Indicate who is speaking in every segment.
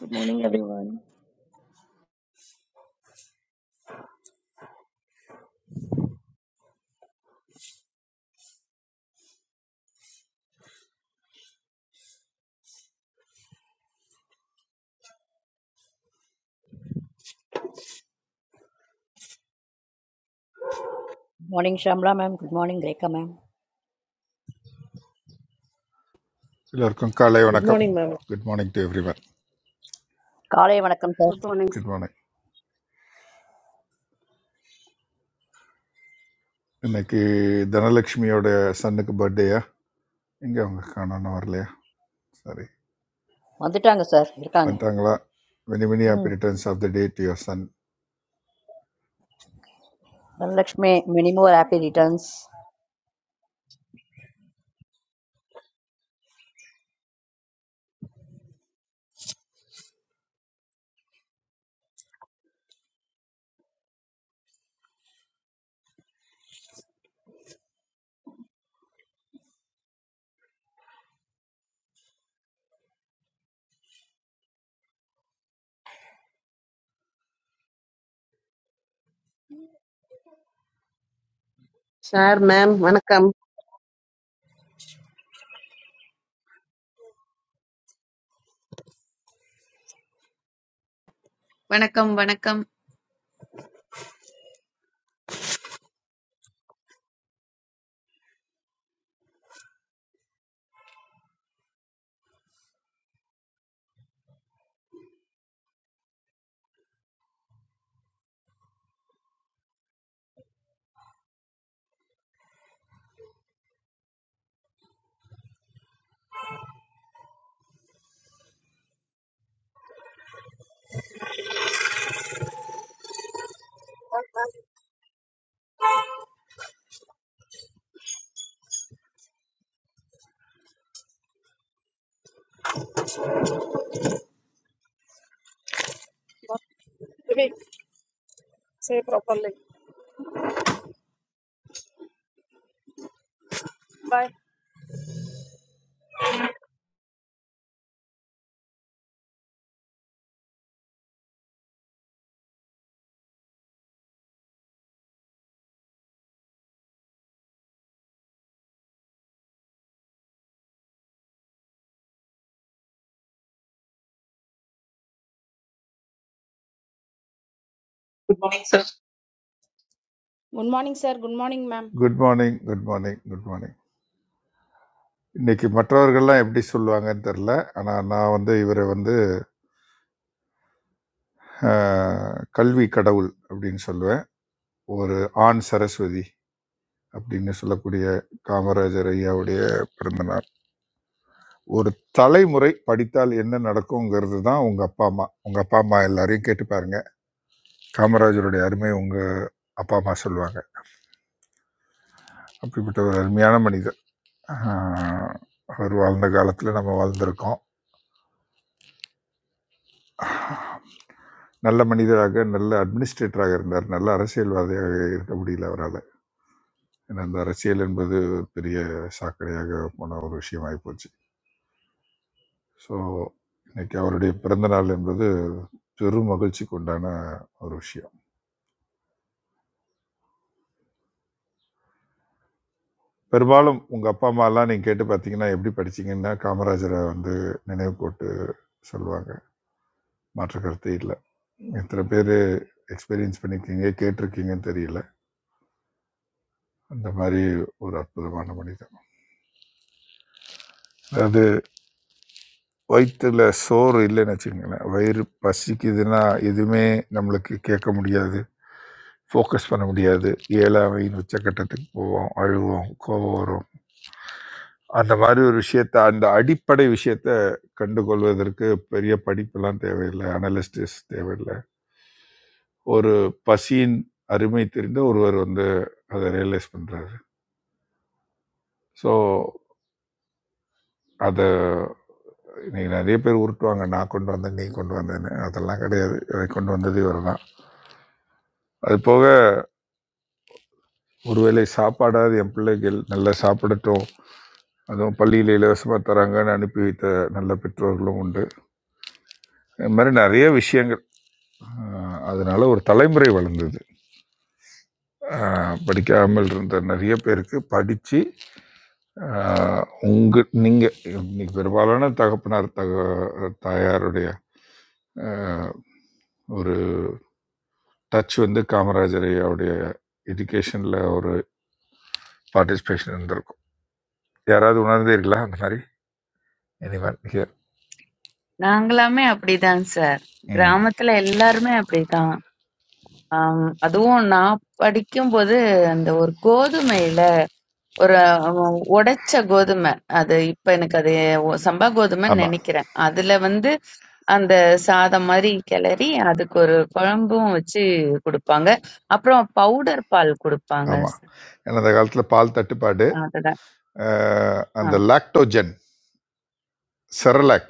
Speaker 1: Good morning, everyone.
Speaker 2: Morning Shamla ma'am good morning Rekha ma'am
Speaker 3: எல்லோருக்கும் காலை
Speaker 4: Good
Speaker 3: வணக்கம்
Speaker 4: morning, ma'am.
Speaker 3: Good morning to every one
Speaker 2: காலை வணக்கம் sir
Speaker 5: Good morning.
Speaker 3: Good morning இன்னைக்கு தனலட்சுமியோட சன்னுக்கு பர்த்டேயா எங்கே அவங்க காணோன்னு வரலையா சரி
Speaker 2: வந்துட்டாங்க சார் இருக்காங்க
Speaker 3: வந்துட்டாங்களா many many
Speaker 2: hmm
Speaker 3: happy returns of the day to your son
Speaker 2: Dhanalakshmi minimum ஒரு happy returns
Speaker 6: Sir, ma'am, when I come.
Speaker 7: வணக்கம் வணக்கம்
Speaker 5: sir. Say properly. Bye.
Speaker 8: Good morning, sir. Good morning, ma'am.
Speaker 3: Good morning good morning good morning இன்னைக்கு மற்றவர்கள்லாம் எப்படி சொல்லுவாங்கன்னு தெரில ஆனால் நான் வந்து இவரை வந்து ஆஹ், கல்வி கடவுள் அப்படின்னு சொல்லுவேன் ஒரு ஆண் சரஸ்வதி அப்படின்னு சொல்லக்கூடிய காமராஜர் ஐயாவுடைய பிறந்தநாள் ஒரு தலைமுறை படித்தால் என்ன நடக்குங்கிறது தான் உங்கள் அப்பா அம்மா உங்கள் அப்பா அம்மா எல்லாரையும் கேட்டு பாருங்க காமராஜருடைய அருமை உங்கள் அப்பா அம்மா சொல்லுவாங்க அப்படிப்பட்ட ஒரு அருமையான மனிதர் ஆஹ் அவர் வாழ்ந்த காலத்தில் நம்ம வாழ்ந்திருக்கோம் நல்ல மனிதராக நல்ல அட்மினிஸ்ட்ரேட்டராக இருந்தார் நல்ல அரசியல்வாதியாக இருக்க முடியல அவரால் ஏன்னா இந்த அரசியல் என்பது பெரிய சாக்கடையாக போன ஒரு விஷயமாகி போச்சு ஸோ இன்னைக்கு அவருடைய பிறந்த நாள் என்பது பெரும் மகிழ்ச்சிக்கு உண்டான ஒரு விஷயம் பெரும்பாலும் உங்கள் அப்பா அம்மாலாம் நீங்கள் கேட்டு பார்த்தீங்கன்னா எப்படி படிச்சீங்கன்னா காமராஜரை வந்து நினைவு கூட்டு சொல்லுவாங்க மாற்று கருத்து இல்லை எத்தனை பேர் எக்ஸ்பீரியன்ஸ் பண்ணியிருக்கீங்க கேட்டிருக்கீங்கன்னு தெரியல அந்த மாதிரி ஒரு அற்புதமான மனிதன் அதாவது வயிற்றுல சோறு இல்லைன்னு வச்சுக்கோங்களேன் வயிறு பசிக்குதுன்னா எதுவுமே நம்மளுக்கு கேட்க முடியாது ஃபோக்கஸ் பண்ண முடியாது ஏழாவையின் உச்சக்கட்டத்துக்கு போவோம் அழுவோம் கோபம் வரும் அந்த மாதிரி ஒரு விஷயத்த அந்த அடிப்படை விஷயத்த கண்டுகொள்வதற்கு பெரிய படிப்பெல்லாம் தேவையில்லை அனலிஸ்டிஸ் தேவையில்லை ஒரு பசியின் அருமை தெரிந்த ஒருவர் வந்து அதை ரியலைஸ் பண்றாரு ஸோ அதை இன்னைக்கு நிறைய பேர் உருட்டுவாங்க நான் கொண்டு வந்தேன் நீ கொண்டு வந்தேன்னு அதெல்லாம் கிடையாது அதை கொண்டு வந்தது இவர் தான் அது போக ஒருவேளை சாப்பாடாவது என் பிள்ளைகள் நல்லா சாப்பிடட்டும் அதுவும் பள்ளியில் இலவசமாக தராங்கன்னு அனுப்பி வைத்த நல்ல பெற்றோர்களும் உண்டு இது மாதிரி நிறைய விஷயங்கள் ஆஹ் அதனால ஒரு தலைமுறை வளர்ந்தது ஆஹ் படிக்காமல் இருந்த நிறைய பேருக்கு படித்து உங்க நீங்கள் இன்னைக்கு பெரும்பாலான தகப்பனார் தக தாயாருடைய ஆஹ் ஒரு டச் வந்து காமராஜர் ஐயாவுடைய எஜுகேஷனில் ஒரு பார்ட்டிசிபேஷன் இருந்திருக்கும் யாராவது உணர்ந்தீர்களா அந்த மாதிரி எனிவன் ஹியர்
Speaker 7: நாங்களாமே அப்படிதான் சார்
Speaker 3: ம்
Speaker 7: கிராமத்துல எல்லாருமே அப்படிதான் ஆம், அதுவும் நான் படிக்கும்போது அந்த ஒரு கோதுமையில ஒரு ஆம், உடைச்ச கோதுமை அது இப்ப எனக்கு அது ஒ- சம்பா கோதுமைன்னு
Speaker 3: ஆமாம்
Speaker 7: நினைக்கிறேன் அதுல வந்து அந்த சாதம் மாதிரி கிளறி அதுக்கு ஒரு குழம்பும் வச்சு கொடுப்பாங்க அப்புறம் பவுடர் பால் கொடுப்பாங்க
Speaker 3: ஆமாம் ஏன்னா அந்த காலத்தில் பால் தட்டுப்பாடு
Speaker 7: அதுதான்
Speaker 3: ஆஹ்
Speaker 7: ஆ.
Speaker 3: அந்த லாக்டோஜன் செரலாக்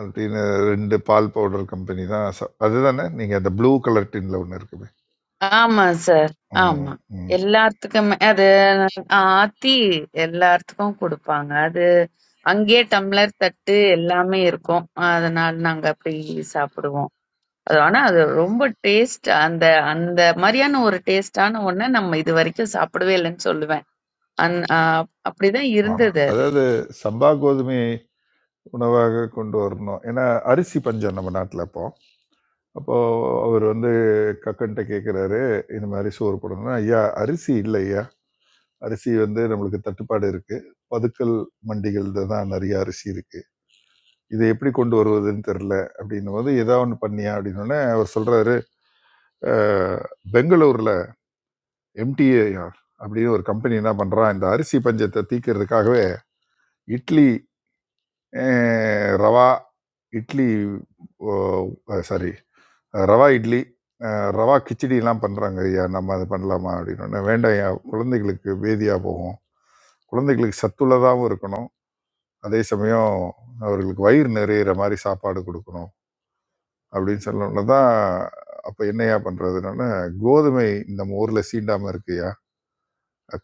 Speaker 3: அப்படின்னு ரெண்டு பால் பவுடர் கம்பெனி தான் ச- அதுதானே நீங்கள் அந்த ப்ளூ கலர் டின்ல ஒன்று இருக்குமே
Speaker 7: ஆமா சார் ஆமா
Speaker 3: ம், ம்.
Speaker 7: எல்லாத்துக்குமே ஆத்தி எல்லாத்துக்கும் கொடுப்பாங்க. அது அங்கேயே டம்ளர், தட்டு எல்லாமே இருக்கும். அதனால நாங்க அப்படி சாப்பிடுவோம். அது ஆனா அது ரொம்ப டேஸ்ட் அந்த அந்த மாரியான ஒரு டேஸ்டான ஒண்ண நம்ம இதுவரைக்கும் சாப்பிடவே இல்லன்னு சொல்லுவேன். அந் அ அப்படிதான்
Speaker 3: ஆமா.
Speaker 7: இருந்தது அது.
Speaker 3: அதாவது சம்பா கோதுமை உணவாக கொண்டு வரணும் ஏன்னா அரிசி பஞ்சம் நம்ம நாட்டில் அப்போ அப்போ அவர் வந்து கக்கன்ட்ட கேட்குறாரு இந்த மாதிரி சோறு போடணும்னா ஐயா அரிசி இல்லை ஐயா அரிசி வந்து நம்மளுக்கு தட்டுப்பாடு இருக்கு பதுக்கல் மண்டிகள் தான் நிறைய அரிசி இருக்கு இதை எப்படி கொண்டு வருவதுன்னு தெரில அப்படின்னும் போது ஏதாவது ஒன்று பண்ணியா அப்படின்னோடனே அவர் சொல்றாரு "அஹ், பெங்களூர்ல எம்டிஏஆர் அப்படின்னு ஒரு கம்பெனி என்ன பண்ணுறா இந்த அரிசி பஞ்சத்தை தீர்க்கறதுக்காகவே இட்லி அஹ், ரவா இட்லி சாரி ரவா இட்லி அஹ், ரவா கிச்சடிலாம் பண்ணுறாங்க ஐயா நம்ம அதை பண்ணலாமா அப்படின்னு வேண்டாம் ஐயா குழந்தைகளுக்கு வேதியாக போகும் குழந்தைகளுக்கு சத்துள்ளதாகவும் இருக்கணும் அதே சமயம் அவர்களுக்கு வயிறு நிறையிற மாதிரி சாப்பாடு கொடுக்கணும் அப்படின்னு சொன்னோம்னா தான் அப்போ என்னையா பண்ணுறதுனால கோதுமை நம்ம ஊரில் சீண்டாமல் இருக்கு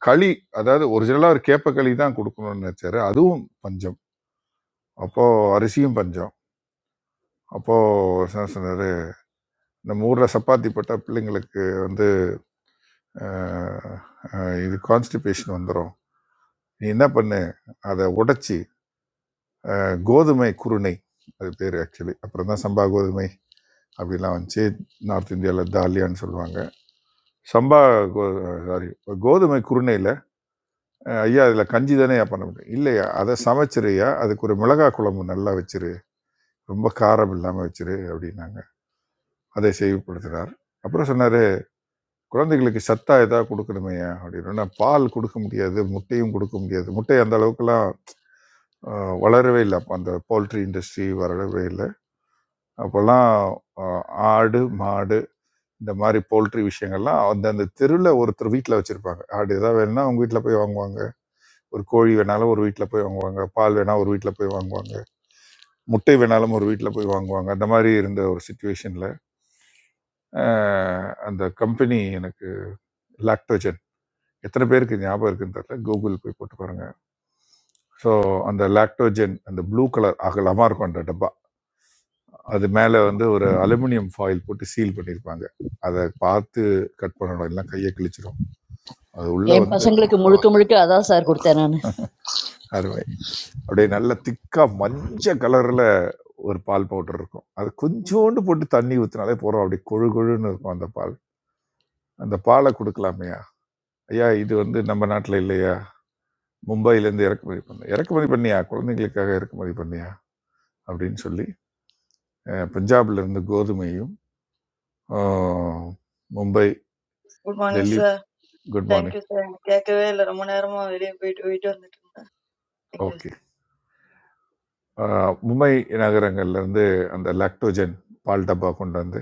Speaker 3: களி அதாவது ஒரிஜினலாக ஒரு கேப்ப களி தான் கொடுக்கணும்னு நினைச்சாரு அதுவும் பஞ்சம் அப்போ அரிசியும் பஞ்சம் அப்போ என்ன சொன்னாரு நம்ம ஊர்ல சப்பாத்தி போட்டா பிள்ளைங்களுக்கு வந்து அஹ், அஹ், இது கான்ஸ்டிபேஷன் வந்துடும் நீ என்ன பண்ணு அதை உடைச்சி அஹ், கோதுமை குருணை அது பேர் ஆக்சுவலி அப்புறம் தான் சம்பா கோதுமை அப்படிலாம் வந்துச்சு நார்த் இந்தியாவில் தாலியான்னு சொல்லுவாங்க சம்பா கோ சாரி கோதுமை குருணையில் ஐயா இதில் கஞ்சி தானே பண்ண முடியும் இல்லையா அதை சமைச்சிருயா அதுக்கு ஒரு மிளகாய் குழம்பு நல்லா வச்சிரு ரொம்ப காரம் இல்லாமல் வச்சிரு அப்படின்னாங்க அதை செய்வப்படுத்தினார் அப்புறம் சொன்னார் குழந்தைகளுக்கு சத்தா ஏதாவது கொடுக்கணுமையா அப்படின்னு நான் பால் கொடுக்க முடியாது முட்டையும் கொடுக்க முடியாது முட்டை அந்த அளவுக்குலாம் ஆஹ், வளரவே இல்லை அப்போ அந்த போல்ட்ரி இண்டஸ்ட்ரி வளரவே இல்லை அப்போல்லாம் ஆஹ், ஆடு மாடு இந்த மாதிரி போல்ட்ரி விஷயங்கள்லாம் அந்தந்த தெருவில் ஒருத்தர் வீட்டில் வச்சுருப்பாங்க ஆடு ஏதாவது வேணும்னா அவங்க வீட்டில் போய் வாங்குவாங்க ஒரு கோழி வேணாலும் ஒரு வீட்டில் போய் வாங்குவாங்க பால் வேணா ஒரு வீட்டில் போய் வாங்குவாங்க முட்டை வேணாலும் ஒரு வீட்டில் போய் வாங்குவாங்க அந்த மாதிரி இருந்த ஒரு சுச்சுவேஷனில் அஹ் அந்த கம்பெனி எனக்கு லாக்டோஜன் எத்தனை பேருக்கு ஞாபகம் இருக்குன்னு தெரியல கூகுள் போய் போட்டு பாருங்க ஸோ அந்த லாக்டோஜன் அந்த ப்ளூ கலர் அகலமாக இருக்கும் அந்த டப்பா அது மேலே வந்து ஒரு அலுமினியம் ஃபாயில் போட்டு சீல் பண்ணியிருப்பாங்க அதை பார்த்து கட் பண்ணணும் எல்லாம் கையை கிழிச்சிடும் அது உள்ள
Speaker 2: என்
Speaker 3: வந்து
Speaker 2: பசங்களுக்கு முழுக்க முழுக்க அதான் சார் கொடுத்தேன் நான்
Speaker 3: அருமை அப்படியே நல்ல திக்கா மஞ்சள் கலர்ல ஒரு பால் பவுடர் இருக்கும் அது கொஞ்சோண்டு போட்டு தண்ணி ஊற்றினாலே போகிறோம் அப்படி கொழு கொழுன்னு இருக்கும் அந்த பால் அந்த பாலை கொடுக்கலாமையா ஐயா இது வந்து நம்ம நாட்டில் இல்லையா மும்பையிலேருந்து இறக்குமதி பண்ண இறக்குமதி பண்ணியா குழந்தைங்களுக்காக இறக்குமதி பண்ணியா அப்படின்னு சொல்லி அஹ், பஞ்சாப்ல இருந்து கோதுமையும் அஹ், Mumbai
Speaker 9: good morning
Speaker 3: Delhi
Speaker 9: sir
Speaker 3: good
Speaker 9: thank you
Speaker 3: morning
Speaker 9: sir எனக்கு கேட்கவே இல்லை ரொம்ப நேரமா வெளியே போயிட்டு போயிட்டு வந்துட்டு இருந்தேன் தேங்க்யூ
Speaker 3: ஓகே மும்பை நகரங்கள்ல இருந்து அந்த லாக்டோஜன் பால் டப்பா கொண்டு வந்து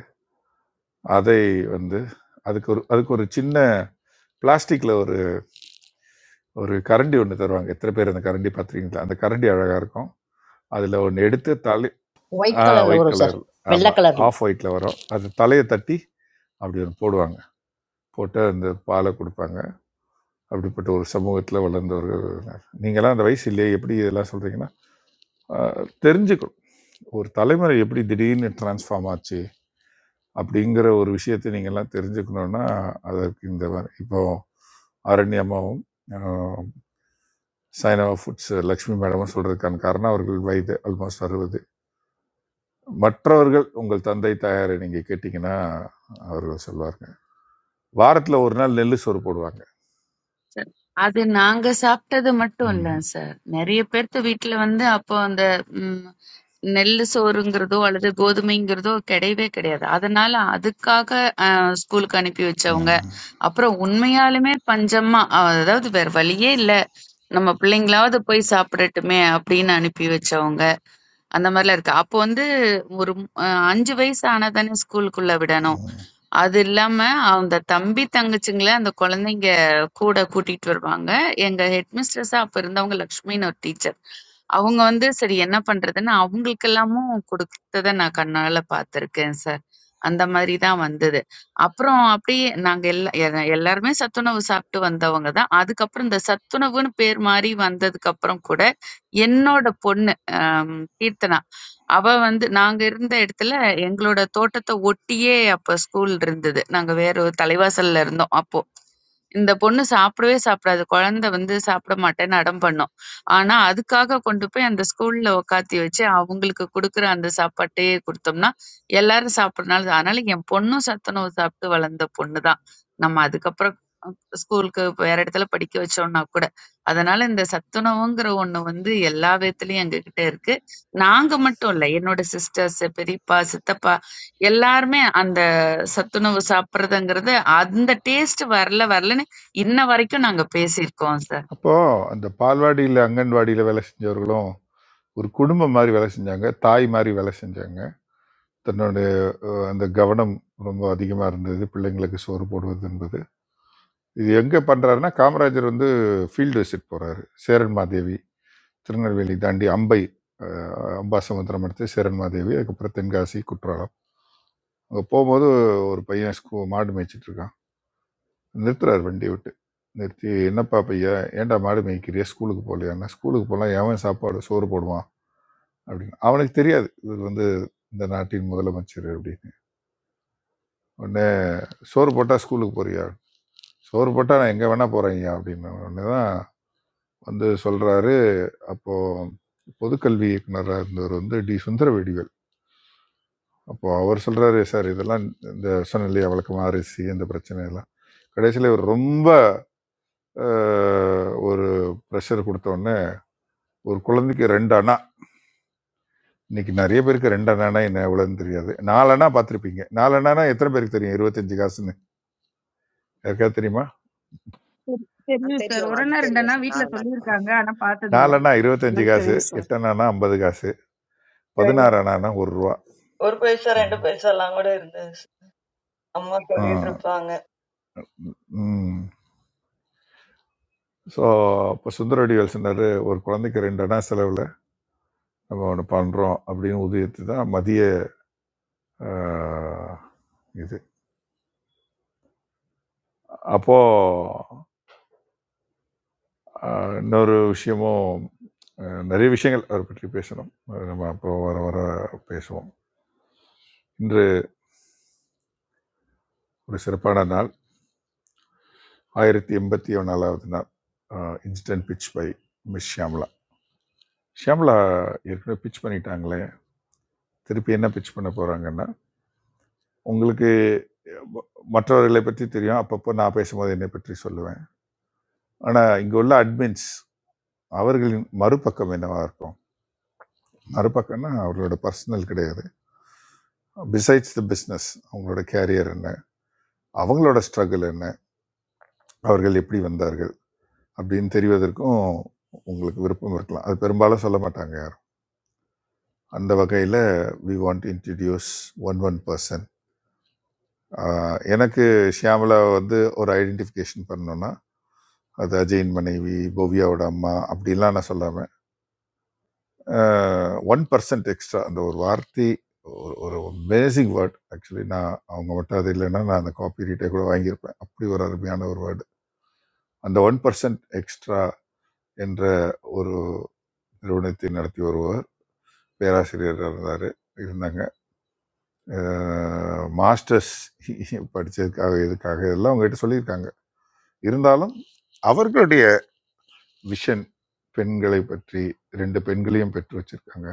Speaker 3: அதை வந்து அதுக்கு ஒரு அதுக்கு ஒரு சின்ன பிளாஸ்டிக்ல ஒரு ஒரு கரண்டி ஒன்று தருவாங்க எத்தனை பேர் அந்த கரண்டி பார்த்துருக்கீங்களா அந்த கரண்டி அழகாக இருக்கும் அதில் ஒன்று எடுத்து தலை ஆ
Speaker 2: ஒயிட் கலரில்
Speaker 3: ஒயிட்
Speaker 2: வரும் சார்
Speaker 3: கலர்
Speaker 2: வெள்ளை
Speaker 3: ஆமாம்
Speaker 2: கலரில்
Speaker 3: ஆஃப் ஒயிட்டில் வரும் அது தலையை தட்டி அப்படி ஒன்று போடுவாங்க போட்டு அந்த பாலை கொடுப்பாங்க அப்படிப்பட்ட ஒரு சமூகத்தில் வளர்ந்தவர்கள் நான். நீங்களாம் அந்த வயசு இல்லையே எப்படி இதெல்லாம் சொல்கிறீங்கன்னா தெரிஞ்சுக்கணும் ஒரு தலைமுறை எப்படி திடீர்னு டிரான்ஸ்ஃபார்ம் ஆச்சு அப்படிங்கிற ஒரு விஷயத்தை நீங்கள்லாம் தெரிஞ்சுக்கணுன்னா அதற்கு இந்த மாதிரி இப்போ அரண்யமாவும் ஆஹ், சைனவா ஃபுட்ஸ் லக்ஷ்மி மேடமும் சொல்கிறதுக்கான காரணம் அவர்கள் வயது ஆல்மோஸ்ட் அறுபது மற்றவர்கள் உங்கள் தந்தை தாயாரை நீங்கள் கேட்டிங்கன்னா அவர்கள் சொல்வார்கள் வாரத்தில் ஒரு நாள் நெல் சோறு போடுவாங்க
Speaker 7: அது நாங்க சாப்பிட்டது மட்டும் இல்ல
Speaker 3: ம்.
Speaker 7: சார். நெறைய பேர்த்து வீட்ல வந்து அப்போ அந்த ம், நெல்லு சோறுங்கிறதோ அல்லது கோதுமைங்கிறதோ கிடையவே கிடையாது. அதனால அதுக்காக அ, ஸ்கூலுக்கு அனுப்பி வச்சவங்க.
Speaker 3: ம்.
Speaker 7: அப்புறம் உண்மையாலுமே பஞ்சமா அஹ், அதாவது வேற வழியே இல்ல. நம்ம பிள்ளைங்களாவது போய் சாப்பிடட்டுமே அப்படின்னு அனுப்பி வச்சவங்க. அந்த மாரிலாம் இருக்கு. அப்போ வந்து ஒரு அ, 5 வயசு ஆனா தானே ஸ்கூலுக்குள்ள விடணும். அது இல்லாம அந்த தம்பி, தங்கச்சிங்கள அந்த குழந்தைங்க கூட கூட்டிட்டு வருவாங்க. எங்க ஹெட் மிஸ்ட்ரஸ்ஸா அப்ப இருந்தவங்க லக்ஷ்மின்னு ஒரு டீச்சர். அவங்க வந்து சரி என்ன பண்றதுன்னு அவங்களுக்கெல்லாமும் கொடுத்தத நான் கண்ணால பார்த்துருக்கேன் சார். அந்த மாதிரி தான் வந்தது. அப்புறம் அப்படியே நாங்க எல்லா எ எல்லாருமே சத்துணவு சாப்பிட்டு வந்தவங்க தான். அதுக்கப்புறம் இந்த சத்துணவுன்னு பேர் மாறி வந்ததுக்கப்புறம் கூட என்னோட பொண்ணு அம் கீர்த்தனா, அவ வந்து நாங்க இருந்த இடத்துல எங்களோட தோட்டத்த ஒட்டியே அப்ப ஸ்கூல் இருந்தது. நாங்க வேற ஒரு தலைவாசல்ல இருந்தோம் அப்போ. இந்த பொண்ணு சாப்பிடவே சாப்பிடாது. குழந்தை வந்து சாப்பிட மாட்டேன்னு அடம் பண்ணும். ஆனா, அதுக்காக கொண்டு போய் அந்த ஸ்கூல்ல உட்காத்தி வச்சு, அவங்களுக்கு குடுக்குற அந்த சாப்பாட்டையே குடுத்தோம்னா, எல்லாரும் சாப்பிடுறனால அதனால என் பொண்ணும் சத்துணவு சாப்பிட்டு வளர்ந்த பொண்ணு தான். நம்ம அதுக்கப்புறம் அ ஸ்கூலுக்கு வேற இடத்துல படிக்க வச்சோம்னா கூட. அதனால இந்த சத்துணவுங்கிற ஒண்ணு வந்து எல்லா விதத்துலயும் எங்ககிட்ட இருக்கு. நாங்க மட்டும் இல்ல. என்னோட சிஸ்டர்ஸ், பெரியப்பா, சித்தப்பா எல்லாருமே அந்த சத்துணவு சாப்பிடுறதுங்கிறது அந்த டேஸ்ட் வரல வரலன்னு இன்ன வரைக்கும் நாங்க பேசியிருக்கோம் சார்.
Speaker 3: அப்போ அந்த பால்வாடியில் அங்கன்வாடியில் வேலை செஞ்சவர்களும் ஒரு குடும்பம் மாதிரி வேலை செஞ்சாங்க தாய் மாதிரி வேலை செஞ்சாங்க தன்னுடைய அஹ், அந்த கவனம் ரொம்ப அதிகமாக இருந்தது பிள்ளைங்களுக்கு சோறு போடுவது என்பது இது எங்கே பண்ணுறாருன்னா காமராஜர் வந்து ஃபீல்டு விசிட் போகிறாரு சேரன் மாதேவி திருநெல்வேலி தாண்டி அம்பை அஹ், அம்பாசமுத்திரம் அடுத்து சேரன் மாதேவி அதுக்கப்புறம் தென்காசி குற்றாலம் அங்கே போகும்போது ஒரு பையன் ஸ்கூ மாடு மேய்ச்சிட்டு இருக்கான் நிறுத்துறாரு வண்டி விட்டு நிறுத்தி என்னப்பா பையா ஏன்டா மாடு மேய்க்கிறியா ஸ்கூலுக்கு போகலையான்னா ஸ்கூலுக்கு போகலாம் எவன் சாப்பாடு சோறு போடுவான் அப்படின்னு அவனுக்கு தெரியாது இவர் வந்து இந்த நாட்டின் முதலமைச்சர் அப்படின்னு உடனே சோறு போட்டால் ஸ்கூலுக்கு போறியா சோறு போட்டால் நான் எங்கே வேணா போகிறேன் அப்படின்னு உடனே தான் வந்து சொல்கிறாரு அப்போது பொதுக்கல்வி இயக்குனராக இருந்தவர் வந்து டி சுந்தர வடிவேல் அப்போ அவர் சொல்கிறாரு சார் இதெல்லாம் இந்த சொன்ன இல்லையா வழக்கமாக அரிசி இந்த பிரச்சனை எல்லாம் கடைசியில் இவர் ரொம்ப அஹ், ஒரு ப்ரெஷர் கொடுத்த உடனே ஒரு குழந்தைக்கு ரெண்டு அண்ணா இன்னைக்கு நிறைய பேருக்கு ரெண்டு அண்ணானா என்ன எவ்வளோன்னு தெரியாது நாலு அண்ணா பார்த்துருப்பீங்க நாலு அண்ணானா எத்தனை பேருக்கு தெரியும் இருபத்தஞ்சு காசுன்னு யாருக்காவது தெரியுமா
Speaker 10: Sir,
Speaker 11: ஆ
Speaker 10: sir.
Speaker 11: தெரியும்.
Speaker 10: Oran
Speaker 11: அது
Speaker 10: na orda
Speaker 11: தெரியும்
Speaker 10: na.
Speaker 11: சார்.
Speaker 10: Weet la
Speaker 11: நானும் நான்
Speaker 10: soliir
Speaker 11: தெரியும்.
Speaker 10: kanga. Ana paata dille.
Speaker 3: நாலு அண்ணா இருபத்தஞ்சு
Speaker 5: Thank
Speaker 3: காசு
Speaker 5: you, sir.
Speaker 3: எட்டு அண்ணானா ஐம்பது காசு
Speaker 9: சரி
Speaker 3: பதினாறு
Speaker 9: சார்
Speaker 3: அண்ணானா ஒரு ரூபா
Speaker 9: ஒரு பைசா ரெண்டு பைசா எல்லாம் கூட இருந்தது sir. அம்மா சொல்லிட்டு இருப்பாங்க
Speaker 3: ஸோ இப்போ சுந்தரடிவல் சொன்னார் ஒரு குழந்தைக்கு ரெண்டு அண்ணா செலவில் நம்ம ஒன்று பண்ணுறோம் அப்படின்னு உதயத்து தான் மதிய ஆஹ், இது அப்போது ஆஹ் இன்னொரு விஷயமும் ஆஹ் நிறைய விஷயங்கள் அவரை பற்றி பேசணும் அது நம்ம அப்போ வர வர பேசுவோம் இன்று ஒரு சிறப்பான நாள் ஆயிரத்தி எண்பத்தி ஒன்றாலாவது நாள் instant pitch by miss Shyamala Shyamala ஏற்கனவே பிட்ச் பண்ணிட்டாங்களே திருப்பி என்ன பிட்ச் பண்ண போகிறாங்கன்னா உங்களுக்கு ம- மற்றவர்களை பற்றி தெரியும் அப்பப்போ நான் பேசும்போது என்னை பற்றி சொல்லுவேன் ஆனால் இங்கே உள்ள அட்மின்ஸ் அவர்களின் மறுபக்கம் என்னவா இருக்கும் மறுபக்கம்னா அவர்களோட பர்சனல் கிடையாது பிசைட்ஸ் த பிஸ்னஸ் அவங்களோட கேரியர் என்ன அவங்களோட ஸ்ட்ரகிள் என்ன அவர்கள் எப்படி வந்தார்கள் அப்படின்னு தெரிவதற்கும் உங்களுக்கு விருப்பம் இருக்கலாம் அது பெரும்பாலும் சொல்ல மாட்டாங்க யாரும் அந்த வகையில் we want to introduce one one person எனக்கு ஷியாமலா வந்து ஒரு ஐடென்டிஃபிகேஷன் பண்ணணும்னா அது அஜயின் மனைவி பவ்யாவோட அம்மா அப்படிலாம் நான் சொல்லாமல் ஒன் பர்சன்ட் எக்ஸ்ட்ரா அந்த ஒரு வார்த்தை ஒரு ஒரு அமேசிங் வேர்ட் ஆக்சுவலி நான் அவங்க மட்டும் அது இல்லைன்னா நான் அந்த காப்பி ரீட்டை கூட வாங்கியிருப்பேன் அப்படி ஒரு அருமையான ஒரு வேர்டு அந்த ஒன் பர்சன்ட் எக்ஸ்ட்ரா என்ற ஒரு நிறுவனத்தை நடத்தி வருபவர் பேராசிரியராக இருந்தார் இருந்தாங்க மாஸ்டர்ஸ் படித்ததுக்காக இதுக்காக இதெல்லாம் அவங்ககிட்ட சொல்லியிருக்காங்க இருந்தாலும் அவர்களுடைய விஷன் பெண்களை பற்றி ரெண்டு பெண்களையும் பெற்று வச்சிருக்காங்க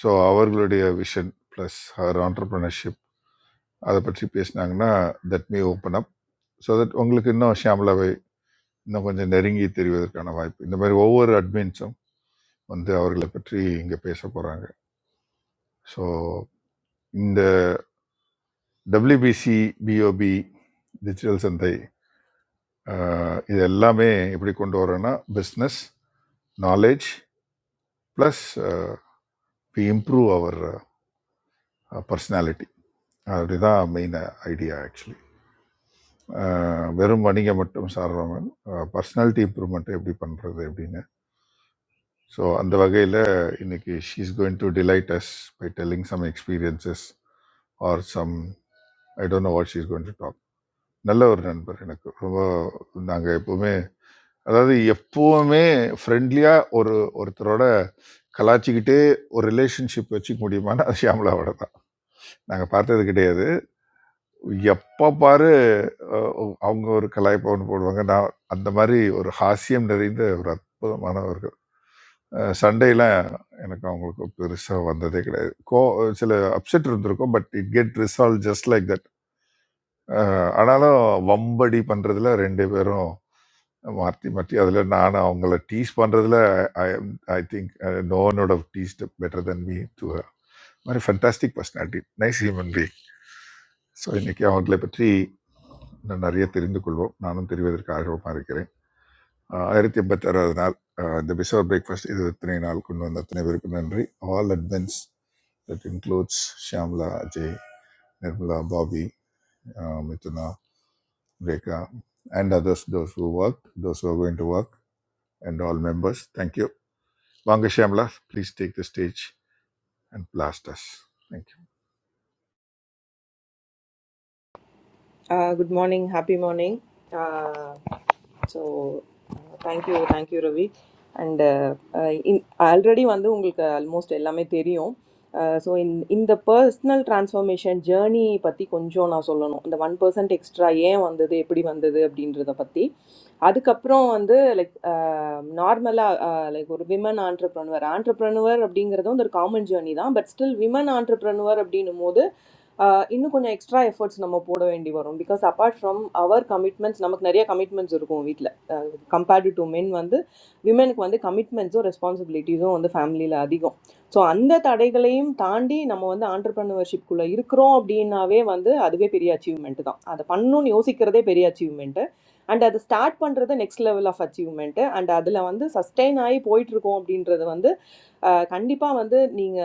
Speaker 3: ஸோ அவர்களுடைய விஷன் ப்ளஸ் ஹர் ஆண்டர்பிரினர்ஷிப் அதை பற்றி பேசினாங்கன்னா that me open up so that உங்களுக்கு இன்னும் ஷியாமலாவை இன்னும் கொஞ்சம் நெருங்கி தெரிவதற்கான வாய்ப்பு இந்த மாதிரி ஒவ்வொரு அட்மின்ஸும் வந்து அவர்களை பற்றி இங்கே பேச போகிறாங்க ஸோ இந்த டபிள்யூபிசி பிஓபி டிஜிட்டல் சந்தை அஹ், இது எல்லாமே எப்படி கொண்டு வரோன்னா business knowledge plus we improve அவர் பர்சனாலிட்டி அப்படிதான் மெயின் ஐடியா ஆக்சுவலி வெறும் வணிகம் மட்டும் சாராமல் பர்சனாலிட்டி இம்ப்ரூவ்மெண்ட் எப்படி பண்ணுறது அப்படின்னு ஸோ அந்த வகையில் இன்னைக்கு she is going to delight us by telling some experiences or some I don't know what she's going to talk நல்ல ஒரு நண்பர் எனக்கு ரொம்ப நாங்கள் எப்போவுமே அதாவது எப்போவுமே ஃப்ரெண்ட்லியாக ஒரு ஒருத்தரோட கலாச்சிக்கிட்டே ஒரு ரிலேஷன்ஷிப் வச்சுக்க முடியுமான்னு அது ஷியாமலாவோட தான் நாங்கள் பார்த்தது கிடையாது எப்போ பாரு அஹ், அவங்க ஒரு கலாய்ப்பவன் போடுவாங்க நான் அந்த மாதிரி ஒரு ஹாஸ்யம் நிறைந்த ஒரு அற்புதமானவர்கள் அஹ், சண்டையெல்லாம் எனக்கு அவங்களுக்கு பெருசாக வந்ததே கிடையாது கோ சில அப்செட் இருந்திருக்கும் but it get resolve just like that ah ஆனாலும் வம்படி பண்றதுல ரெண்டு பேரும் மாற்றி மாற்றி அதில் நான் அவங்கள டீஸ் பண்ணுறதுல ஐ ஐ திங்க் நோ ஒன்னோட taste better than me to மாதிரி fantastic personality nice human being so இன்னைக்கு அவங்களை பற்றி இன்னும் நிறைய தெரிந்து கொள்வோம் நானும் தெரிவதற்கு ஆர்வமாக இருக்கிறேன் அஹ் ஆயிரத்தி எண்பத்தாறாவது நாள் அஹ் இந்த பிசோர் பிரேக்ஃபாஸ்ட் இது இத்தனை நாள் கொண்டு வந்த அத்தனை பேருக்கு நன்றி ஆல் அட்வென்ஸ் that includes Shyamala Ajay Nirmala Bobby uh Mithuna Rekha, and others, those who worked, those who are going to work, and all members. Thank you. வாங்க Shyamala please take the stage and blast us thank you
Speaker 4: Ah, good morning. Happy morning. Uh, So, uh, thank you, thank you, Ravi. And uh, uh, in I already want to you guys almost all of them. So, in in the personal transformation journey, pati kunchon a solon the one person extra ye want to thee. Eppadi want to thee abdiin ritha pati. Adi kaproo want to like normal like a woman entrepreneur or entrepreneur abdiin ritha un da common journey da. But still, woman entrepreneur abdiinu mode. Innu konya extra efforts nama podo endi varom because apart from our commitments, nama k nariya commitments jor kumitla compared to men vande women vande commitments or responsibilities vande family la adigo so ande taraygalayim tandi nama vande entrepreneurship kulla yur croop din naave vande adige periy achievement da adha pannu ni osikarde periy achievemente ande adha start punderda next level of achievemente ande adhal vande sustainai point jor kumopdin trada vande khandipa vande niing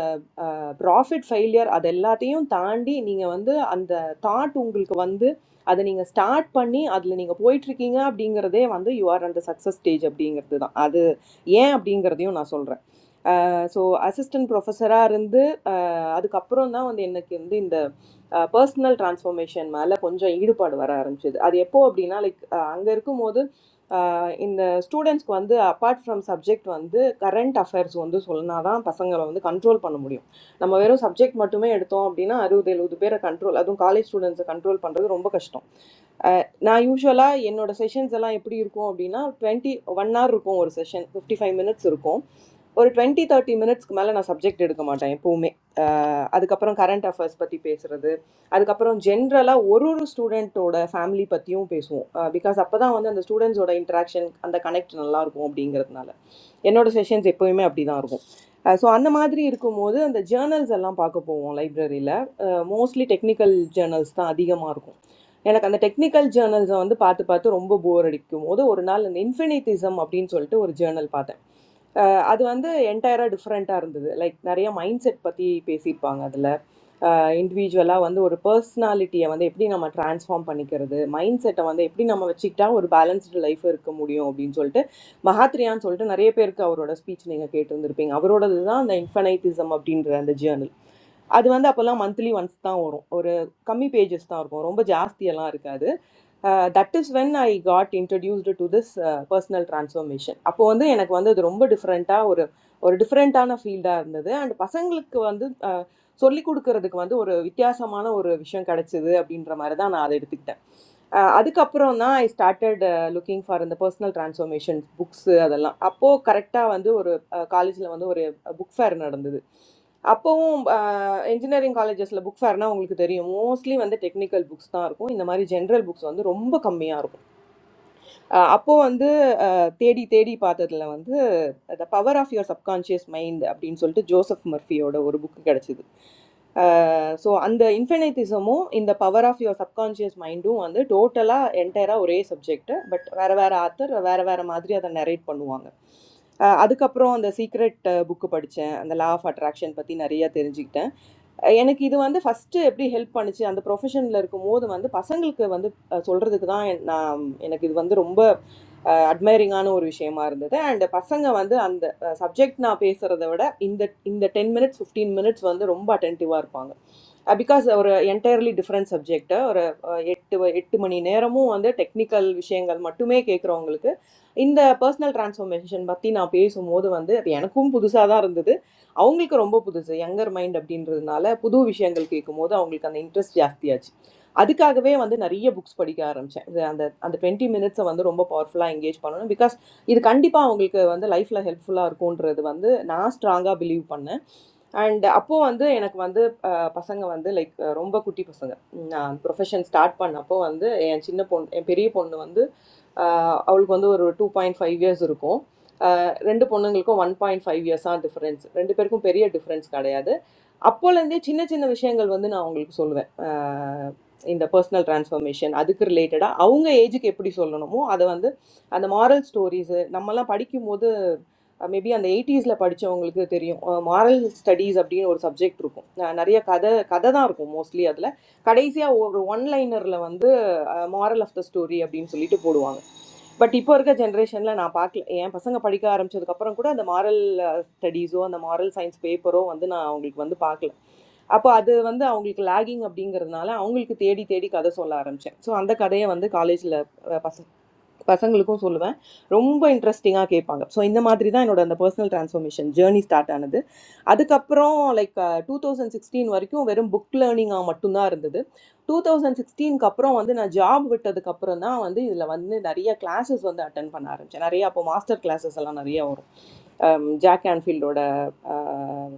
Speaker 4: profit failure அது எல்லாத்தையும் தாண்டி நீங்கள் வந்து அந்த thought உங்களுக்கு வந்து அதை நீங்கள் ஸ்டார்ட் பண்ணி அதில் நீங்கள் போயிட்டுருக்கீங்க அப்படிங்கிறதே வந்து யூ ஆர் அந்த சக்ஸஸ் ஸ்டேஜ் அப்படிங்கிறது தான் அது ஏன் அப்படிங்கிறதையும் நான் சொல்கிறேன் ஸோ அசிஸ்டன்ட் ப்ரொஃபஸராக இருந்து அஹ், அதுக்கப்புறம் தான் வந்து எனக்கு வந்து இந்த பர்சனல் டிரான்ஸ்ஃபர்மேஷன் மேலே கொஞ்சம் ஈடுபாடு வர ஆரம்பிச்சது அது எப்போ அப்படின்னா லைக் அங்கே இருக்கும்போது in students, वां दे apart from subject वां दे current affairs वां दे सोलना आ दां पसंग लोग वां दे control पन उम्दीयो। नम्मा वेरो subject मटुमे एड़तों अभी ना आरु देलो दुपेरा control अ दुम college students control पन रहते रोंबा कष्टों। நான் யூஷுவலா என்னோட செஷன்ஸ் எல்லாம் எப்படி இருக்கும் அப்படின்னா 20 ஒன் hour இருக்கும் ஒரு செஷன் 55 ஃபைவ் மினிட்ஸ் இருக்கும் ஒரு 20 தேர்ட்டி மினிட்ஸ்க்கு மேலே நான் சப்ஜெக்ட் எடுக்க மாட்டேன் எப்போவுமே அஹ் அதுக்கப்புறம் கரண்ட் அஃபேர்ஸ் பற்றி பேசுறது அதுக்கப்புறம் ஜென்ரலாக ஒரு ஒரு ஸ்டூடெண்ட்டோட ஃபேமிலி பற்றியும் பேசுவோம் பிகாஸ் அப்போ தான் வந்து அந்த ஸ்டூடெண்ட்ஸோட இன்ட்ராக்ஷன் அந்த கனெக்ட் நல்லா இருக்கும் அப்படிங்கிறதுனால என்னோட செஷன்ஸ் எப்போயுமே அப்படி தான் இருக்கும் ஸோ அந்த மாதிரி இருக்கும்போது அந்த ஜேர்னல்ஸ் எல்லாம் பார்க்க போவோம் லைப்ரரியில் மோஸ்ட்லி டெக்னிக்கல் ஜேர்னல்ஸ் தான் அதிகமாக இருக்கும் எனக்கு அந்த டெக்னிக்கல் ஜேர்னல்ஸை வந்து பார்த்து பார்த்து ரொம்ப போர் அடிக்கும் போது ஒரு நாள் அந்த இன்ஃபினிட்டிசம் அப்படின்னு சொல்லிட்டு ஒரு ஜேர்னல் பார்த்தேன் அது வந்து என்டையரா டிஃப்ரெண்ட்டா இருந்தது. லைக் நெறைய மைண்ட் செட் பத்தி பேசியிருப்பாங்க அதுல. அ இண்டிவிஜுவலா வந்து ஒரு பர்சனாலிட்டிய வந்து எப்படி நம்ம டிரான்ஸ்ஃபார்ம் பண்ணிக்கிறது, மைண்ட் செட்ட வந்து எப்படி நம்ம வச்சுக்கிட்டா ஒரு பேலன்ஸ்டு லைஃப் இருக்க முடியும் அப்படின்னு சொல்லிட்டு, மஹாத்ரியான்னு சொல்லிட்டு நெறைய பேருக்கு அவரோட ஸ்பீச் நீங்க கேட்டிருந்திருப்பீங்க. அவரோடது தான் அந்த இன்ஃபைனைட்டிசம் அப்படின்ற அந்த ஜேர்னல். அது வந்து அப்போலாம் மந்த்லி ஒன்ஸ் தான் வரும். ஒரு கம்மி பேஜஸ் தான் இருக்கும். ரொம்ப ஜாஸ்தியெல்லாம் இருக்காது. Uh, That is when I got introduced to this uh, personal transformation. आपो वंदे याना वंदे दो रुँबा different आह ओर ओर different आह ना field आह नंदे याना पासंगले क वंदे आह सोली कुड कर दे क वंदे ओर विचार सामाना ओर विषयन कर चेदे अप्पीन रमारे दाना आले र टिक्टा. आधे कप्परो ना started looking for अंदे personal transformation books यादलाल. आपो करेक्टा वंदे ओर college ले मंदे ओर बुक फेर नर दंदे दे. आपो उ Engineering colleges लबुक्स है ना उनको तेरे हो mostly वन्दे technical books तारों को इन हमारी general books वन्दे रोम्ब कम्मी आरों आपो वन्दे तेडी तेडी पाते तल्ला वन्दे the power of your subconscious mind अपनी न्सोल्टे जोसफ मर्फी ओड़ा ओर बुक के कर चुद so, under infiniteismo, in the power of your subconscious mindo, under totala, entire a whole subject, but vara-vara atther, vara-vara madhya the narrate ponuanga. आध कप्परो आध secret book पढ़च्या, आध love attraction पती नरिया तेरजीतां. आयने की दो आध first एप्री help पनच्या, आध professionलरको मोड माधे पसंगलके आध सोल्डर दितायन. आम आयने की दो आध रुँबा admiring आनो एक विषय मारण्टे. आध पसंग आध माधे आध subject नापेसर आध वडे in the in the ten minutes fifteen minutes आध रुँबा attentive � uh, because our entirely different subject or எட்டு வ- எட்டு மணி நேரமும் வந்து டெக்னிக்கல் விஷயங்கள் மட்டுமே கேட்குறவங்களுக்கு இந்த பர்சனல் டிரான்ஸ்ஃபர்மேஷன் பற்றி நான் பேசும்போது வந்து அது எனக்கும் புதுசாக தான் இருந்தது அவங்களுக்கு ரொம்ப புதுசு யங்கர் மைண்ட் அப்படின்றதுனால புது விஷயங்கள் கேட்கும்போது அவங்களுக்கு அந்த இன்ட்ரெஸ்ட் ஜாஸ்தியாச்சு அதுக்காகவே வந்து நிறைய புக்ஸ் படிக்க ஆரம்பித்தேன் அந்த அந்த டுவெண்ட்டி மினிட்ஸை வந்து ரொம்ப பவர்ஃபுல்லாக எங்கேஜ் பண்ணணும் பிகாஸ் இது கண்டிப்பாக அவங்களுக்கு வந்து லைஃப்பில் ஹெல்ப்ஃபுல்லாக இருக்கும்ன்றது வந்து நான் ஸ்ட்ராங்காக பிலீவ் பண்ணேன் அண்ட் அப்போது வந்து எனக்கு வந்து பசங்க வந்து லைக் ரொம்ப குட்டி பசங்க நான் ப்ரொஃபஷன் ஸ்டார்ட் பண்ணப்போ வந்து என் சின்ன பொண்ணு என் பெரிய பொண்ணு வந்து ஆஹ், அவளுக்கு வந்து ஒரு டூ பாயிண்ட் ஃபைவ் இயர்ஸ் இருக்கும் ரெண்டு பொண்ணுங்களுக்கும் ஒன் பாயிண்ட் ஃபைவ் இயர்ஸாக டிஃப்ரென்ஸ் ரெண்டு பேருக்கும் பெரிய டிஃப்ரென்ஸ் கிடையாது அப்போலேருந்தே சின்ன சின்ன விஷயங்கள் வந்து நான் அவங்களுக்கு சொல்லுவேன் ஆஹ் இந்த பர்சனல் டிரான்ஸ்ஃபர்மேஷன் அதுக்கு ரிலேட்டடாக அவங்க ஏஜுக்கு எப்படி சொல்லணுமோ அதை வந்து அந்த மாரல் ஸ்டோரிஸு நம்மலாம் படிக்கும்போது மேபி அந்த எயிட்டிஸில் படித்தவங்களுக்கு தெரியும் மாரல் ஸ்டடீஸ் அப்படின்னு ஒரு சப்ஜெக்ட் இருக்கும் அஹ் நிறைய கதை கதை தான் இருக்கும் மோஸ்ட்லி அதில் கடைசியாக ஒரு ஒன் லைனரில் வந்து மாரல் ஆஃப் த ஸ்டோரி அப்படின்னு சொல்லிட்டு போடுவாங்க பட் இப்போ இருக்க ஜென்ரேஷனில் நான் பார்க்கல என் பசங்க படிக்க ஆரம்பிச்சதுக்கு கூட அந்த moral Studies or the moral science paper or, and then I, our kids, and the park. So, that, and the, our kids lagging up doing, or not, our kids, steady, steady, kind of, so, and the, kind of, and the college, or, pass. Passengers, so let me. It was very interesting. I came back. So, in the matter itself, personal transformation journey started. That after like 2016, I came to learn book learning. I am a student. After 2016, after that, I started my job. After that, I started doing classes. I attended. I did master classes. I did Jack Anfield.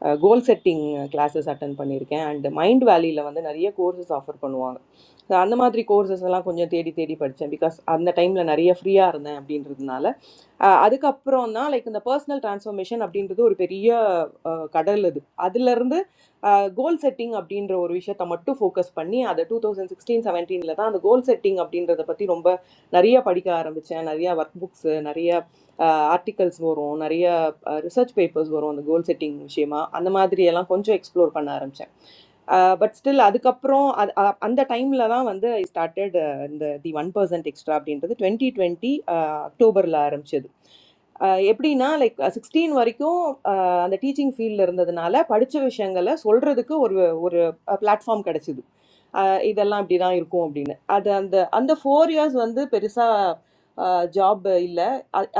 Speaker 4: Goal setting classes attend panerika and Mind Valley la vande nariya courses offer panwa. So, that's only courses. Ila konya teedi teedi parcha because at that time la nariya free aarna. I am doing that naala. Ah, adhik upper on na like in the personal transformation. I am doing that to a very ah, kadalid. Adhik larn the. Goal setting update inro orvisha. Thamma tu focus panniya. Ad 2016-17 nilatha. Ad goal setting update inro thepati romba nariya padhikaaramvichya. Nariya books, nariya articles boron. Nariya research papers boron. Ad goal setting vishema. Adhamaadriyala kunchyo explore pannaaramvichya. But still adhikapporo ad adhanda time lala mande started the one percent extra update. Ad the 2020 October laraaramvichya. Eppdi na like 16 variko. அந்த teaching ஃபீல்டில் இருந்ததுனால படித்த விஷயங்களை சொல்கிறதுக்கு ஒரு ஒரு platform கிடச்சிது இதெல்லாம் இப்படி தான் இருக்கும் அப்படின்னு அது அந்த அந்த ஃபோர் இயர்ஸ் வந்து பெருசாக ஜாப் இல்லை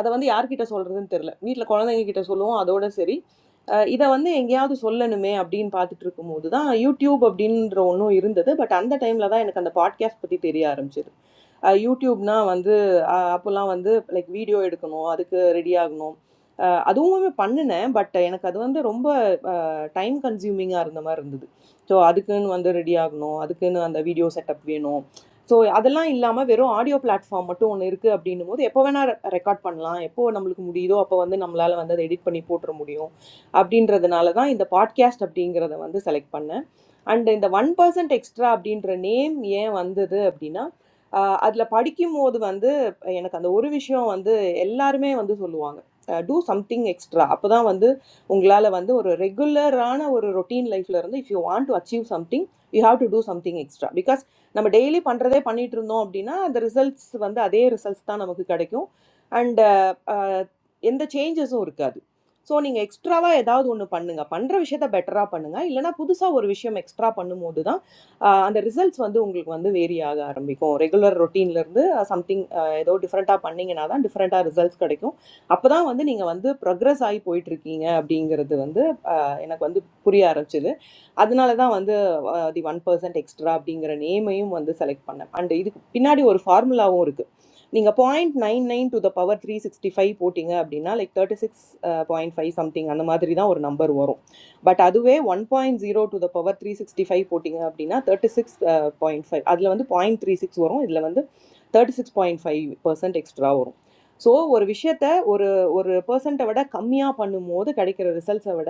Speaker 4: அதை வந்து யார்கிட்ட சொல்கிறதுன்னு தெரில வீட்டில் குழந்தைங்க கிட்ட சொல்லுவோம் அதோட சரி அஹ் இதை வந்து எங்கேயாவது சொல்லணுமே அப்படின்னு பார்த்துட்டு இருக்கும்போது தான் யூடியூப் அப்படின்ற ஒன்றும் இருந்தது பட் அந்த டைமில் தான் எனக்கு அந்த பாட்காஸ்ட் பற்றி தெரிய ஆரம்பிச்சது அஹ் வந்து அப்போல்லாம் வந்து லைக் வீடியோ எடுக்கணும் அதுக்கு ரெடி ஆகணும் அ அதுவுமே பண்ணுனேன். பட் எனக்கு அது வந்து ரொம்ப அ டைம் கன்ஸ்யூமிங்கா இருந்த மாரி இருந்தது. ஸோ, அதுக்குன்னு வந்து ரெடி ஆகணும். அதுக்குன்னு அந்த வீடியோ செட்டப் வேணும். ஸோ, அதெல்லாம் இல்லாம வெறும் ஆடியோ பிளாட்ஃபார்ம் மட்டும் ஒண்ணு இருக்கு அப்டின்னும்போது, எப்போ வேணா ரெ ரெக்கார்ட் பண்ணலாம். எப்போ நம்மளுக்கு முடியுதோ, அப்போ வந்து நம்மளால வந்து அத எடிட் பண்ணி போட்டுற முடியும். அப்டின்றதுனால தான் இந்த பாட்காஸ்ட் அப்டிங்கிறத வந்து செலக்ட் பண்ணேன் and the one percent extra abdiintra name yeh vandha the abdi na आदला पढ़ क्यों मोड़ वंदे याना कंदू ओरे विषयों वंदे एल्ला आर में वंदे सुल्लो आणे do something extra अपना वंदे उंगलाले वंदे ओरे regular आणा ओरे routine life लरण्दे if you want to achieve something you have to do something extra because नम्बर daily पाण्डराये पाणी त्रुणो अब्दीना the results वंदे अधे results ताणा मुखी करेको and इंदे changes ओरका ஸோ நீங்க எக்ஸ்ட்ராவா ஏதாவது ஒண்ணு பண்ணுங்க. பண்ற விஷயத்த பெட்டரா பண்ணுங்க. இல்லன்னா புதுசா ஒரு விஷயம் எக்ஸ்ட்ரா பண்ணும்போது தான், அ அந்த ரிசல்ட்ஸ் வந்து உங்களுக்கு வந்து வேரி ஆக ஆரம்பிக்கும். ரெகுலர் ரொட்டீன்லருந்து சம்திங் அ ஏதோ டிஃபரண்ட்டா பண்ணீங்கன்னா தான் டிஃபரண்ட்டா ரிசல்ட்ஸ் கெடைக்கும். அப்பதான் வந்து நீங்க வந்து ப்ரொக்ரஸ் ஆயி போயிட்டுருக்கீங்க அப்படிங்கிறது வந்து அ எனக்கு வந்து புரிய ஆரம்பிச்சது. आदिनालेतण वंदे अधि one percent extra अब डिंगरणे मायूं वंदे सेलेक्ट पन्ना आणि इट पिनाडी ओर फार्मूला ओर ग निंगा point nine nine to the power three sixty five voting अब डिना like thirty six point five something आणमात्रीतण ओर नंबर ओरो but आदुवे one point zero to the power three sixty five voting अब डिना thirty six point five आदिलं वंदे point three six ओरो इल्लेमं वंदे thirty six point five percent extra ओरो so ओर विषयतय ओर ओर percent अवडा कम्म्या पन्नू मोड कडीकडीर र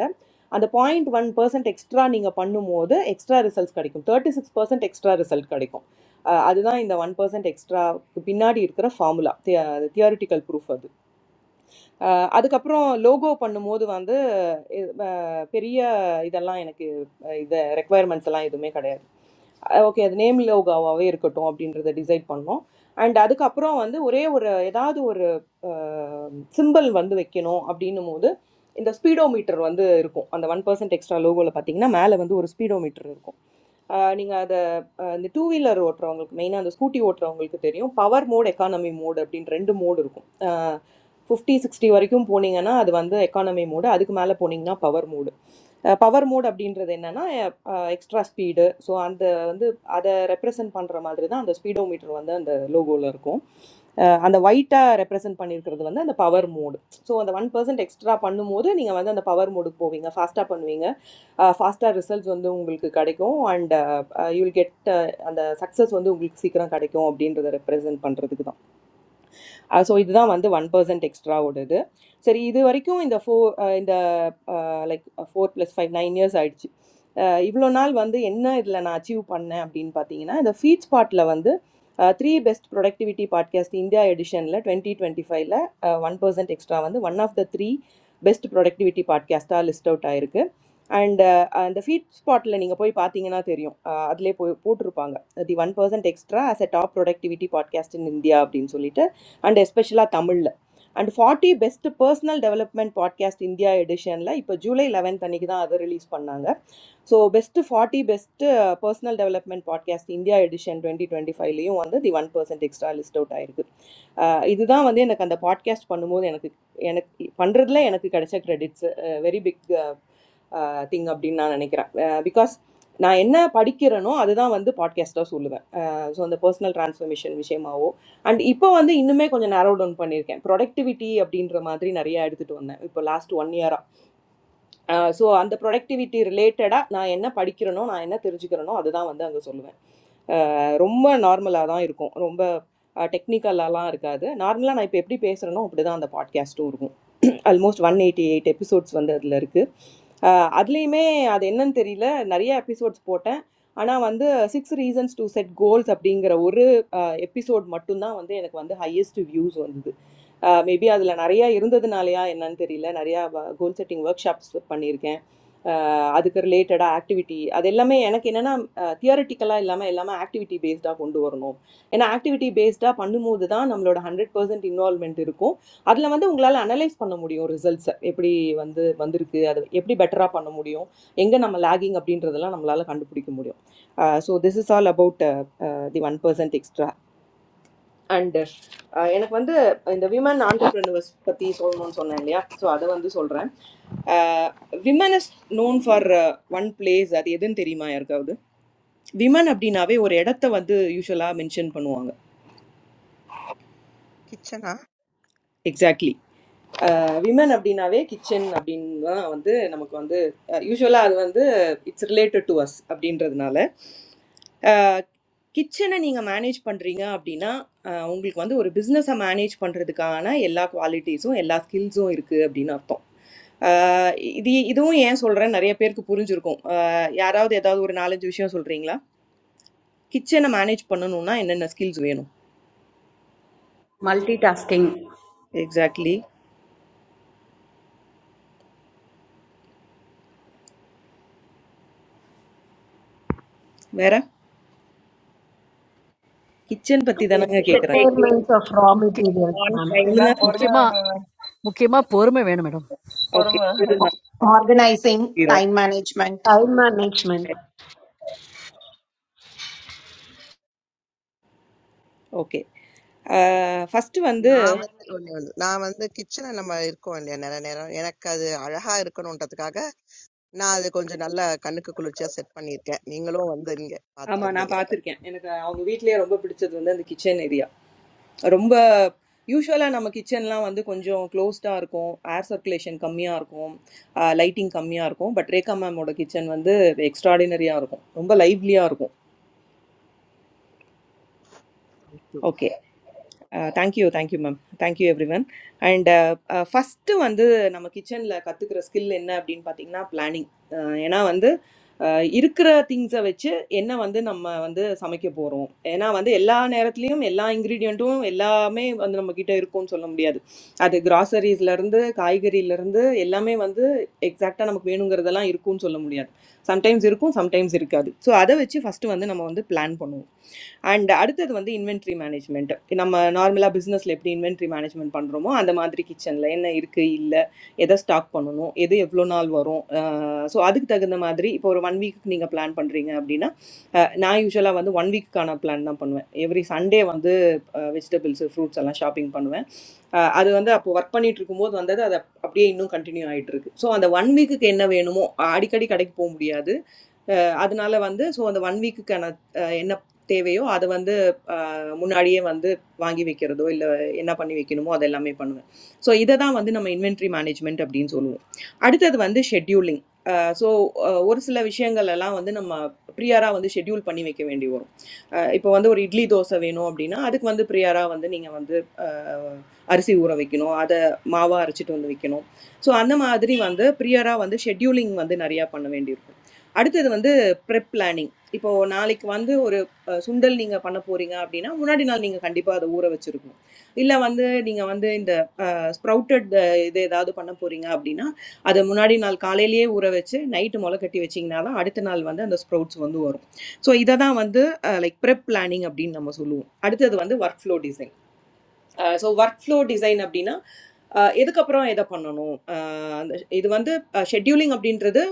Speaker 4: अंदर point one percent extra निंगा पन्नू मोड़ दे extra results करीकुं thirty six percent extra result करीकुं आदेनां इंदा one percent extra बिना डी इरकर फॉर्मूला आते आ दे थियोरेटिकल प्रूफ आदु அ அதுக்கப்புறம் லோகோ பண்ணும்போது வந்து இ வ பெரிய இதெல்லாம் எனக்கு அ இத ரெக்வயர்மெண்ட்ஸ் எல்லாம் எதுவுமே கிடையாது. அ ஓகே. அது நேம் லோகோவாவே இருக்கட்டும் அப்படின்றத டிசைட் பண்ணோம். அண்ட் அதுக்கப்புறம் வந்து ஒரே ஒரு ஏதாவது ஒரு அ சிம்பல் வந்து வைக்கணும் அப்படின்னும்போது, இந்த ஸ்பீடோ மீட்டர் வந்து இருக்கும். அந்த 1% எக்ஸ்ட்ரா லோகோல பார்த்தீங்கன்னா, மேல வந்து ஒரு ஸ்பீடோ மீட்டர் இருக்கும். அ நீங்க அத இந்த டூ வீலர் ஓட்டுறவங்களுக்கு மெயினாக அந்த ஸ்கூட்டி ஓட்டுறவங்களுக்கு தெரியும் பவர் மோட் எக்கானமி மோட் அப்படின்னு ரெண்டு மோடு இருக்கும் ஃபிஃப்டி சிக்ஸ்டி வரைக்கும் போனீங்கன்னா அது வந்து எக்கானமி மோடு அதுக்கு மேலே போனீங்கன்னா பவர் மோடு பவர் மோட் அப்படின்றது என்னென்னா எக்ஸ்ட்ரா ஸ்பீடு ஸோ அந்த வந்து அதை ரெப்ரசன்ட் பண்ணுற மாதிரி தான் அந்த ஸ்பீடோமீட்டர் வந்து அந்த லோகோவில் இருக்கும் அஹ் அந்த ஒயிட்டாக ரெப்ரசன்ட் பண்ணியிருக்கிறது வந்து அந்த பவர் மோடு ஸோ அந்த ஒன் பர்சன்ட் எக்ஸ்ட்ரா பண்ணும்போது நீங்கள் வந்து அந்த பவர் மோடுக்கு போவீங்க ஃபாஸ்ட்டாக பண்ணுவீங்க ஃபாஸ்ட்டாக ரிசல்ட்ஸ் வந்து உங்களுக்கு கிடைக்கும் அண்ட் யூ வில் கெட் அந்த சக்ஸஸ் வந்து உங்களுக்கு சீக்கிரம் கிடைக்கும் அப்படின்றத ரெப்ரசன்ட் பண்ணுறதுக்கு தான் आह, so इतना वंदे one percent extra ओढ़े थे। सर, इधर वरी क्यों इन्दा four इन्दा like four plus five nine years age? इवलो नाल वंदे इन्ना इडला नाचिव पन्ना अपडीन पातीना। इन्दा feeds part Lavande three best productivity podcast in India edition La twenty twenty five La one percent extra Vande one of the three best productivity podcast all list out आये रुके। and इन्दा feeds part ले निगा पोई पातीना तेरीम। आदले पोई पोटरुपांगा। the one percent extra आह, से top productivity podcast in India अपडीन सोलेटर and especially Tamil. And 40 best personal development podcast India edition. Like, I put July 11th, I think that I have released. So, best 40 best personal development podcast India edition 2025. I am on the one percent extra list out there. I think. Ah, this is the only podcast I have done. I have I have earned a lot of credits. Very big. Thing update, na na ne kira because na enna padikkirano, adhama vande podcasto solva so and the personal transformation vishema o and ipo vande innume konya narodon paneer kai productivity update ramadri nariya adithu onna ipo last one yeara so and the productivity relateda na enna padikkirano na enna terujikirano adhama vande anga solva romma normala daan iruko romba technicalala arkaide normala na peply paise rano uprade and the podcasto urgu. Almost 188 episodes. Vanda adalargu. Adliime adi enna teriila. Nariya episodes pothan. Ana vandhe six reasons to set goals. Apniingra vourre episode matto na vandhe. Ana kwaandhe highest views vandhe. Maybe adalal nariya irundha the naaleya enna teriila. Nariya goal setting workshops po panirke. அதுக்கு ரிலேட்டடாக activity அது எல்லாமே எனக்கு என்னென்னா தியரட்டிக்கலாக இல்லாமல் எல்லாமே activity பேஸ்டாக கொண்டு வரணும் ஏன்னா ஆக்டிவிட்டி பேஸ்டாக பண்ணும்போது தான் நம்மளோட ஹண்ட்ரட் பர்சன்ட் இன்வால்மெண்ட் இருக்கும் அதில் வந்து உங்களால் அனலைஸ் பண்ண முடியும் ரிசல்ட்ஸை எப்படி வந்து வந்திருக்கு அது எப்படி பெட்டராக பண்ண முடியும் எங்கே நம்ம லேகிங் அப்படின்றதெல்லாம் நம்மளால் கண்டுபிடிக்க முடியும் so this is all about the one percent extra and எனக்கு வந்து இந்த விமன் ஆண்டர்பிரினர்ஸ் பற்றி சொல்லணும்னு சொன்னேன் இல்லையா ஸோ அதை வந்து சொல்கிறேன் women is known for one place அது எதுன்னு தெரியுமா யாருக்காவது விமன் அப்படின்னாவே ஒரு இடத்த வந்து யூஸ்வலாக மென்ஷன் பண்ணுவாங்க
Speaker 11: கிச்சனா?
Speaker 4: எக்ஸாக்ட்லி விமன் அப்படின்னாவே கிச்சன் அப்படின்னு தான் வந்து நமக்கு வந்து யூஸ்வலாக அது வந்து இட்ஸ் ரிலேட்டட் டு அஸ் அப்படின்றதுனால கிச்சனை நீங்கள் மேனேஜ் பண்ணுறீங்க அப்படின்னா அஹ், உங்களுக்கு வந்து ஒரு பிஸ்னஸை மேனேஜ் பண்ணுறதுக்கான எல்லா குவாலிட்டிஸும் எல்லா ஸ்கில்ஸும் இருக்குது அப்படின்னு அர்த்தம் Exactly.
Speaker 12: Multitasking
Speaker 4: Meera, kitchen parti da naanga
Speaker 12: decision
Speaker 4: kekaran.
Speaker 12: Making
Speaker 13: Procurements of raw
Speaker 2: முக்கிய
Speaker 13: materials, ma'am.
Speaker 9: நான் பொறுமை
Speaker 2: முக்கியமா
Speaker 9: வேணும்
Speaker 2: முக்கியமா பொறுமை வேணும் மேடம்
Speaker 4: Okay.
Speaker 9: பொறுமை
Speaker 14: organizing time management
Speaker 13: Time management.
Speaker 4: Okay. First one the
Speaker 11: நான் வந்து ஒண்ணு ஒண்ணு. நான் வந்து கிச்சன்ல நம்ம இருக்கோம் இல்லையா நெறைய நேரம், எனக்கு அது அழகா இருக்கணுன்றதுக்காக, நான் அது கொஞ்சம் நல்லா கண்ணுக்கு குளிர்ச்சியா செட் பண்ணியிருக்கேன். நீங்களும் வந்து இங்க
Speaker 4: aman
Speaker 11: பார்த்திருந்தீங்க.
Speaker 4: apaathar kya. Enaga our weekle arumbu pritche doondan the kitchen area. अरुंगा usuala नामक kitchen लाल वंदे कुन्जो close तार को air circulation कम्मी आरको lighting कम्मी आरको but रेका माम वंडे kitchen वंदे extra डे नरिया आरको रुंगा lively आरको
Speaker 11: ம்.
Speaker 4: okay. Thank you thank you ma'am thank you everyone and first வந்து நம்ம கிச்சனில் கற்றுக்கிற ஸ்கில் என்ன அப்படின்னு பார்த்தீங்கன்னா பிளானிங் ஏன்னா வந்து அஹ், இருக்கிற திங்ஸை வச்சு என்ன வந்து நம்ம வந்து சமைக்க போகிறோம் ஏன்னா வந்து எல்லா நேரத்துலையும் எல்லா இன்க்ரீடியண்ட்டும் எல்லாமே வந்து நம்மக்கிட்ட இருக்கும்னு சொல்ல முடியாது அது கிராசரிஸ்லேருந்து காய்கறியிலேருந்து எல்லாமே வந்து எக்ஸாக்டாக நமக்கு வேணுங்கிறதெல்லாம் இருக்கும்னு சொல்ல முடியாது சம்டைம்ஸ் இருக்கும் சம்டைம்ஸ் இருக்காது ஸோ அதை வச்சு ஃபஸ்ட்டு வந்து நம்ம வந்து பிளான் பண்ணுவோம் அண்ட் அடுத்தது வந்து இன்வென்ட்ரி மேனேஜ்மெண்ட் நம்ம நார்மலாக பிஸ்னஸில் எப்படி இன்வென்ட்ரி மேனேஜ்மெண்ட் பண்ணுறோமோ அந்த மாதிரி கிச்சனில் என்ன இருக்குது இல்லை எதை ஸ்டாக் பண்ணணும் எது எவ்வளோ நாள் வரும் ஸோ அதுக்கு தகுந்த மாதிரி இப்போ ஒரு ஒன் வீக்கு நீங்கள் பிளான் பண்ணுறீங்க அப்படின்னா அஹ், நான் யூஸ்வலாக வந்து ஒன் வீக்குக்கான பிளான் தான் பண்ணுவேன் எவ்ரி சண்டே வந்து வெஜிடபிள்ஸ் ஃப்ரூட்ஸ் எல்லாம் ஷாப்பிங் பண்ணுவேன் அது வந்து அப்போ ஒர்க் பண்ணிட்டு இருக்கும்போது வந்தது அது அப்படியே இன்னும் கண்டினியூ ஆகிட்டு இருக்கு ஸோ அந்த ஒன் வீக்குக்கு என்ன வேணுமோ அடிக்கடி கடைக்கு போக முடியாது அதனால வந்து ஸோ அந்த ஒன் வீக்குக்கான என்ன தேவையோ அதை வந்து அஹ், முன்னாடியே வந்து வாங்கி வைக்கிறதோ இல்லை என்ன பண்ணி வைக்கணுமோ அது எல்லாமே பண்ணுவேன் ஸோ இதை தான் வந்து நம்ம இன்வென்ட்ரி மேனேஜ்மெண்ட் அப்படின்னு சொல்லுவோம் அடுத்தது வந்து ஷெட்யூலிங் ஸோ ஒரு சில விஷயங்கள் எல்லாம் வந்து நம்ம ப்ரியராக வந்து ஷெட்யூல் பண்ணி வைக்க வேண்டி வரும் இப்போ வந்து ஒரு இட்லி தோசை வேணும் அப்படின்னா அதுக்கு வந்து ப்ரியராக வந்து நீங்கள் வந்து அரிசி ஊற வைக்கணும் அதை மாவாக அரைச்சிட்டு வந்து வைக்கணும் ஸோ அந்த மாதிரி வந்து ப்ரியராக வந்து ஷெட்யூலிங் வந்து நிறையா பண்ண வேண்டியிருக்கும் அடுத்தது வந்து ப்ரெப் பிளானிங் இப்போது நாளைக்கு வந்து ஒரு அஹ், சுண்டல் நீங்கள் பண்ண போகிறீங்க அப்படின்னா முன்னாடி நாள் நீங்கள் கண்டிப்பாக அதை ஊற வச்சுருக்கணும் இல்லை வந்து நீங்கள் வந்து இந்த ஸ்ப்ரவுட்டட் இது ஏதாவது பண்ண போகிறீங்க அப்படின்னா அதை முன்னாடி நாள் காலையிலேயே ஊற வச்சு நைட்டு முளை கட்டி வச்சிங்கன்னா தான் அடுத்த நாள் வந்து அந்த ஸ்ப்ரவுட்ஸ் வந்து வரும் ஸோ இதை தான் வந்து லைக் ப்ரெப் பிளானிங் அப்படின்னு நம்ம சொல்லுவோம் அடுத்தது வந்து work flow design so work flow design அப்படின்னா அஹ் எதுக்கப்புறம் எதை பண்ணணும் அஹ் அந்த இது வந்து ஷெட்யூலிங் அப்படின்றது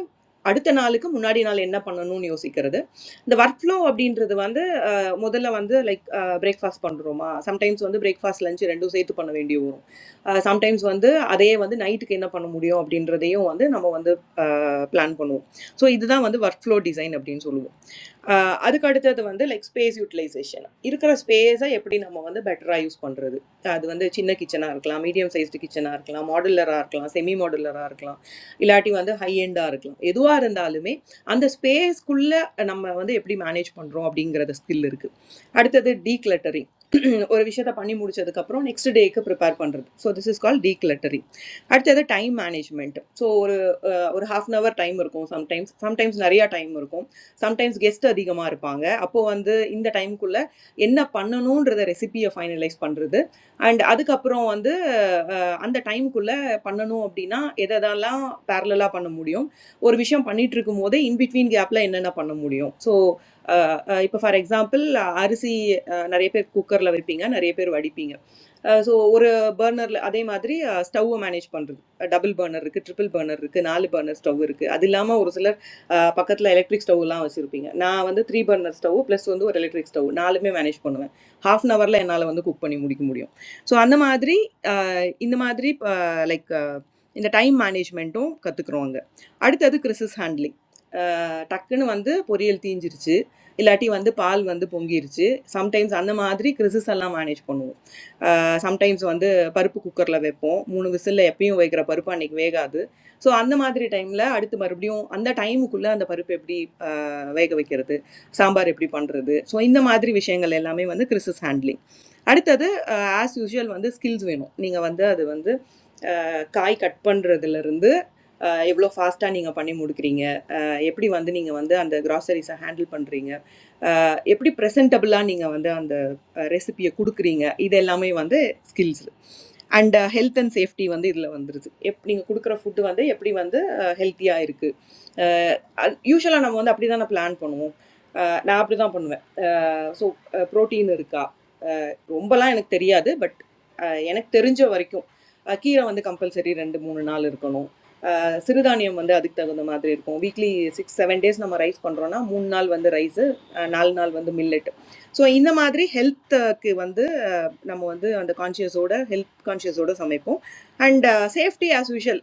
Speaker 4: அடுத்த நாளுக்கு முன்னாடி நாள் என்ன பண்ணணும்னு யோசிக்கிறது இந்த ஒர்க் ஃப்ளோ அப்படின்றது வந்து அஹ் முதல்ல வந்து லைக் பிரேக்ஃபாஸ்ட் பண்ணுறோமா சம்டைம்ஸ் வந்து பிரேக்ஃபாஸ்ட் லஞ்ச் ரெண்டும் சேர்த்து பண்ண வேண்டி வரும் சம்டைம்ஸ் வந்து அதையே வந்து நைட்டுக்கு என்ன பண்ண முடியும் அப்படின்றதையும் வந்து நம்ம வந்து பிளான் பண்ணுவோம் ஸோ இதுதான் வந்து ஒர்க் ஃப்ளோ டிசைன் அப்படின்னு சொல்லுவோம் அஹ் அதுக்கு அடுத்தது வந்து லைக் ஸ்பேஸ் யூட்டிலைசேஷன் இருக்கிற ஸ்பேஸை எப்படி நம்ம வந்து பெட்டராக யூஸ் பண்ணுறது அது வந்து சின்ன கிச்சனாக இருக்கலாம் மீடியம் சைஸ்டு கிச்சனாக இருக்கலாம் மாடுலராக இருக்கலாம் செமி மாடுலராக இருக்கலாம் இல்லாட்டி வந்து ஹை எண்டாக இருக்கலாம் எதுவாக இருந்தாலுமே அந்த ஸ்பேஸ்க்குள்ளே நம்ம வந்து எப்படி மேனேஜ் பண்ணுறோம் அப்படிங்கிறத ஸ்கில் இருக்குது அடுத்தது டீக்ளட்டரிங் ஒரு விஷயத்தை பண்ணி முடிச்சதுக்கப்புறம் நெக்ஸ்ட் டேக்கு ப்ரிப்பேர் பண்ணுறது so this is call decluttering அடுத்தது time management so or half an hour time or go sometimes sometimes Nariya time or go sometimes guestadi gamaar paanga. Appo ande in the time kulle inna pananu onda recipe a finalize pander the and adhikapuram ande ande time kulle pananu updi na ida dalala parallela panam mudiyom. Orvishyam pani trikum oda in between gapla inna panam mudiyom. So ipa far example, RC Naripe cooker lavir pi nga Naripeu vadi pi nga. So or burnerle adhi madri stove manage pander. A double burner, रुके triple burner, रुके नाले burner stove रुके. अदिलामा उरुसलर आ पाकतला electric stove लाऊँ ऐसे रुपिंग। नां वंदे three burners stove plus उन्दो एलेक्ट्रिक stove. नाले मैं manage कोनो में half an hour ले नाले वंदे cook पनी मुड़ी की मुड़ियो. So आन्द माद्री इंद माद्री like इंद time management तो कत्करोंगा. आरे तेतो crisis handling. टक्करन वंदे पोरील तीन जिरचे, इलाटी वंदे पाल वं சம்டைம்ஸ் வந்து பருப்பு குக்கரில் வைப்போம் மூணு விசிலில் எப்பயும் வைக்கிற பருப்பு அன்னைக்கு வேகாது ஸோ அந்த மாதிரி டைமில் அடுத்து மறுபடியும் அந்த டைமுக்குள்ளே அந்த பருப்பு எப்படி அஹ், வேக வைக்கிறது சாம்பார் எப்படி பண்ணுறது ஸோ இந்த மாதிரி விஷயங்கள் எல்லாமே வந்து கிறிஸஸ் ஹேண்ட்லிங் அடுத்தது ஆஸ் யூஷுவல் வந்து ஸ்கில்ஸ் வேணும் நீங்கள் வந்து அது வந்து அஹ், காய் கட் பண்ணுறதுலேருந்து எவ்வளோ ஃபாஸ்ட்டாக நீங்கள் பண்ணி முடிக்கிறீங்க எப்படி வந்து நீங்கள் வந்து அந்த கிராசரிஸை ஹேண்டில் பண்ணுறீங்க how to present a planing, a recipe, a cooking. These are all skills. And health and safety. These are all important. How to cook a food that is healthy. Usually, I plan. I do that. So protein is there. I don't know. I don't know. But I know. I know. I know. I know. I know. சிறுதானியம் வந்து அதுக்கு தகுந்த மாதிரி இருக்கும் weekly six seven days நம்ம rice பண்ணுறோன்னா மூணு நாள் வந்து ரைஸு நாலு நாள் வந்து மில்லெட் ஸோ இந்த மாதிரி ஹெல்த்துக்கு வந்து அஹ், நம்ம வந்து அந்த கான்ஷியஸோட ஹெல்த் கான்ஷியஸோட சமைப்போம் அண்ட் சேஃப்டி ஆஸ் யூஷுவல்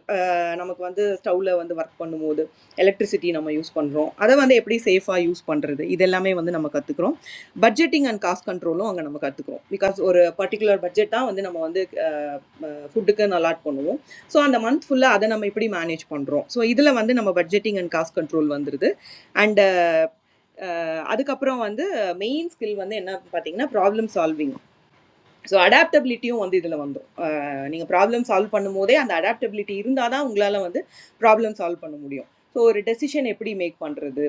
Speaker 4: நமக்கு வந்து ஸ்டவ்வில் வந்து ஒர்க் பண்ணும்போது எலக்ட்ரிசிட்டி நம்ம யூஸ் பண்ணுறோம் அதை வந்து எப்படி சேஃபாக யூஸ் பண்ணுறது இதெல்லாமே வந்து நம்ம கற்றுக்குறோம் பட்ஜெட்டிங் அண்ட் காஸ்ட் கண்ட்ரோலும் அங்கே நம்ம கற்றுக்குறோம் பிகாஸ் ஒரு பர்டிகுலர் பட்ஜெட் தான் வந்து நம்ம வந்து Food के नालाट पड़ो, so अंदर month फुल्ला आदमी ना मैं पढ़ी manage पड़ो, so इधर लग वांदे ना हम budgeting एंड cost control वांदरे थे, and आद कपरा वांदे main skill वांदे ना पाटेग़ ना problem solving. ஸோ அடாப்டபிலிட்டியும் வந்து இதில் வந்துடும். நீங்கள் ப்ராப்ளம் சால்வ் பண்ணும் போதே அந்த அடாப்டபிலிட்டி இருந்தால் தான் உங்களால் வந்து ப்ராப்ளம் சால்வ் பண்ண முடியும். ஸோ ஒரு டெசிஷன் எப்படி மேக் பண்ணுறது,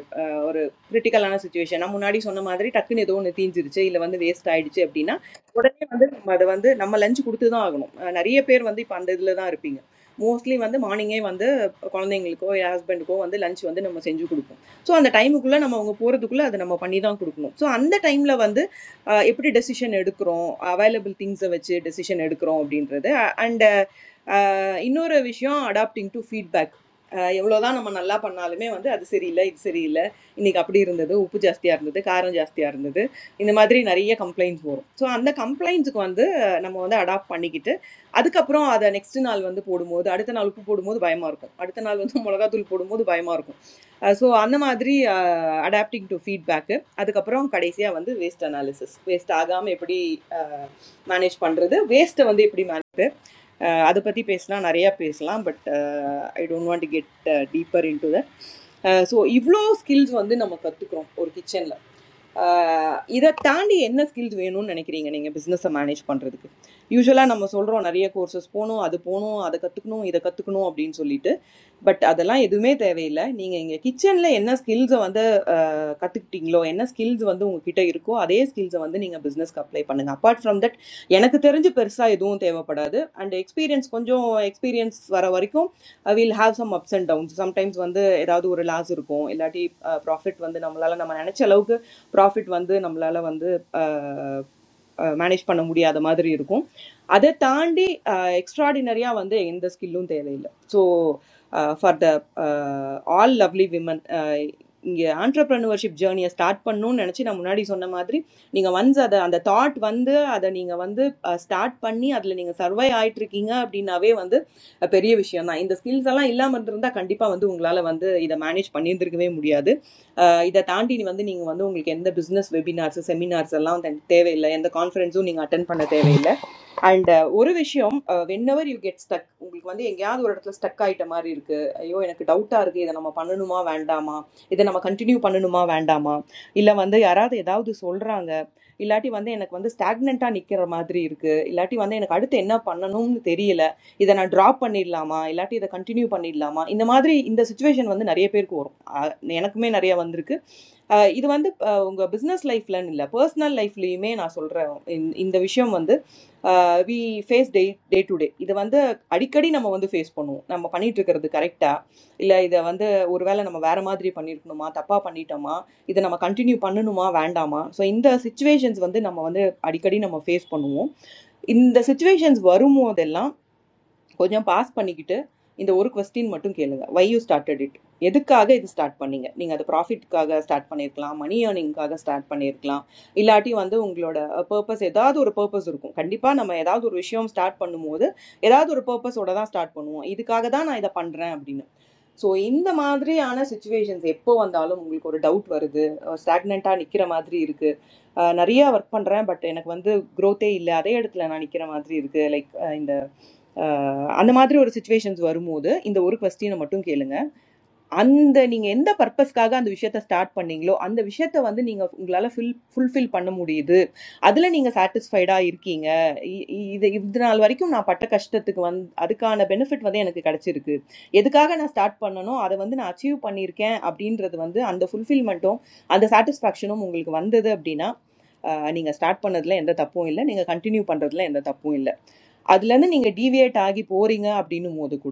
Speaker 4: ஒரு கிரிட்டிக்கலான சுச்சுவேஷன் நான் முன்னாடி சொன்ன மாதிரி டக்குன்னு ஏதோ ஒன்று தீஞ்சிருச்சு இல்லை வந்து வேஸ்ட் ஆகிடுச்சு அப்படின்னா உடனே வந்து நம்ம அதை வந்து நம்ம லஞ்ச் கொடுத்து தான் ஆகணும். நிறைய பேர் வந்து இப்போ அந்த இதில் தான் இருப்பீங்க. மோஸ்ட்லி வந்து மார்னிங்கே வந்து குழந்தைங்களுக்கோ என் ஹஸ்பண்டுக்கோ வந்து லஞ்ச் வந்து நம்ம செஞ்சு கொடுப்போம். ஸோ அந்த டைமுக்குள்ளே நம்ம அவங்க போகிறதுக்குள்ளே அதை நம்ம பண்ணி தான் கொடுக்கணும். ஸோ அந்த டைமில் வந்து how to decisioned krone available things avache decisioned krone obdiendrada and. Innoor a vishyon adapting to feedback. Yehulo thana manal la pannaale me vande adhi seriala idhi seriala. Inne kappadi irundethe upu jastiyarundethe kaaran jastiyarundethe inne madhri nariya complaints woro. So anna complaints ko andhe namo thala adapt pani kithe. Adhi kappro ang adha nextin al vande pordhumode. Aditha nalu ppu pordhumode baimarukon. Aditha nalu thom mologa tholu pordhumode baimarukon. So anna madhri adapting to feedback. Adhi kappro ang kadeasya vande waste analysis. Waste agam eppadi manage pannrudhe waste vande eppadi mana. அதை பற்றி பேசினா நிறையா பேசலாம் but I don't want to get deeper in to that so இவ்வளோ skills வந்து நம்ம கற்றுக்குறோம் ஒரு கிச்சனில் இதை தாண்டி என்ன ஸ்கில்ஸ் வேணும்னு நினைக்கிறீங்க நீங்கள் பிஸ்னஸை மேனேஜ் பண்ணுறதுக்கு யூஸ்வலாக நம்ம சொல்கிறோம் நிறைய கோர்சஸ் போகணும் அது போகணும் அதை கற்றுக்கணும் இதை கற்றுக்கணும் அப்படின்னு சொல்லிட்டு பட் அதெல்லாம் எதுவுமே தேவையில்லை நீங்கள் இங்கே கிச்சனில் என்ன ஸ்கில்ஸை வந்து கற்றுக்கிட்டீங்களோ என்ன ஸ்கில்ஸ் வந்து உங்ககிட்ட இருக்கோ அதே ஸ்கில்ஸை வந்து நீங்கள் பிஸ்னஸ்க்கு அப்ளை பண்ணுங்கள் அப்பார்ட் ஃப்ரம் தட் எனக்கு தெரிஞ்சு பெருசாக எதுவும் தேவைப்படாது அண்ட் எக்ஸ்பீரியன்ஸ் கொஞ்சம் எக்ஸ்பீரியன்ஸ் வர வரைக்கும் will have some ups and downs sometimes வந்து ஏதாவது ஒரு லாஸ் இருக்கும் இல்லாட்டி ப்ராஃபிட் வந்து நம்மளால் நம்ம நினச்ச அளவுக்கு ப்ராஃபிட் வந்து நம்மளால் வந்து uh, Manage पन्ना मुड़िया तो मात्री रुकूं, अदेत तांडी extraordinary आ वंदे इन द skills लूँ तेरे लिए। So for the all lovely women, ये entrepreneurship journey start पन्नूं ने नची नमुना डी सोन्ना मात्री, निंगा ones आ द आ द thought वंदे, आ द निंगा वंदे start पन्नी आ द लिंगा survive, I tricking आ अपनी navigate वंदे, अ पेरी विषय ना इन द skills अलां इल्ला मंदर उन्दा कंटिपा मंदू उंगलाला वंदे இதை தாண்டி நீ வந்து நீங்கள் வந்து உங்களுக்கு எந்த பிஸ்னஸ் வெபினார்ஸ் செமினார்ஸ் எல்லாம் வந்து தேவையில்லை எந்த கான்ஃபரன்ஸும் நீங்கள் அட்டன் பண்ண தேவையில்லை அண்ட் ஒரு விஷயம் வென்னவர் யூ கெட் ஸ்டக் உங்களுக்கு வந்து எங்கேயாவது ஒரு இடத்துல ஸ்டக் ஆயிட்ட மாதிரி இருக்கு ஐயோ எனக்கு டவுட்டாக இருக்கு இதை நம்ம பண்ணணுமா வேண்டாமா இதை நம்ம கண்டினியூ பண்ணணுமா வேண்டாமா இல்லை வந்து யாராவது ஏதாவது சொல்கிறாங்க இல்லாட்டி வந்து எனக்கு வந்து ஸ்டாக்னண்ட்டாக நிற்கிற மாதிரி இருக்கு இல்லாட்டி வந்து எனக்கு அடுத்து என்ன பண்ணணும்னு தெரியல இதை நான் ட்ராப் பண்ணிடலாமா இல்லாட்டி இதை கண்டினியூ பண்ணிடலாமா இந்த மாதிரி இந்த சுச்சுவேஷன் வந்து நிறைய பேருக்கு வரும் எனக்குமே நிறைய வந்திருக்கு இது வந்து அஹ் பிஸ்னஸ் லைஃப்லன்னு இல்லை பர்சனல் லைஃப்லயுமே நான் சொல்றேன் இந்த விஷயம் வந்து uh, we face day day to day. This is the adikadi nama vandu face பண்ணுவோம். நம்ம பண்ணிட்டு இருக்குறது கரெக்ட்டா இல்ல இத வந்து ஒருவேளை நம்ம வேற மாதிரி பண்ணிருக்கணுமா தப்பா பண்ணிட்டோமா இத நம்ம கண்டினியூ பண்ணனுமா வேண்டாமா சோ இந்த situations வந்து நம்ம வந்து adikadi நம்ம face பண்ணுவோம். In the situations, we will how you are passing it? इंदो ओरुक वस्तीन मतुं केलेगा Why you started it? यदक कागे इन्त start पनीगा निंगा तो profit कागे start पनेर क्लाम money earning कागे start पनेर क्लाम इलाटी वंदे उंगलोडा purpose इदाउ ओरु purpose रुको कंडीपा नमाय इदाउ ओरु विषयम start पनु मोड इदाउ ओरु purpose ओडा ना� start पनु इद कागे दाना इदा पन्द्राय अभरीना So in the monthree आना situations एप्पो वंदे आलो मुंगल कोडे doubt वारे� அஹ் அந்த மாதிரி ஒரு சுச்சுவேஷன்ஸ் வரும்போது இந்த ஒரு கொஸ்டினை மட்டும் கேளுங்க அந்த நீங்க எந்த பர்பஸ்க்காக அந்த விஷயத்த ஸ்டார்ட் பண்ணீங்களோ அந்த விஷயத்த வந்து நீங்க உங்களால ஃபில் ஃபுல்ஃபில் பண்ண முடியுது அதுல நீங்க சாட்டிஸ்ஃபைடா இருக்கீங்க இ- இ- இது இது நாள் வரைக்கும் நான் பட்ட கஷ்டத்துக்கு வந்து அதுக்கான பெனிஃபிட் வந்து எனக்கு கிடைச்சிருக்கு எதுக்காக நான் ஸ்டார்ட் பண்ணனோ அதை வந்து நான் அச்சீவ் பண்ணியிருக்கேன் அப்படின்றது வந்து அந்த ஃபுல்ஃபில்மெண்ட்டும் அந்த சாட்டிஸ்ஃபேக்ஷனும் உங்களுக்கு வந்தது அப்படின்னா ஆஹ், நீங்க ஸ்டார்ட் பண்ணதுல எந்த தப்பும் இல்லை நீங்க கண்டினியூ பண்றதுல எந்த தப்பும் இல்லை அதுலேருந்து நீங்கள் டீவியேட் ஆகி போறீங்க அப்படின்னும் போது கூட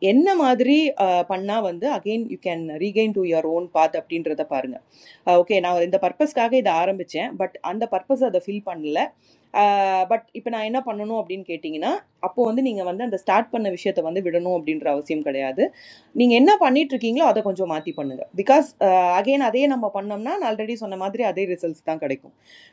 Speaker 4: Anyna madhuri ah panna vande again you can regain to your own path. Apni intrada parna okay now. Or in the purpose kage daaram biche, but an the purpose adha fill pannilla. Ah, but ipanaina panna no apdin ketingi na apu andhi niga vande. And the start panna visheya thavande vidano apdin rausiim kade ayath. Niga anyna pani tru kinglyo adha kuncho mati pannega because ah again adhey naam apanna naan already sonna madhri adhe results thang kade ko.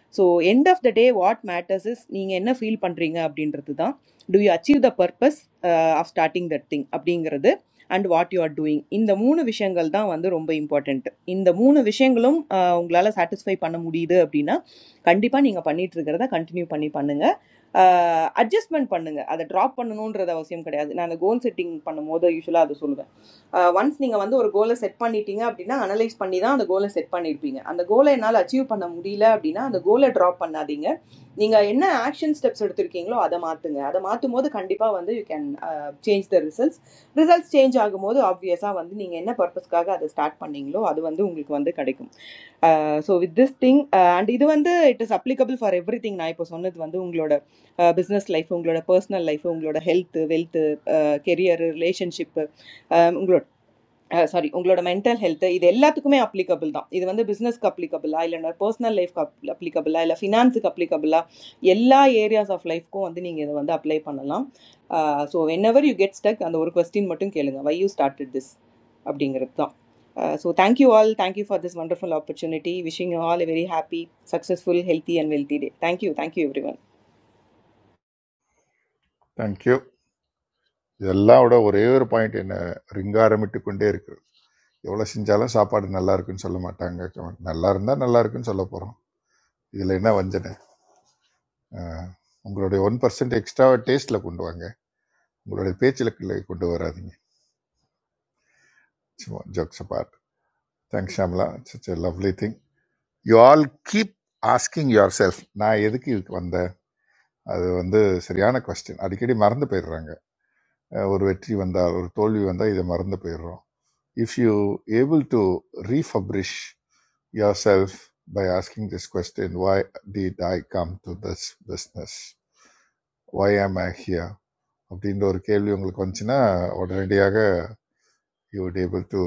Speaker 4: So, end of the day, what matters is निंगे ना feel पंड्रेगा अपडीन रहता दां. Do you achieve the purpose uh, of starting that thing अपडींगर they? And what you are doing in the moon विषयंगल दां वंदे रोंबे important. In the moon विषयंगलों uh उंगलाला satisfy पाना मुडी दे अपडीना. Can'ti पानी इगा पनी turgor दां continue पानी पनेंगा. Adjustment पनेंगा. अद drop पनें नोंडर दां वस्यम करेया. नां द go setting पाना मोदा युशला आदो सुलगा. ஒன்ஸ் நீங்கள் வந்து ஒரு கோலை செட் பண்ணிட்டீங்க அப்படின்னா அனலைஸ் பண்ணி தான் அந்த கோலை செட் பண்ணியிருப்பீங்க அந்த கோலை என்னால் அச்சீவ் பண்ண முடியல அப்படின்னா அந்த கோலை ட்ராப் பண்ணாதீங்க நீங்கள் என்ன ஆக்ஷன் ஸ்டெப்ஸ் எடுத்திருக்கீங்களோ அதை மாற்றுங்க அதை மாற்றும் போது கண்டிப்பாக வந்து you can change the results results change ஆகும்போது ஆப்வியஸாக வந்து நீங்கள் என்ன பர்பஸ்க்காக அதை ஸ்டார்ட் பண்ணீங்களோ அது வந்து உங்களுக்கு வந்து கிடைக்கும் so with this uh, Sorry, उंगलोंड mental health इधर इल्ला तुम्हें applicable दां इधर बंदे business applicable आइलेन्डर personal life applicable आइला finance applicable ला येल्ला areas of life को अंदर निगे इधर बंदे apply पन अलां आ so whenever you get stuck अंदो ओर question मटन केलेगा why you started this updating रेता आ so thank you all thank you for this wonderful opportunity wishing you all a very happy successful healthy and wealthy day thank you thank you everyone
Speaker 3: thank you இதெல்லாம் விட ஒரே ஒரு point என்ன ரிங்காரமிட்டு கொண்டே இருக்கிறது எவ்வளோ செஞ்சாலும் சாப்பாடு நல்லா இருக்குன்னு சொல்ல மாட்டாங்க நல்லா இருந்தால் நல்லா இருக்குன்னு சொல்ல போகிறோம் இதில் என்ன வஞ்சனை அஹ், உங்களுடைய ஒன் பர்சன்ட் எக்ஸ்ட்ரா டேஸ்ட்டில் கொண்டு வாங்க உங்களுடைய பேச்சில் கொண்டு வராதீங்க சும்மா jokes apart thanks Shyamala such a lovely thing you all keep asking yourself நான் எதுக்கு இதுக்கு வந்தேன் அது வந்து சரியான கொஸ்டின் அடிக்கடி மறந்து போயிடுறாங்க அஹ் ஒரு வெற்றி வந்தால் ஒரு தோல்வி வந்தால் இதை மறந்து போயிடுறோம் if you able to refresh yourself by asking this question why did I come to this business why am I here அப்படின்ற ஒரு கேள்வி உங்களுக்கு வந்துச்சுன்னா உடனடியாக you would able to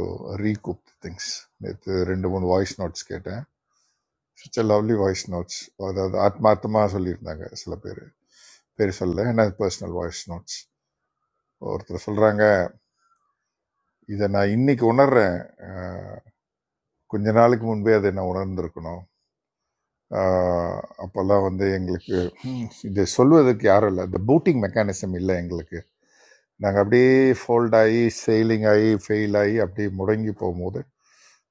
Speaker 3: recoup the things நேற்று ரெண்டு மூணு வாய்ஸ் நோட்ஸ் கேட்டேன் such a lovely voice notes அதாவது ஆத்மார்த்தமாக சொல்லியிருந்தாங்க சில பேர் பேர் சொல்ல ஏன்னா பர்சனல் வாய்ஸ் நோட்ஸ் ஒருத்தர் சொல்கிறாங்க இதை நான் இன்னைக்கு உணர்றேன் அஹ், கொஞ்ச நாளுக்கு முன்பே அதை நான் உணர்ந்திருக்கணும் அஹ், அப்போல்லாம் வந்து எங்களுக்கு ஹம், இதை சொல்வதற்கு யாரும் இல்லை இந்த பூட்டிங் மெக்கானிசம் இல்லை எங்களுக்கு நாங்கள் அப்படியே ஃபோல்ட் ஆகி செயலிங் ஆகி ஃபெயில் ஆகி அப்படியே முடங்கி போகும்போது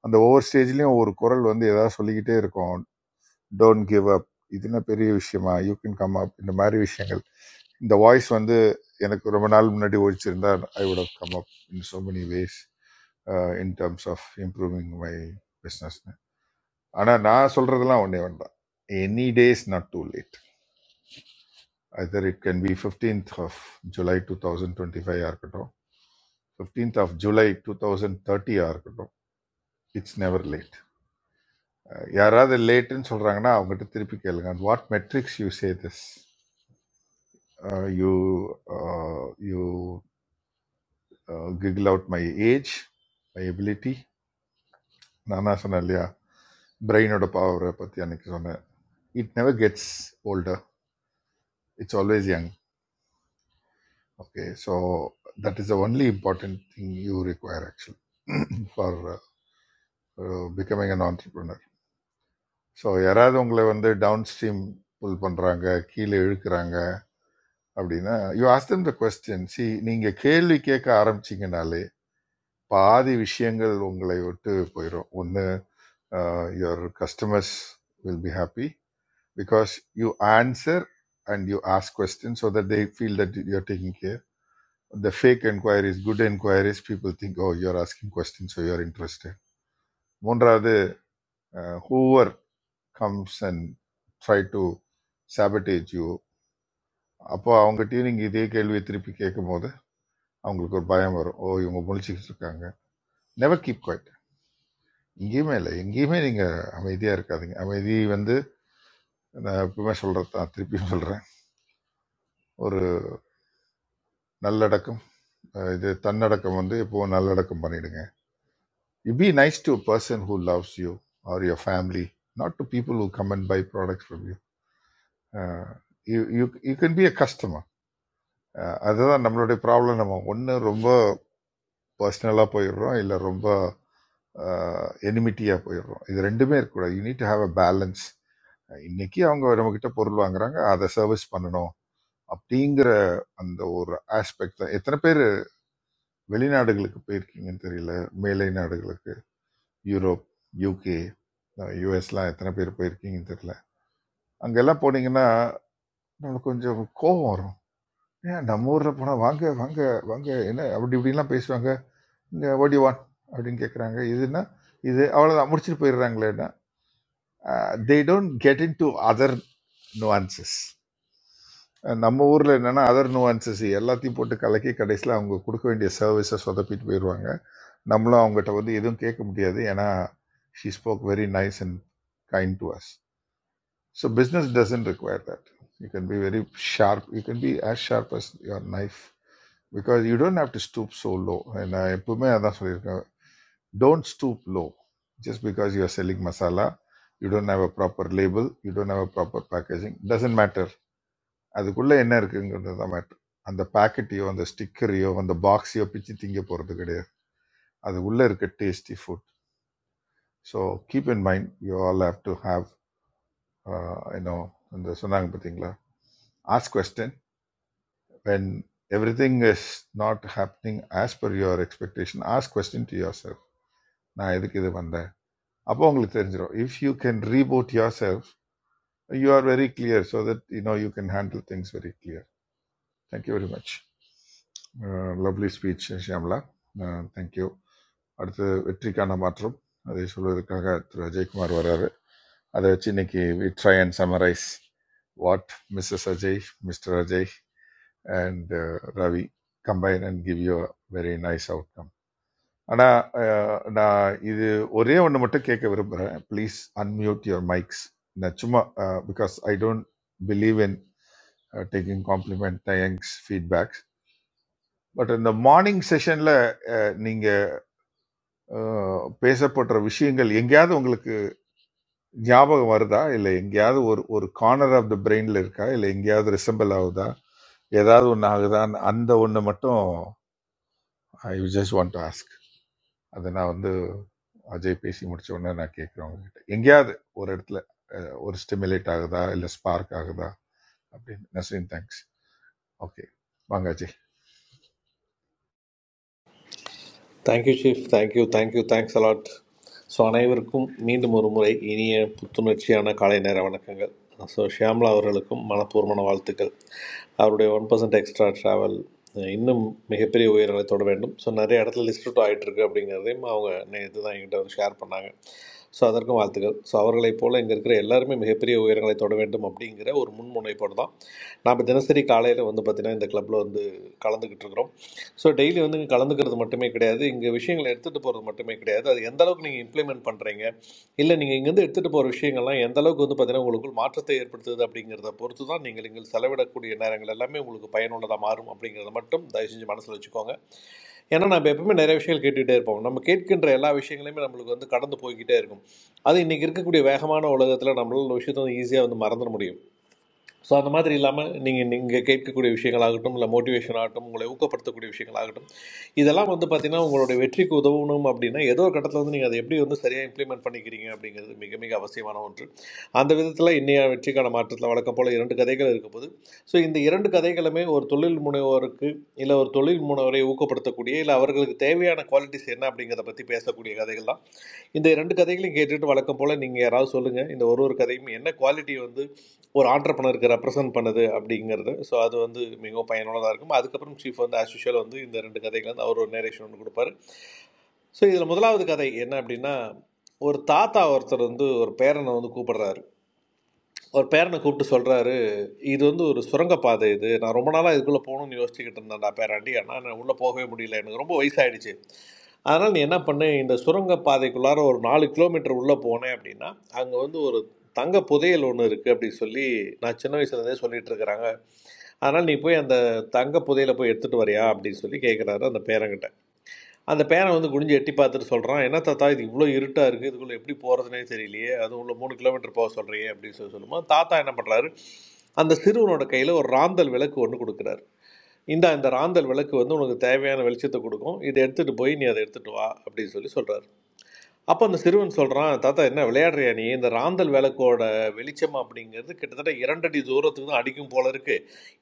Speaker 3: அந்த ஒவ்வொரு ஸ்டேஜ்லேயும் ஒரு குரல் வந்து ஏதாவது சொல்லிக்கிட்டே இருக்கும் டோன்ட் கிவ் அப் இது என்ன பெரிய விஷயமா யூ கேன் கம் அப் இந்த மாதிரி விஷயங்கள் இந்த வாய்ஸ் வந்து எனக்கு ரொம்ப நாள் முன்னாடி ஒழிச்சிருந்தா I would have come up in so many ways uh, in terms of improving my business ஆனால் நான் சொல்கிறதெல்லாம் ஒன்றே வேண்டாம் any days not too late other it can be fifteenth of July two thousand twenty ஃபைவாக இருக்கட்டும் fifteenth of July two thousand தேர்ட்டியாக இருக்கட்டும் it's never late யாராவது லேட்டுன்னு சொல்கிறாங்கன்னா அவங்ககிட்ட திருப்பி கேளுங்க what metrics you say this you you uh, giggle out my age my ability நானா சொன்னேன் இல்லையா பிரெயினோட பவரை பற்றி அன்னைக்கு சொன்னேன் it never gets older it's always young okay so that is the only important thing you require actual for becoming an entrepreneur so யாராவது உங்களை வந்து டவுன் ஸ்ட்ரீம் புல் பண்ணுறாங்க கீழே இழுக்கிறாங்க அப்படின்னா யூ ஆஸ்தம் த கொஸ்டின் சி நீங்கள் கேள்வி கேட்க ஆரம்பிச்சிங்கனாலே பாதி விஷயங்கள் உங்களை விட்டு போயிடும் ஒன்று your customers will be happy because you answer and you ask question so that they feel that you're taking care the fake enquiries good enquiries people think oh you're asking question so you're interested மூன்றாவது whoever comes and try to sabotage you அப்போ அவங்ககிட்டயும் நீங்கள் இதே கேள்வியை திருப்பி கேட்கும் போது அவங்களுக்கு ஒரு பயம் வரும் ஓ இவங்க முழிச்சுக்கிட்டு இருக்காங்க நெவர் கீப் குவை. எங்கேயுமே இல்லை எங்கேயுமே நீங்கள் அமைதியாக இருக்காதீங்க அமைதி வந்து நான் எப்பவுமே சொல்கிறது தான் திருப்பியும் சொல்கிறேன் ஒரு நல்லடக்கம் அஹ் இது தன்னடக்கம் வந்து எப்போவும் நல்லடக்கம் பண்ணிடுங்க you be nice to person who loves you or your family not to people who come and buy products from you you you can be a customer அதுதான் நம்மளுடைய ப்ராப்ளம் நம்ம ஒன்று ரொம்ப பர்சனலாக போயிடுறோம் இல்லை ரொம்ப எனிமிட்டியாக போயிடுறோம் இது ரெண்டுமே இருக்கக்கூடாது you need to have a balance இன்னைக்கு அவங்க நம்மக்கிட்ட பொருள் வாங்குறாங்க அதை சர்வீஸ் பண்ணணும் அப்படிங்கிற அந்த ஒரு ஆஸ்பெக்ட் தான் எத்தனை பேர் வெளிநாடுகளுக்கு போயிருக்கீங்கன்னு தெரியல மேலை நாடுகளுக்கு யூரோப் யூகே யூஎஸ்லாம் எத்தனை பேர் போயிருக்கீங்கன்னு தெரியல அங்கெல்லாம் போனீங்கன்னா நம்மளுக்கு கொஞ்சம் கோபம் வரும் ஏன் நம்ம ஊரில் போனால் வாங்க வாங்க வாங்க என்ன அப்படி இப்படிலாம் பேசுவாங்க இங்கே ஓடிவான் அப்படின்னு கேட்குறாங்க இதுன்னா இது அவ்வளோதான் முடிச்சுட்டு போயிடுறாங்களேன்னா they don't get in to other nuances நம்ம ஊரில் என்னென்னா அதர் நுவான்சஸ் எல்லாத்தையும் போட்டு கலக்கி கடைசியில் அவங்க கொடுக்க வேண்டிய சர்வீஸை சொதப்பிட்டு போயிடுவாங்க நம்மளும் அவங்ககிட்ட வந்து எதுவும் கேட்க முடியாது ஏன்னா she spoke very nice and kind to us so business doesn't require that you can be very sharp you can be as sharp as your knife because you don't have to stoop so low நான் எப்பவுமே அதான் சொல்லியிருக்கேன் don't stoop low just because you are selling masala you don't have a proper label you don't have a proper packaging doesn't matter அதுக்குள்ளே என்ன இருக்குங்கிறது தான் matter அந்த பாக்கெட்டையோ அந்த ஸ்டிக்கரையோ அந்த பாக்ஸையோ பிச்சு திங்க போகிறது கிடையாது அது உள்ளே இருக்க tasty food so keep in mind you all have to have you know இந்த சொன்னாங்க பார்த்தீங்களா ask question when everything is not happening as per your expectation ask question to yourself நான் எதுக்கு இது வந்தேன் அப்போ உங்களுக்கு தெரிஞ்சிடும் if you can reboot yourself you are very clear so that you know you can handle things very clear thank you very much lovely speech Shyamala thank you அடுத்து வெற்றிக்கான மாற்றம் அதை சொல்வதற்காக திரு அஜய்குமார் வர்றாரு அதை வச்சு இன்னைக்கு we try and summarize what Mrs Ajay Mr Ajay and Ravi combine and give you very nice outcome ஆனால் நான் இது ஒரே ஒன்று மட்டும் கேட்க விரும்புகிறேன் ப்ளீஸ் அன்மியூட் யுவர் மைக்ஸ் நான் சும்மா because I don't believe in taking compliment thanks feedbacks but இந்த மார்னிங் செஷன்ல நீங்க அஹ், பேசப்படுற விஷயங்கள் எங்கேயாவது உங்களுக்கு ஞாபகம் வருதா இல்லை எங்கேயாவது ஒரு ஒரு கார்னர் ஆஃப் த பிரெயின்ல இருக்கா இல்லை எங்கேயாவது ரிசம்பிள் ஆகுதா ஏதாவது ஒன்று ஆகுதான்னு அந்த ஒன்று மட்டும் I just want to ask அதை நான் வந்து அஜய் பேசி முடிச்ச உடனே நான் கேட்குறேன் உங்ககிட்ட எங்கேயாவது ஒரு இடத்துல அஹ், ஒரு ஸ்டிமுலேட் ஆகுதா இல்லை ஸ்பார்க் ஆகுதா அப்படின்னு நஸ்ரின் தேங்க்ஸ் ஓகே வாங்க Ajay
Speaker 15: thank you chief thank you thank you thanks a lot so அனைவருக்கும் மீண்டும் ஒரு முறை இனிய புத்துணர்ச்சியான காலை நேர வணக்கங்கள் ஸோ ஷியாம்லா அவர்களுக்கும் மனப்பூர்வமான வாழ்த்துக்கள் அவருடைய ஒன் பர்சன்ட் எக்ஸ்ட்ரா ட்ராவல் இன்னும் மிகப்பெரிய உயரங்களை தொட வேண்டும் ஸோ நிறைய இடத்துல லிஸ்ட் அவுட் ஆகிட்டு இருக்கு அப்படிங்கிறதையும் அவங்க நேற்று தான் என்கிட்ட வந்து ஷேர் பண்ணாங்க ஸோ அதற்கும் வாழ்த்துக்கள் ஸோ அவர்களைப் போல் இங்கே இருக்கிற எல்லாருமே மிகப்பெரிய உயரங்களை தொட வேண்டும் அப்படிங்கிற ஒரு முன்முனைப்போடு தான் நாம் தினசரி காலையில் வந்து பார்த்திங்கன்னா இந்த கிளப்பில் வந்து கலந்துக்கிட்டு இருக்கிறோம் ஸோ டெய்லி வந்து இங்கே கலந்துக்கிறது மட்டுமே கிடையாது இங்கே விஷயங்களை எடுத்துகிட்டு போகிறது மட்டுமே கிடையாது அது எந்த அளவுக்கு நீங்கள் இம்ப்ளிமெண்ட் பண்ணுறீங்க இல்லை நீங்கள் இங்கேருந்து எடுத்துகிட்டு போகிற விஷயங்கள்லாம் எந்த அளவுக்கு வந்து பார்த்தீங்கன்னா உங்களுக்குள் மாற்றத்தை ஏற்படுத்துது அப்படிங்கிறத பொறுத்து தான் நீங்கள் இங்கே செலவிடக்கூடிய நேரங்கள் எல்லாமே உங்களுக்கு பயனுள்ளதாக மாறும் அப்படிங்கிறத மட்டும் தயவு செஞ்சு மனசில் வச்சுக்கோங்க ஏன்னா நம்ம எப்பவுமே நிறைய விஷயங்கள் கேட்டுகிட்டே இருப்போம் நம்ம கேட்கின்ற எல்லா விஷயங்களையுமே நம்மளுக்கு வந்து கடந்து போய்கிட்டே இருக்கும் அது இன்றைக்கி இருக்கக்கூடிய வேகமான உலகத்தில் நம்மளால் ஒரு விஷயத்தை வந்து ஈஸியாக வந்து மறந்துட முடியும் ஸோ அந்த மாதிரி இல்லாமல் நீங்கள் நீங்கள் கேட்கக்கூடிய விஷயங்களாகட்டும் இல்லை மோட்டிவேஷன் ஆகட்டும் உங்களை ஊக்கப்படுத்தக்கூடிய விஷயங்களாகட்டும் இதெல்லாம் வந்து பார்த்தீங்கன்னா உங்களுடைய வெற்றிக்கு உதவணும் அப்படின்னா ஏதோ ஒரு கட்டத்தில் வந்து நீங்கள் அதை எப்படி வந்து சரியாக இம்ப்ளிமெண்ட் பண்ணிக்கிறீங்க அப்படிங்கிறது மிக மிக அவசியமான ஒன்று அந்த விதத்தில் இன்னைய வெற்றிக்கான மாற்றத்தில் வழக்கம் போல் இரண்டு கதைகள் இருக்கும்போது ஸோ இந்த இரண்டு கதைகளுமே ஒரு தொழில் முனைவோருக்கு இல்லை ஒரு தொழில் முனைவரை ஊக்கப்படுத்தக்கூடிய இல்லை அவர்களுக்கு தேவையான குவாலிட்டிஸ் என்ன அப்படிங்கிறத பற்றி பேசக்கூடிய கதைகள் தான் இந்த இரண்டு கதைகளையும் கேட்டுட்டு வழக்கம் போல் நீங்கள் யாராவது சொல்லுங்கள் இந்த ஒரு ஒரு கதையும் என்ன குவாலிட்டி வந்து ஒரு ஆண்டர்பனருக்கு ரெப்ரசன்ட் பண்ணுது அப்படிங்கிறது ஸோ அது வந்து மிகவும் பயனுள்ளதாக இருக்கும் அதுக்கப்புறம் சீஃப் வந்து ஆஸ் யூஷுவல் வந்து இந்த ரெண்டு கதைகள் வந்து அவர் ஒரு நேரேஷன் ஒன்று கொடுப்பாரு ஸோ இதில் முதலாவது கதை என்ன அப்படின்னா ஒரு தாத்தா ஒருத்தர் வந்து ஒரு பேரனை வந்து கூப்பிடுறாரு அவர் பேரனை கூப்பிட்டு சொல்கிறாரு இது வந்து ஒரு சுரங்கப்பாதை இது நான் ரொம்ப நாளாக இதுக்குள்ளே போகணும்னு யோசிச்சுக்கிட்டு இருந்தேன்டா பேராண்டி ஆனால் நான் உள்ளே போகவே முடியல எனக்கு ரொம்ப வயசாயிடுச்சு அதனால் நீ என்ன பண்ணு இந்த சுரங்கப்பாதைக்குள்ளார ஒரு நாலு கிலோமீட்டர் உள்ளே போனேன் அப்படின்னா அங்கே வந்து ஒரு தங்க புதையல் ஒன்று இருக்குது அப்படின்னு சொல்லி நான் சின்ன வயசுலேருந்தே சொல்லிட்டு இருக்கிறாங்க அதனால் நீ போய் அந்த தங்க புதையலை போய் எடுத்துகிட்டு வரியா அப்படின்னு சொல்லி கேட்குறாரு அந்த பேரங்கிட்ட அந்த பேரன் வந்து குனிஞ்சு எட்டி பார்த்துட்டு சொல்கிறான் என்ன தாத்தா இது இவ்வளோ இருட்டாக இருக்குது இதுக்குள்ளே எப்படி போகிறதுனே தெரியலையே அது உள்ள மூணு கிலோமீட்டர் போக சொல்கிறியே அப்படின்னு சொல்லி சொல்லும்போது தாத்தா என்ன பண்ணுறாரு அந்த சிறுவனோட கையில் ஒரு ராந்தல் விளக்கு ஒன்று கொடுக்குறாரு இந்தா இந்த ராந்தல் விளக்கு வந்து உனக்கு தேவையான வெளிச்சத்தை கொடுக்கும் இதை எடுத்துகிட்டு போய் நீ அதை எடுத்துகிட்டு வா அப்படின்னு சொல்லி சொல்கிறார் அப்போ அந்த சிறுவன் சொல்றான் தாத்தா என்ன விளையாடுறியா நீ இந்த ராந்தல் விளக்கோட வெளிச்சம் அப்படிங்கிறது கிட்டத்தட்ட இரண்டடி தூரத்துக்கு தான் அடிக்கும் போல இருக்கு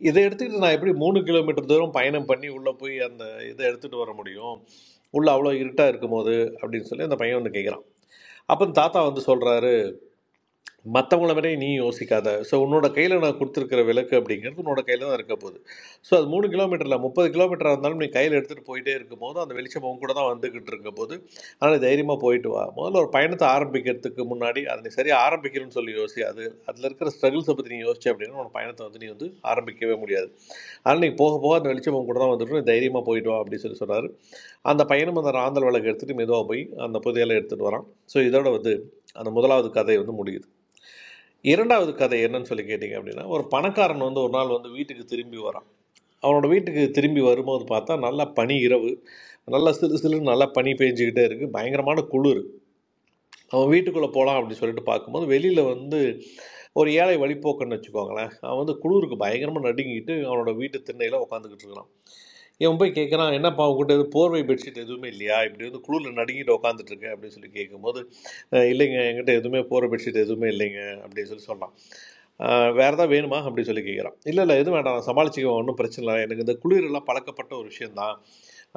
Speaker 15: இதை எடுத்துக்கிட்டு நான் எப்படி மூணு கிலோமீட்டர் தூரம் பயணம் பண்ணி உள்ள போய் அந்த இதை எடுத்துட்டு வர முடியும் உள்ள அவ்வளோ இருட்டா இருக்கும்போது அப்படின்னு சொல்லி அந்த பையன் வந்து கேட்குறான் அப்போ தாத்தா வந்து சொல்றாரு மற்றவங்கள மாதிரி நீ யோசிக்காத ஸோ உன்னோட கையில் நான் கொடுத்துருக்கிற விளக்கு அப்படிங்கிறது உன்னோட கையில் தான் இருக்க போகுது ஸோ அது மூணு கிலோமீட்டரில் முப்பது கிலோமீட்டராக இருந்தாலும் நீ கையில் எடுத்துகிட்டு போயிட்டே இருக்கும்போது அந்த வெளிச்சம் உன் கூட தான் வந்துக்கிட்டு இருக்க போது அதனால் தைரியமாக போயிட்டு வா முதல்ல ஒரு பயணத்தை ஆரம்பிக்கிறதுக்கு முன்னாடி அதை நீ சரியாக ஆரம்பிக்கிறேன்னு சொல்லி யோசி அது அதில் இருக்கிற ஸ்ட்ரகிள்ஸை பற்றி நீ யோசிச்சு அப்படின்னா உன் பயணத்தை வந்து நீ வந்து ஆரம்பிக்கவே முடியாது அதனால் நீ போக போக அந்த வெளிச்சம் உன் கூட தான் வந்துட்டு நீ தைரியமாக போயிட்டு வா அப்படின்னு சொல்லி சொன்னார் அந்த பையனும் அந்த ராந்தல் விளக்கு எடுத்துகிட்டு மெதுவாக போய் அந்த புதையலை எடுத்துகிட்டு வரான் ஸோ இதோட வந்து அந்த முதலாவது கதை வந்து முடியுது இரண்டாவது கதை என்னன்னு சொல்லி கேட்டிங்க அப்படின்னா ஒரு பணக்காரன் வந்து ஒரு நாள் வந்து வீட்டுக்கு திரும்பி வரான் அவனோட வீட்டுக்கு திரும்பி வரும்போது பார்த்தா நல்லா பனி இரவு நல்லா சிறு சிறு நல்லா பனி பெஞ்சிக்கிட்டே இருக்குது பயங்கரமான குளிர் அவன் வீட்டுக்குள்ளே போகலாம் அப்படின்னு சொல்லிட்டு பார்க்கும்போது வெளியில் வந்து ஒரு ஏழை வழிபோக்குன்னு வச்சுக்கோங்களேன் அவன் வந்து குளிருக்கு பயங்கரமாக நடுங்கிட்டு அவனோட வீட்டு திண்ணையில் உட்காந்துக்கிட்டு இருக்கிறான் இவன் போய் கேட்குறான் என்னப்பா உங்ககிட்ட எதுவும் போர்வை பெட்ஷீட் எதுவுமே இல்லையா இப்படி வந்து குளிரில் நடுங்கிட்டு உட்காந்துட்டு இருக்கேன் அப்படின்னு சொல்லி கேட்கும்போது "அஹ் இல்லைங்க என்கிட்ட எதுவுமே போர்வை பெட்ஷீட் எதுவுமே இல்லைங்க அப்படின்னு சொல்லி சொன்னான் வேறு ஏதாவது வேணுமா அப்படின்னு சொல்லி கேட்குறான் இல்லை இல்லை எதுவும் வேண்டாம் நான் சமாளிச்சுக்குவேன் ஒன்றும் பிரச்சனை இல்லை எனக்கு இந்த குளிரெல்லாம் பழக்கப்பட்ட ஒரு விஷயம்தான்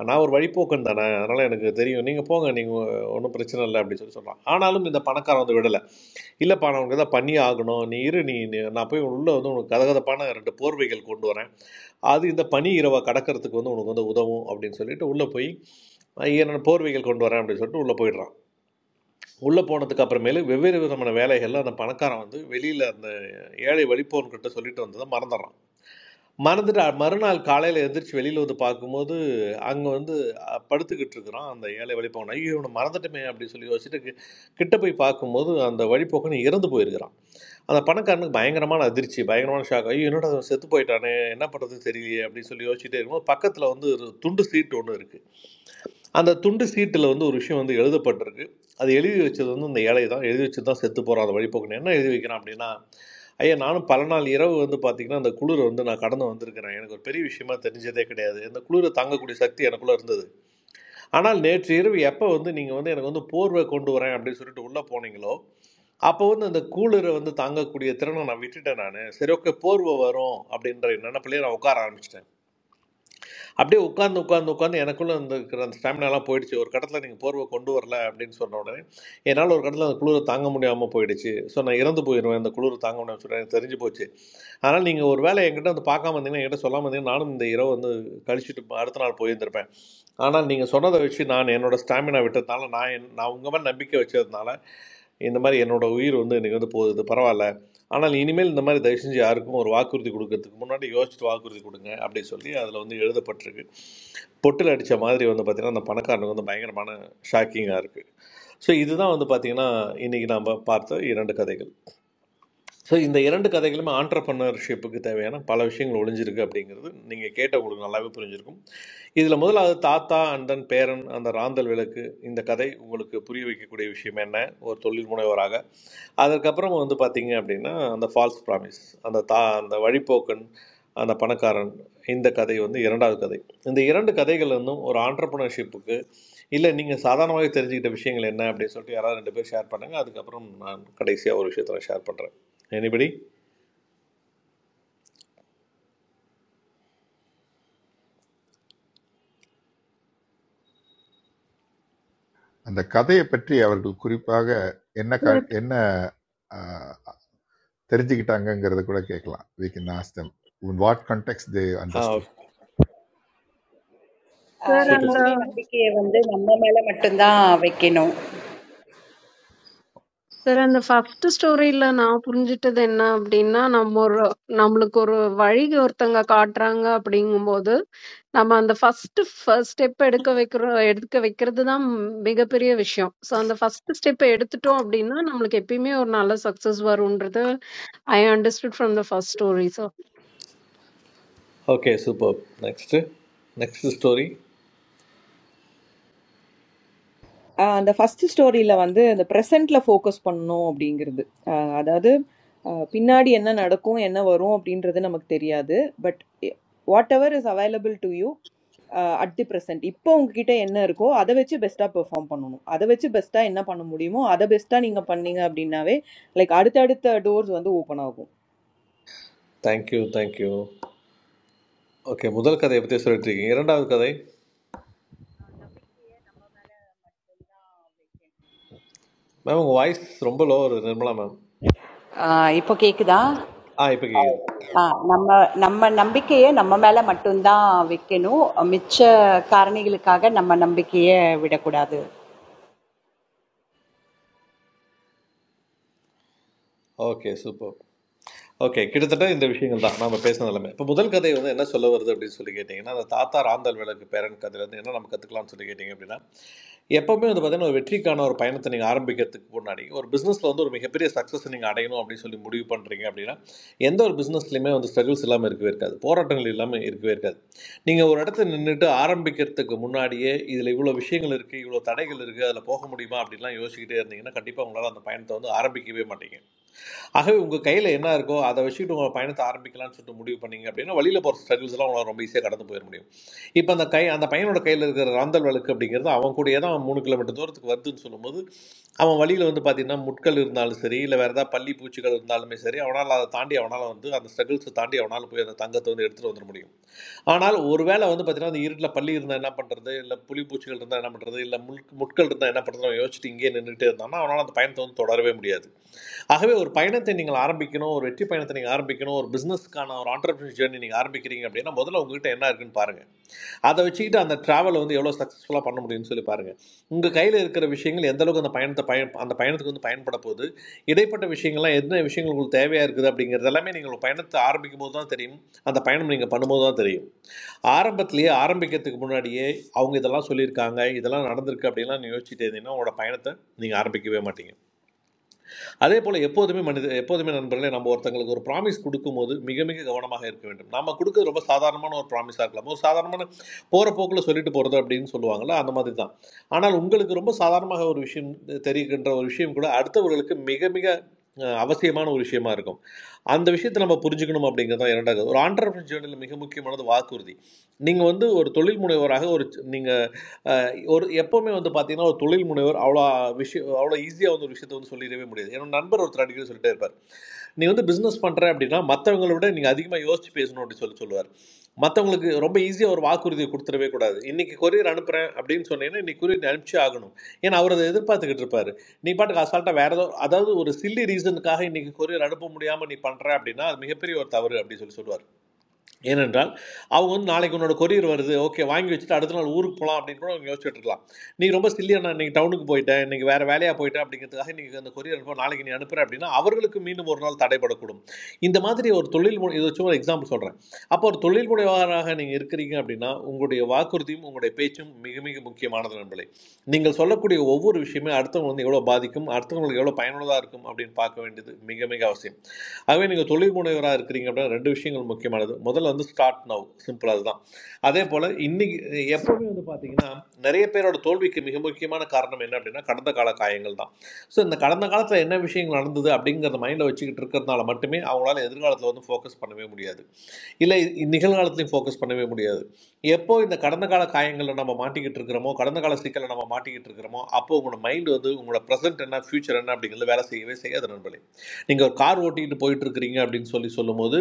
Speaker 15: நான் ஒரு வழிப்போக்கன் தானே அதனால் எனக்கு தெரியும் நீங்கள் போங்க நீங்கள் ஒன்றும் பிரச்சனை இல்லை அப்படின்னு சொல்லி சொல்கிறான் ஆனாலும் இந்த பணக்காரன் வந்து விடலை இல்லைப்பா நான் உனக்கு தான் பண்ணி ஆகணும் நீ இரு நீ நீ- நான் போய் உள்ளே வந்து உனக்கு கதகதப்பான ரெண்டு போர்வைகள் கொண்டு வரேன் அது இந்த பனி இரவை கடக்கிறதுக்கு வந்து உனக்கு வந்து உதவும் அப்படின்னு சொல்லிட்டு உள்ளே போய் ஐயா நான் போர்வைகள் கொண்டு வரேன் அப்படின்னு சொல்லிட்டு உள்ளே போயிடுறான் உள்ளே போனதுக்கு அப்புறமேலு வெவ்வேறு விதமான வேலைகளில் அந்த பணக்காரன் வந்து வெளியில் அந்த ஏழை வழிப்போன்கிட்ட சொல்லிட்டு வந்ததை மறந்துடுறான் மறந்துட்டு அ- மறுநாள் காலையில் எந்திரிச்சு வெளியில் வந்து பார்க்கும்போது அங்கே வந்து அ, படுத்துக்கிட்டு இருக்கிறான் அந்த ஏழை வழிப்போன் ஐயோ இவனை மறந்துட்டுமே அப்படின்னு சொல்லி யோசிச்சுட்டு கி- கிட்ட போய் பார்க்கும்போது அந்த வழிப்போக்கன் இறந்து போயிருக்கிறான் அந்த பணக்காரனுக்கு பயங்கரமான அதிர்ச்சி பயங்கரமான ஷாக் ஐயோ என்னடா இவன் செத்து போயிட்டானே என்ன பண்ணுறதுன்னு தெரியலையே அப்படின்னு சொல்லி யோசிச்சுட்டே இருக்கும்போது பக்கத்தில் வந்து ஒரு துண்டு சீட்டு ஒன்று இருக்குது அந்த துண்டு சீட்டில் வந்து ஒரு விஷயம் வந்து எழுதப்பட்டிருக்கு அது எழுதி வச்சது வந்து இந்த ஏழை தான் எழுதி வச்சு தான் செத்து போகிறான் அந்த வழிபோக்கணும் என்ன எழுதி வைக்கிறான் அப்படின்னா ஐயா நானும் பல நாள் இரவு வந்து பார்த்திங்கன்னா அந்த குளிரை வந்து நான் கடந்து வந்திருக்கிறேன் எனக்கு ஒரு பெரிய விஷயமா தெரிஞ்சதே கிடையாது இந்த குளிரை தாங்கக்கூடிய சக்தி எனக்குள்ளே இருந்தது ஆனால் நேற்று இரவு எப்போ வந்து நீங்கள் வந்து எனக்கு வந்து போர்வை கொண்டு வரேன் அப்படின்னு சொல்லிட்டு உள்ளே போனீங்களோ அப்போ வந்து அந்த கூலரை வந்து தாங்கக்கூடிய திறனை நான் விட்டுட்டேன் நான் சரி ஓகே போர்வை வரும் அப்படின்ற நினப்பிலே நான் உட்கார ஆரம்பிச்சிட்டேன் அப்படியே உட்காந்து உட்காந்து உட்காந்து எனக்குள்ளே அந்த இருக்கிற அந்த ஸ்டாமினாலாம் போயிடுச்சு ஒரு கடத்தில் நீங்கள் போர்வை கொண்டு வரல அப்படின்னு சொன்ன உடனே என்னால் ஒரு கடத்தில் அந்த குளிரை தாங்க முடியாமல் போயிடுச்சு ஸோ நான் இறந்து போயிடுவேன் அந்த குளிரை தாங்க முடியாமல் சொல்கிறேன் எனக்கு தெரிஞ்சு போச்சு அதனால் நீங்கள் ஒரு வேளை என்கிட்ட வந்து பார்க்காம இருந்தீங்கன்னா என்கிட்ட சொல்லாமல் இருந்தீங்கன்னா நானும் இந்த இரவு வந்து கழிச்சிட்டு அடுத்த நாள் போயிருந்திருப்பேன் ஆனால் நீங்கள் சொன்னதை வச்சு நான் என்னோட ஸ்டாமினா விட்டதுனால நான் என் நான் உங்கள் மேலே நம்பிக்கை வச்சதுனால இந்த மாதிரி என்னோட உயிர் வந்து எனக்கு வந்து போகுது பரவாயில்ல ஆனால் இனிமேல் இந்த மாதிரி தயவு செஞ்சு யாருக்கும் ஒரு வாக்குறுதி கொடுக்கறதுக்கு முன்னாடி யோசிச்சுட்டு வாக்குறுதி கொடுங்க அப்படின்னு சொல்லி அதில் வந்து எழுதப்பட்டிருக்கு பொட்டில் அடித்த மாதிரி வந்து பார்த்திங்கன்னா அந்த பணக்காரனுக்கு வந்து பயங்கரமான ஷாக்கிங்காக இருக்குது ஸோ இதுதான் வந்து பார்த்திங்கன்னா இன்றைக்கி நாம் பார்த்த இரண்டு கதைகள் ஸோ இந்த இரண்டு கதைகளுமே ஆண்டர்பனர்ஷிப்புக்கு தேவையான பல விஷயங்கள் ஒளிஞ்சிருக்கு அப்படிங்கிறது நீங்கள் கேட்ட உங்களுக்கு நல்லாவே புரிஞ்சிருக்கும் இதில் முதலாவது தாத்தா அண்ட் தென் பேரன் அந்த ராந்தல் விளக்கு இந்த கதை உங்களுக்கு புரிய வைக்கக்கூடிய விஷயம் என்ன ஒரு தொழில் முனைவராக அதற்கப்புறம் வந்து பார்த்தீங்க அப்படின்னா அந்த ஃபால்ஸ் ப்ராமிஸ் அந்த தா அந்த வழிப்போக்கன் அந்த பணக்காரன் இந்த கதை வந்து இரண்டாவது கதை இந்த இரண்டு கதைகள் இருந்தும் ஒரு ஆண்டர்ப்ரனர்ஷிப்புக்கு இல்லை நீங்கள் சாதாரணமாகவே தெரிஞ்சுக்கிட்ட விஷயங்கள் என்ன அப்படின்னு சொல்லிட்டு யாராவது ரெண்டு பேர் ஷேர் பண்ணுங்கள் அதுக்கப்புறம் நான் கடைசியாக ஒரு விஷயத்தை நான் ஷேர் பண்ணுறேன் எனிபடி
Speaker 3: அந்த கதையை பற்றி அவர்கள் குறிப்பாக என்ன க
Speaker 16: Yes,
Speaker 3: என்ன தெரிஞ்சுக்கிட்டாங்கங்கிறத கூட கேட்கலாம் we can ask them in what context they
Speaker 15: are
Speaker 3: understood
Speaker 16: Sir
Speaker 15: super
Speaker 12: எப்பவுமே நம்பிக்கையை வந்து நம்ம மேல மட்டும்தான் வைக்கணும்
Speaker 16: and the first story lla na upon jitha denna apdi na namor namal koru varig or tengga kaatrangga apdi ing modu. Naam andha first first step edka vikra edtk vikradu na mega parye vishyam. So andha first step edtu to apdi na namal kpmi or nala success varundrada. I understood from the first story so.
Speaker 15: Okay super next next story
Speaker 4: ஆஹ் அந்த first ஸ்டோரியில வந்து அந்த ப்ரெசென்ட்ல focus பண்ணணும் அப்படிங்கிறது ஆஹ் அதாவது ஆஹ் பின்னாடி என்ன நடக்கும் என்ன வரும் அப்படின்றது நமக்கு தெரியாது but whatever is available to you at the present இப்போ உங்ககிட்ட என்ன இருக்கோ அதை வச்சு பெஸ்ட்டாக பெர்ஃபார்ம் பண்ணணும் அதை வச்சு பெஸ்ட்டாக என்ன பண்ண முடியுமோ அதை பெஸ்ட்டாக நீங்கள் பண்ணீங்க அப்படின்னாவே லைக் அடுத்தடுத்த டோர்ஸ் வந்து ஓப்பன் ஆகும்
Speaker 15: தேங்க்யூ தேங்க்யூ ஓகே முதல் கதையை பற்றி சொல்லிட்டு இருக்கீங்க இரண்டாவது கதை மேம் உங்கள் வாய்ஸ் ரொம்ப லோவர் நிர்மலா மேம்
Speaker 12: ஆஹ் இப்போ கேக்குதா
Speaker 15: ஆ இப்போ கேட்குது
Speaker 12: ஆஹ் நம்ம நம்ம நம்பிக்கையை நம்ம மேல மட்டும்தான் வைக்கணும் மிச்ச காரணிகளுக்காக நம்ம நம்பிக்கையை விடக்கூடாது
Speaker 15: ஓகே சூப்பர் ஓகே கிட்டத்தட்ட இந்த விஷயங்கள் தான் நாம பேசினது எல்லாமே இப்போ முதல் கதை வந்து என்ன சொல்ல வருது அப்படின்னு சொல்லி கேட்டிங்கன்னா அந்த தாத்தா ராந்தால் விளக்கு பேரன் கதையிலேருந்து என்ன நம்ம கற்றுக்கலாம்னு சொல்லி கேட்டிங்க அப்படின்னா எப்போவுமே வந்து பார்த்தீங்கன்னா ஒரு வெற்றிக்கான ஒரு பயணத்தை நீங்கள் ஆரம்பிக்கிறதுக்கு முன்னாடி ஒரு பிஸ்னஸில் வந்து ஒரு மிகப்பெரிய சக்ஸஸ் நீங்கள் அடையணும் அப்படின்னு சொல்லி முடிவு பண்ணுறீங்க அப்படின்னா எந்த ஒரு பிஸ்னஸ்லையுமே வந்து ஸ்ட்ரகிள்ஸ் இல்லாமல் இருக்கவே இருக்காது போராட்டங்கள் இல்லாமல் இருக்கவே இருக்காது நீங்கள் ஒரு இடத்துல நின்றுட்டு ஆரம்பிக்கிறதுக்கு முன்னாடியே இதில் இவ்வளோ விஷயங்கள் இருக்குது இவ்வளோ தடைகள் இருக்குது அதில் போக முடியுமா அப்படின்லாம் யோசிச்சுக்கிட்டே இருந்தீங்கன்னா கண்டிப்பாக உங்களால் அந்த பயணத்தை வந்து ஆரம்பிக்கவே மாட்டீங்க ஆகவே உங்கள் கையில் என்ன இருக்கோ அதை வச்சுட்டு உங்கள் பயணத்தை ஆரம்பிக்கலாம்னு சொல்லிட்டு முடிவு பண்ணீங்க அப்படின்னா வழியில் போகிற ஸ்ட்ரகிள்ஸ் எல்லாம் உங்களால் ரொம்ப ஈஸியாக கடந்து போயிட முடியும் இப்போ அந்த கை அந்த பையனோட கையில் இருக்கிற ராந்தல் விளக்கு அப்படிங்கிறது அவன் கூடயே தான் அவன் மூணு கிலோமீட்டர் தூரத்துக்கு வருதுன்னு சொல்லும்போது அவன் வழியில் வந்து பார்த்தீங்கன்னா முட்கள் இருந்தாலும் சரி இல்லை வேறு ஏதாவது பள்ளி பூச்சிகள் இருந்தாலுமே சரி அவனால் அதை தாண்டி அவனால் வந்து அந்த ஸ்ட்ரகிள்ஸை தாண்டி அவனால் போய் அந்த தங்கத்தை வந்து எடுத்துகிட்டு வந்துட முடியும் ஆனால் ஒருவேளை வந்து பார்த்தீங்கன்னா அந்த இருட்டில் பள்ளி இருந்தால் என்ன பண்ணுறது இல்லை புலிப்பூச்சிகள் இருந்தால் என்ன பண்ணுறது இல்லை முல் முட்கள் இருந்தால் என்ன பண்ணுறது அவன் யோசிச்சுட்டு இங்கேயே நின்றுட்டே இருந்தான்னா அவனால் அந்த பயணத்தை வந்து தொடரவே முடியாது ஆகவே ஒரு பயணத்தை நீங்கள் ஆரம்பிக்கணும் ஒரு வெற்றி பயணத்தை நீங்கள் ஆரம்பிக்கணும் ஒரு பிஸ்னஸ்க்கான ஒரு ஆண்டர்பிரினர் ஜேர்னி நீங்கள் ஆரம்பிக்கிறீங்க அப்படின்னா முதல்ல உங்ககிட்ட என்ன இருக்குன்னு பாருங்க அதை வச்சுக்கிட்டு அந்த டிராவலை வந்து எவ்வளோ சக்ஸஸ்ஃபுல்லாக பண்ண முடியும்னு சொல்லி பாருங்க உங்கள் கையில் இருக்கிற விஷயங்கள் எந்த அளவுக்கு அந்த பயணத்தை பயன் அந்த பயணத்துக்கு வந்து பயன்பட போகுது இடைப்பட்ட விஷயங்கள்லாம் என்ன விஷயங்கள் உங்களுக்கு தேவையாக இருக்குது அப்படிங்கிறது எல்லாமே நீங்கள் ஒரு பயணத்தை ஆரம்பிக்கும் போது தான் தெரியும் அந்த பயணம் நீங்கள் பண்ணும்போது தான் தெரியும் ஆரம்பத்திலேயே ஆரம்பிக்கிறதுக்கு முன்னாடியே அவங்க இதெல்லாம் சொல்லியிருக்காங்க இதெல்லாம் நடந்திருக்கு அப்படின்லாம் நீங்கள் யோசிச்சுட்டு இருந்தீங்கன்னா உங்களோட பயணத்தை நீங்கள் ஆரம்பிக்கவே மாட்டீங்க அதே போல் எப்போதுமே மனித எப்போதுமே நண்பர்களே நம்ம ஒருத்தங்களுக்கு ஒரு ப்ராமிஸ் கொடுக்கும்போது மிக மிக கவனமாக இருக்க வேண்டும் நம்ம கொடுக்கிறது ரொம்ப சாதாரணமான ஒரு ப்ராமிஸாக இருக்கலாம் ஒரு சாதாரணமான போகிற போக்கில் சொல்லிட்டு போகிறது அப்படின்னு சொல்லுவாங்கள்ல அந்த மாதிரி தான் ஆனால் உங்களுக்கு ரொம்ப சாதாரணமாக ஒரு விஷயம் தெரிகின்ற ஒரு விஷயம் கூட அடுத்தவர்களுக்கு மிக மிக அஹ், அவசியமான ஒரு விஷயமா இருக்கும் அந்த விஷயத்தை நம்ம புரிஞ்சுக்கணும் அப்படிங்கிறது தான் இரண்டாவது ஒரு ஆண்டர்பிரினர் ஜேர்னியில் மிக முக்கியமானது வாக்குறுதி நீங்கள் வந்து ஒரு தொழில் முனைவராக ஒரு நீங்கள் ஒரு எப்போவுமே வந்து பார்த்தீங்கன்னா ஒரு தொழில் முனைவர் அவ்வளோ விஷயம் அவ்வளோ ஈஸியாக வந்து ஒரு விஷயத்தை வந்து சொல்லிடவே முடியாது என்னோட நண்பர் ஒருத்தர் அடிக்கடி சொல்லிட்டே இருப்பார் நீ வந்து பிஸ்னஸ் பண்ணுற அப்படின்னா மற்றவங்களை விட நீங்கள் அதிகமாக யோசிச்சு பேசணும் அப்படின்னு சொல்லி சொல்லுவார் மற்றவங்களுக்கு ரொம்ப ஈஸியாக ஒரு வாக்குறுதியை கொடுத்துடவே கூடாது இன்னைக்கு கொரியர் அனுப்புகிறேன் அப்படின்னு சொன்னீங்கன்னா இன்னைக்கு கொரியர் அனுப்பிச்சே ஆகணும் ஏன்னா அவர் அதை எதிர்பார்த்துக்கிட்டு இருப்பார் நீ பாட்டுக்கு அசால்ட்டாக வேற ஏதோ அதாவது ஒரு சில்லி ரீசனுக்காக இன்னைக்கு கொரியர் அனுப்ப முடியாமல் நீ பண்ணுற அப்படின்னா அது மிகப்பெரிய ஒரு தவறு அப்படின்னு சொல்லி சொல்லுவார் ஏனென்றால் அவங்க வந்து நாளைக்கு உன்னோட கொரியர் வருது ஓகே வாங்கி வச்சுட்டு அடுத்த நாள் ஊருக்கு போகலாம் அப்படின்னு கூட அவங்க யோசிச்சுட்டு இருக்கலாம் நீ ரொம்ப சில்லியா நான் இன்னைக்கு டவுனுக்கு போயிட்டேன் இன்னைக்கு வேற வேலையாக போயிட்டேன் அப்படிங்கிறதுக்காக இன்னைக்கு அந்த கொரியர் அனுப்ப நாளைக்கு நீ அனுப்புற அப்படின்னா அவர்களுக்கு மீண்டும் ஒரு நாள் தடைபடக்கூடும் இந்த மாதிரி ஒரு தொழில் முறை இது வச்சு ஒரு எக்ஸாம்பிள் சொல்கிறேன் அப்போ ஒரு தொழில் முனைவராக நீங்கள் இருக்கிறீங்க அப்படின்னா உங்களுடைய வாக்குறுதியும் உங்களுடைய பேச்சும் மிக மிக முக்கியமானது நண்பர்களே நீங்கள் சொல்லக்கூடிய ஒவ்வொரு விஷயமே அடுத்தவங்க வந்து எவ்வளோ பாதிக்கும் அடுத்தவங்களுக்கு எவ்வளோ பயனுள்ளதாக இருக்கும் அப்படின்னு பார்க்க வேண்டியது மிக மிக அவசியம் ஆகவே நீங்கள் தொழில் முனைவராக இருக்கிறீங்க அப்படின்னா ரெண்டு விஷயங்கள் முக்கியமானது முதல்ல வந்து ஸ்டார்ட் நவ் சிம்பிள் அதுதான் அதே போல் இன்னைக்கு எப்போவுமே வந்து பார்த்தீங்கன்னா நிறைய பேரோட தோல்விக்கு மிக முக்கியமான காரணம் என்ன அப்படின்னா கடந்த கால காயங்கள் தான் ஸோ இந்த கடந்த காலத்தில் என்ன விஷயங்கள் நடந்தது அப்படிங்கிறத மைண்டில் வச்சுக்கிட்டு இருக்கிறதுனால மட்டுமே அவங்களால எதிர்காலத்தில் வந்து ஃபோக்கஸ் பண்ணவே முடியாது இல்லை இ- நிகழ்காலத்திலையும் ஃபோக்கஸ் பண்ணவே முடியாது எப்போ இந்த கடந்த கால காயங்களில் நம்ம மாட்டிக்கிட்டு இருக்கிறோமோ கடந்த கால சிக்கலை நம்ம மாட்டிக்கிட்டு இருக்கிறோமோ அப்போ உங்களோட மைண்ட் வந்து உங்களோட ப்ரெசென்ட் என்ன ஃபியூச்சர் என்ன அப்படிங்கிறது வேலை செய்யவே செய்யாது நண்பர்களே நீங்கள் ஒரு கார் ஓட்டிக்கிட்டு போயிட்டு இருக்கிறீங்க அப்படின்னு சொல்லி சொல்லும்போது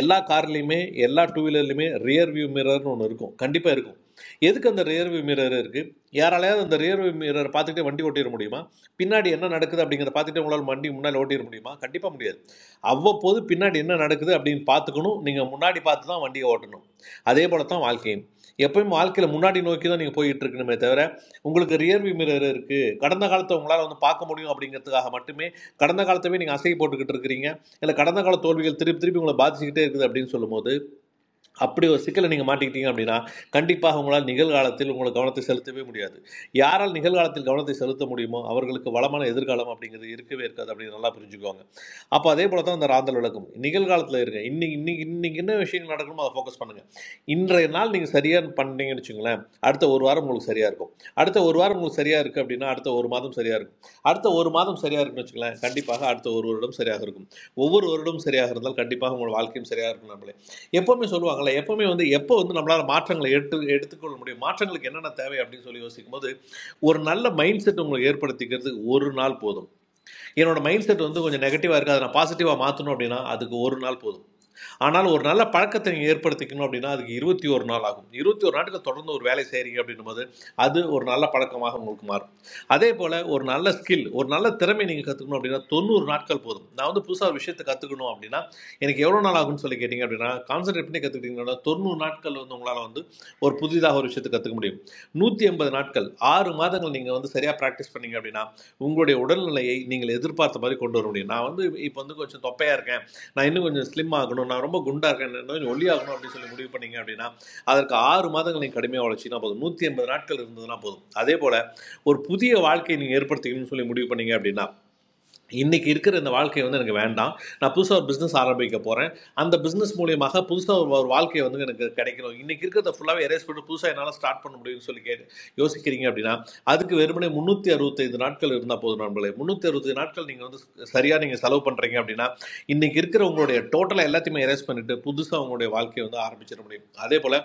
Speaker 15: எல்லா கார்லேயுமே எல்லா டூ வீலர்லையுமே ரியர் வியூ மிரர்னு ஒன்று இருக்கும் கண்டிப்பாக இருக்கும் எதுக்கு அந்த ரியர் வியூ மிரர் இருக்குது யாராலையாவது அந்த ரியர் வியூ மிரர் பார்த்துக்கிட்டே வண்டி ஓட்டிட முடியுமா பின்னாடி என்ன நடக்குது அப்படிங்கிறத பார்த்துட்டு உங்களால் வண்டி முன்னாடி ஓட்டிட முடியுமா கண்டிப்பாக முடியாது அவ்வப்போது பின்னாடி என்ன நடக்குது அப்படின்னு பார்த்துக்கணும் நீங்கள் முன்னாடி பார்த்து தான் வண்டியை ஓட்டணும் அதே போல தான் வாழ்க்கையும் எப்பயும் வாழ்க்கையில் முன்னாடி நோக்கி தான் நீங்கள் போயிட்டு இருக்கணுமே தவிர உங்களுக்கு ரியர் வியூ மிரர் இருக்குது கடந்த காலத்தை உங்களால் வந்து பார்க்க முடியும் அப்படிங்கிறதுக்காக மட்டுமே கடந்த காலத்தவே நீங்கள் அசை போட்டுக்கிட்டு இருக்கிறீங்க இல்லை கடந்த கால தோல்விகள் திருப்பி திருப்பி உங்களை பாதிச்சுக்கிட்டே இருக்குது அப்படின்னு சொல்லும்போது அப்படி ஒரு சிக்கலை நீங்கள் மாட்டிக்கிட்டீங்க அப்படின்னா கண்டிப்பாக உங்களால் நிகழ்காலத்தில் உங்களை கவனத்தை செலுத்தவே முடியாது யாரால் நிகழ்காலத்தில் கவனத்தை செலுத்த முடியுமோ அவர்களுக்கு வளமான எதிர்காலம் அப்படிங்கிறது இருக்கவே இருக்காது அப்படின்னு நல்லா புரிஞ்சுக்குவாங்க அப்போ அதே போல தான் அந்த ராந்தல் விளக்கம் நிகழ்காலத்தில் இருங்க இன்னைக்கு இன்னைக்கு இன்னைக்கு என்ன விஷயங்கள் நடக்கணுமோ அதை ஃபோக்கஸ் பண்ணுங்கள் இன்றைய நாள் நீங்கள் சரியாக பண்ணீங்கன்னு வச்சுங்களேன் அடுத்த ஒரு வாரம் உங்களுக்கு சரியாக இருக்கும் அடுத்த ஒரு வாரம் உங்களுக்கு சரியாக இருக்குது அப்படின்னா அடுத்த ஒரு மாதம் சரியாக இருக்கும் அடுத்த ஒரு மாதம் சரியாக இருக்குன்னு வச்சுங்களேன் கண்டிப்பாக அடுத்த ஒரு வருடம் சரியாக இருக்கும் ஒவ்வொரு வருடம் சரியாக இருந்தால் கண்டிப்பாக உங்கள் வாழ்க்கையும் சரியாக இருக்கும் நம்மளே எப்பவுமே சொல்லுவாங்கல்ல எப்பவுமே வந்து எப்போ வந்து நம்மளால மாற்றங்களை எடுத்து எடுத்துக்கொள்ள முடியும் மாற்றங்களுக்கு என்னென்ன தேவை அப்படின்னு சொல்லி யோசிக்கும் போது ஒரு நல்ல மைண்ட் செட் உங்களுக்கு ஏற்படுத்திக்கிறதுக்கு ஒரு நாள் போதும் என்னோட மைண்ட் செட் வந்து கொஞ்சம் நெகட்டிவா இருக்கு அதை நான் பாசிட்டிவா மாற்றணும் அப்படின்னா அதுக்கு ஒரு நாள் போதும் ஆனால் ஒரு நல்ல பழக்கத்தை நீங்கள் ஏற்படுத்திக்கணும் அப்படின்னா அதுக்கு இருபத்தி ஒரு நாள் ஆகும் இருபத்தி ஒரு நாட்கள் தொடர்ந்து ஒரு வேலை செய்கிறீங்க அப்படின்னும் போது அது ஒரு நல்ல பழக்கமாக உங்களுக்கு மாறும் அதே போல் ஒரு நல்ல ஸ்கில் ஒரு நல்ல திறமை நீங்கள் கற்றுக்கணும் அப்படின்னா தொண்ணூறு நாட்கள் போதும் நான் வந்து புதுசாக ஒரு விஷயத்தை கற்றுக்கணும் அப்படின்னா எனக்கு எவ்வளோ நாள் ஆகும்னு சொல்லி கேட்டிங்க அப்படின்னா கான்சன்ட்ரேட் பண்ணி கற்றுக்கிட்டீங்கன்னா தொண்ணூறு நாட்கள் வந்து உங்களால் வந்து ஒரு புதிதாக ஒரு விஷயத்தை கற்றுக்க முடியும் நூற்றி எண்பது நாட்கள் ஆறு மாதங்கள் நீங்கள் வந்து சரியாக ப்ராக்டிஸ் பண்ணீங்க அப்படின்னா உங்களுடைய உடல்நிலையை நீங்கள் எதிர்பார்த்த மாதிரி கொண்டு வர முடியும் நான் வந்து இப்போ வந்து கொஞ்சம் தொப்பையாக இருக்கேன் நான் இன்னும் கொஞ்சம் ஸ்லிம் ஆகணும் நான் ரொம்ப குண்டா இருக்கேன் இன்னும் கொஞ்சம் ஒல்லியாகணும் அப்படின்னு சொல்லி முடிவு பண்ணீங்க அப்படின்னா அதற்கு ஆறு மாதங்கள் நீங்கள் கடுமையாக உழைச்சிங்கன்னா போதும் நூற்றி எண்பது நாட்கள் இருந்ததுன்னா போதும் அதே போல் ஒரு புதிய வாழ்க்கையை நீங்கள் ஏற்படுத்திக்கணும்னு சொல்லி முடிவு பண்ணீங்க அப்படின்னா இன்றைக்கி இருக்கிற இந்த வாழ்க்கை வந்து எனக்கு வேண்டாம் நான் புதுசாக ஒரு பிஸ்னஸ் ஆரம்பிக்க போகிறேன் அந்த பிஸ்னஸ் மூலியமாக புதுசாக ஒரு ஒரு வாழ்க்கை வந்து எனக்கு கிடைக்கணும் இன்றைக்கி இருக்கிறத ஃபுல்லாகவே எரேஸ் பண்ணிட்டு புதுசாக என்னால் ஸ்டார்ட் பண்ண முடியும்னு சொல்லி கேட்டு யோசிக்கிறீங்க அப்படின்னா அதுக்கு வெறுமனே முந்நூற்றி அறுபத்தைந்து நாட்கள் இருந்தால் போதும் நண்பர்களே முந்நூற்றி அறுபத்தைந்து நாட்கள் நீங்கள் வந்து சரியாக நீங்கள் செலவு பண்ணுறீங்க அப்படின்னா இன்றைக்கி இருக்கிற உங்களுடைய டோட்டலாக எல்லாத்தையுமே எரேஸ் பண்ணிவிட்டு புதுசாக உங்களுடைய வாழ்க்கையை வந்து ஆரம்பிச்சிட முடியும் அதே போல்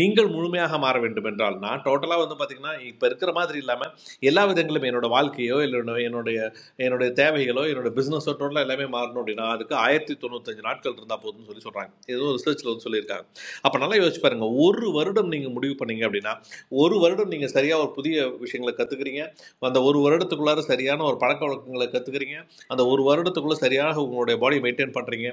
Speaker 15: நீங்கள் முழுமையாக மாற வேண்டும் என்றால் நான் டோட்டலாக வந்து பார்த்திங்கன்னா இப்போ இருக்கிற மாதிரி இல்லாமல் எல்லா விதங்களும் என்னோட வாழ்க்கையோ இல்லை என்னுடைய என்னுடைய தேவைகளோ என்னோட பிஸ்னஸோ டோட்டலாக எல்லாமே மாறணும் அப்படின்னா அதுக்கு ஆயிரத்தி தொண்ணூத்தஞ்சு நாட்கள் இருந்தால் போதும்னு சொல்லி சொல்கிறாங்க ஏதோ ரிசர்ச்சில் வந்து சொல்லியிருக்காங்க அப்போ நல்லா யோசிச்சு பாருங்க ஒரு வருடம் நீங்கள் முடிவு பண்ணீங்க அப்படின்னா ஒரு வருடம் நீங்கள் சரியாக ஒரு புதிய விஷயங்களை கற்றுக்கிறீங்க அந்த ஒரு வருடத்துக்குள்ளார சரியான ஒரு பழக்க வழக்கங்களை கற்றுக்கிறீங்க அந்த ஒரு வருடத்துக்குள்ளே சரியாக உங்களுடைய பாடி மெயின்டைன் பண்ணுறீங்க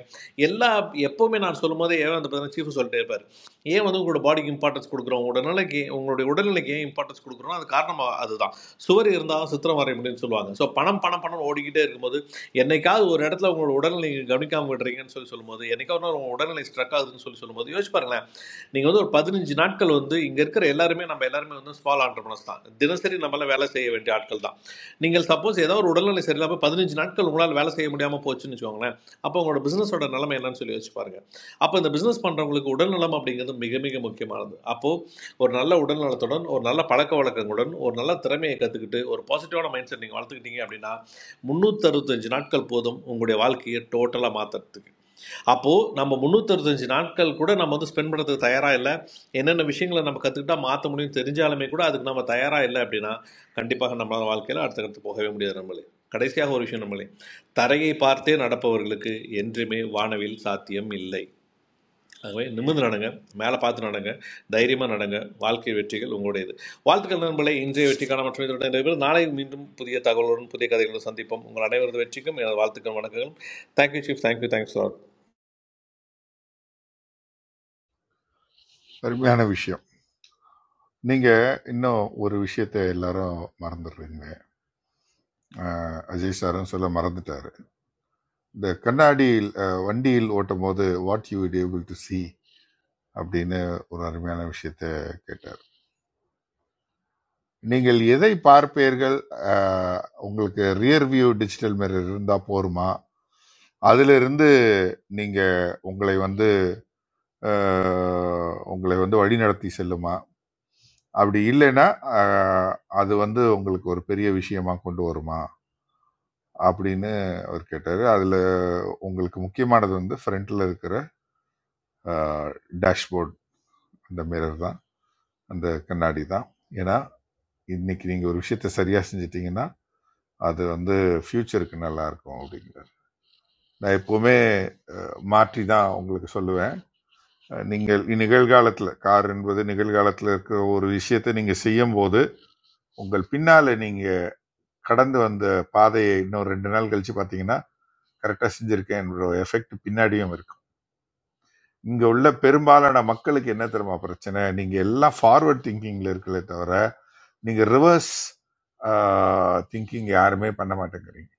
Speaker 15: எல்லா எப்போவுமே நான் சொல்லும் போதே ஏன் வந்து பார்த்தீங்கன்னா சீஃப் சொல்லிட்டே இருப்பார் ஏன் வந்து உங்களோட பாடிக்கு இம்பார்ட்டன்ஸ் கொடுக்குறோம் உங்களோட நிலைக்கு உங்களுடைய உடல்நிலைக்கு ஏன் இம்பார்ட்டன்ஸ் கொடுக்குறோம் அது காரணமாக அதுதான் சுவர் இருந்தாலும் சித்திரம் வரைய முடியும்னு சொல்லுவாங்க ஸோ பணம் பணம் பணம் ஓடிக்கிட்டே இருக்கும்போது என்னைக்காவது ஒரு இடத்துல உங்களோட உடல்நிலை நீங்க கவனிக்காம விடுறீங்கன்னு சொல்லி சொல்லும்போது என்னைக்காவது ஒரு நாள் உங்க உடல்நிலை ஸ்ட்ரக் ஆகுதுன்னு சொல்லி சொல்லும்போது யோசிச்சு பாருங்களேன் நீங்கள் வந்து ஒரு பதினஞ்சு நாட்கள் வந்து இங்கே இருக்கிற எல்லாருமே நம்ம எல்லாருமே வந்து ஸ்மால் ஆண்டர்பனஸ் தான் தினசரி நம்மளால வேலை செய்ய வேண்டிய ஆட்கள் தான் நீங்கள் சப்போஸ் ஏதாவது ஒரு உடல்நிலை சரியில்லாமல் பதினஞ்சு நாட்கள் உங்களால் வேலை செய்ய முடியாமல் போச்சுன்னு வச்சுக்கோங்களேன் அப்போ உங்களோட பிஸ்னஸோட நிலைமை என்னன்னு சொல்லி யோசிச்சு பாருங்க அப்போ இந்த பிஸ்னஸ் பண்ணுறவங்களுக்கு உடல்நலம் அப்படிங்கிறது மிக மிக முக்கியமானது அப்போ ஒரு நல்ல உடல் நலத்துடன் ஒரு நல்ல பழக்க வழக்கங்களுடன் ஒரு நல்ல திறமையை கற்றுக்கிட்டு ஒரு பாசிட்டிவான மைண்ட் செட் நீங்கள் வளர்த்துக்கிட்டீங்க அப்படின்னா முந்நூற்றறுபத்தஞ்சு நாட்கள் போதும் உங்களுடைய வாழ்க்கையை டோட்டலாக மாற்றுறதுக்கு அப்போது நம்ம முந்நூற்றறுபத்தஞ்சு நாட்கள் கூட நம்ம வந்து ஸ்பெண்ட் பண்ணுறதுக்கு தயாராக இல்லை என்னென்ன விஷயங்களை நம்ம கற்றுக்கிட்டா மாற்ற முடியும் தெரிஞ்சாலுமே கூட அதுக்கு நம்ம தயாராக இல்லை அப்படின்னா கண்டிப்பாக நம்மளால வாழ்க்கையில் அடுத்த கட்டத்து போகவே முடியாது நம்மளே கடைசியாக ஒரு விஷயம் நம்மளே தரையை பார்த்தே நடப்பவர்களுக்கு என்றுமே வானவில் சாத்தியம் இல்லை அது மாதிரி நிமிர்ந்து நடங்க மேலே பார்த்து நடங்க தைரியமாக நடங்க வாழ்க்கை வெற்றிகள் உங்களுடையது வாழ்த்துக்கள் நண்பர்களே இன்றைய வெற்றிக்கான மற்றும் இதனுடைய நிறைவேறும் நாளை மீண்டும் புதிய தகவலுடன் புதிய கதைகளுடன் சந்திப்போம் உங்கள் அனைவரது வெற்றிக்கும் எனது வாழ்த்துக்கள் வணக்கங்களும் thank you chief thank you thanks for.
Speaker 3: அருமையான விஷயம் நீங்கள் இன்னும் ஒரு விஷயத்தை எல்லாரும் மறந்துடுறீங்க அஹ், அஜய் சாரும் சொல்ல மறந்துட்டாரு இந்த கண்ணாடியில் அஹ், வண்டியில் ஓட்டும் போது what you able to see அப்படின்னு ஒரு அருமையான விஷயத்த கேட்டார் நீங்கள் எதை பார்ப்பீர்கள் அஹ், உங்களுக்கு ரியர் வியூ டிஜிட்டல் மிரர் இருந்தா போருமா அதிலிருந்து நீங்க உங்களை வந்து அஹ், உங்களை வந்து வழிநடத்தி செல்லுமா அப்படி இல்லைன்னா அஹ், அது வந்து உங்களுக்கு ஒரு பெரிய விஷயமா கொண்டு வருமா அப்படின்னு அவர் கேட்டாரு அதுல உங்களுக்கு முக்கியமானது வந்து ஃப்ரண்ட்ல இருக்கிற டேஷ்போர்ட் அந்த மிரர் தான் அந்த கண்ணாடி தான் ஏன்னா இன்னைக்கு நீங்க ஒரு விஷயத்த சரியா செஞ்சிட்டீங்கன்னா அது வந்து ஃபியூச்சருக்கு நல்லா இருக்கும் அப்படிங்கிறார் நான் எப்பவுமே மாற்றி தான் உங்களுக்கு சொல்லுவேன் நீங்கள் நிகழ்காலத்துல கார் என்பது நிகழ்காலத்துல இருக்கிற ஒரு விஷயத்தை நீங்க செய்யும் போது உங்கள் பின்னால நீங்க கடந்து வந்த பாதையை இன்னும் ரெண்டு நாள் கழிச்சு பார்த்தீங்கன்னா கரெக்டாக செஞ்சிருக்கேன் என்ற ஒரு எஃபெக்ட் பின்னாடியும் இருக்கும் இங்க உள்ள பெரும்பாலான மக்களுக்கு என்ன தெரியுமா பிரச்சனை நீங்க எல்லாம் ஃபார்வர்ட் திங்கிங்ல இருக்கலே தவிர நீங்க ரிவர்ஸ் திங்கிங் யாருமே பண்ண மாட்டேங்கிறீங்க